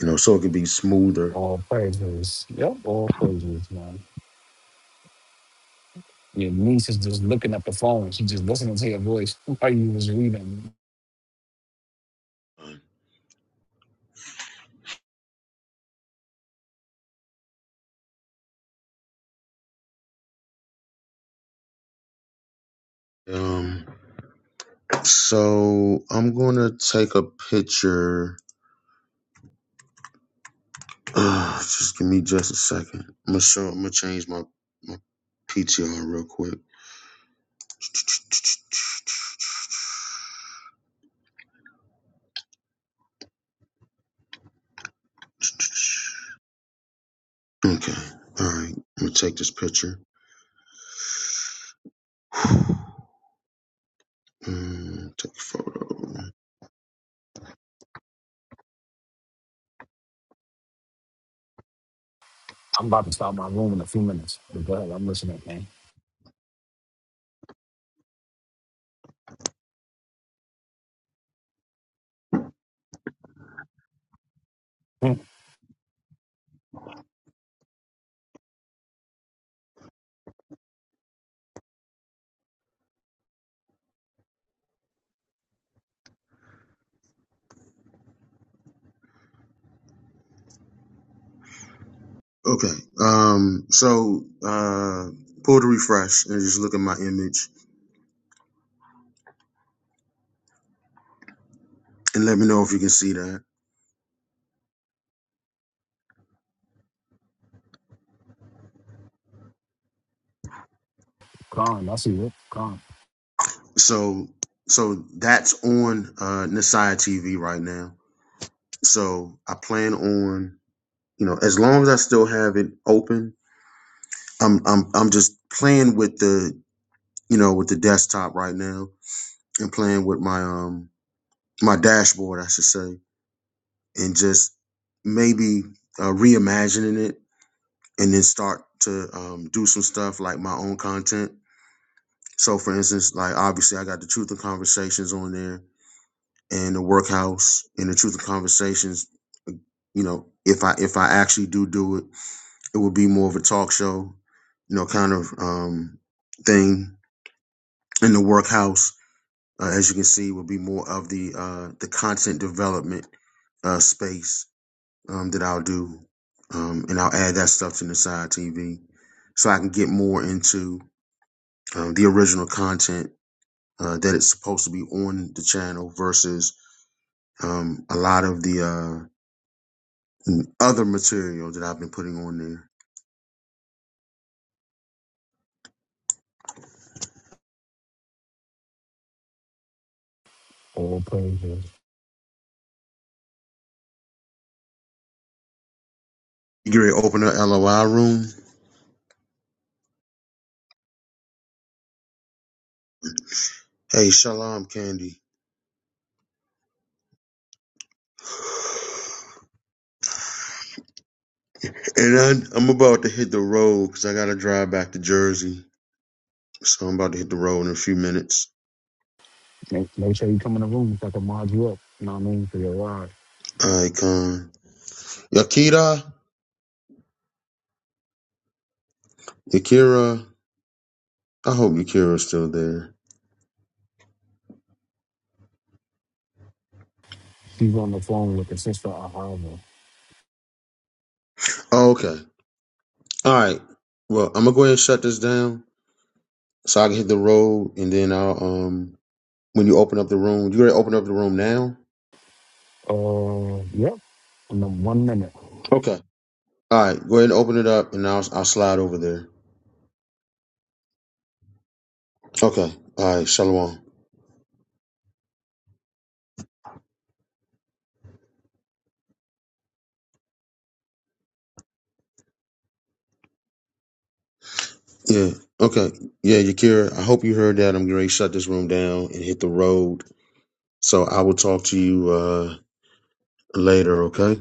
Speaker 2: you know, so it could be smoother.
Speaker 5: All praises. Yep, all praises, man. Your niece is just looking at the phone. She just listening to your voice while you was reading.
Speaker 2: Um, so I'm gonna take a picture. Ugh, just give me just a second. I'm gonna show. I'm gonna change my my PTR real quick. Okay. All right. I'm gonna take this picture. Mm, take a photo.
Speaker 5: I'm about to start my room in a few minutes. But go ahead, I'm listening, man. Hmm.
Speaker 2: Okay. Um. So, uh, pull the refresh and just look at my image and let me know if you can see that.
Speaker 5: Calm, I see you. Calm.
Speaker 2: So, so that's on uh Nasai TV right now. So I plan on you know as long as I still have it open, I'm I'm I'm just playing with the you know with the desktop right now and playing with my um my dashboard I should say and just maybe uh, reimagining it and then start to um, do some stuff like my own content. So, for instance, like obviously, I got the Truth and Conversations on there, and the Workhouse, and the Truth and Conversations. You know, if I if I actually do do it, it would be more of a talk show, you know, kind of um, thing. In the Workhouse, uh, as you can see, will be more of the uh, the content development uh, space um, that I'll do, um, and I'll add that stuff to the side TV, so I can get more into um, the original content uh, that it's supposed to be on the channel versus um, a lot of the uh, other material that I've been putting on there.
Speaker 5: All praises.
Speaker 2: You get ready to open up LOI room. Hey, shalom, Candy. And I'm, I'm about to hit the road because I got to drive back to Jersey. So I'm about to hit the road in a few minutes.
Speaker 5: Make, make sure you come in the room so I can mod you up. You know what I mean? For your ride.
Speaker 2: Icon. Yakira? Yakira? I hope Yakira's still there.
Speaker 5: She's on the phone with the sister Ahava.
Speaker 2: Oh, okay. All right. Well, I'm going to go ahead and shut this down. so I can hit the road, and then I'll um when you open up the room, you already open up the room now.
Speaker 5: Uh, yep. In the one minute.
Speaker 2: Okay. All right, go ahead and open it up, and I'll I'll slide over there. Okay. All right, shalom. Yeah. Okay. Yeah, Yakira. I hope you heard that. I'm going to shut this room down and hit the road. So I will talk to you uh later. Okay.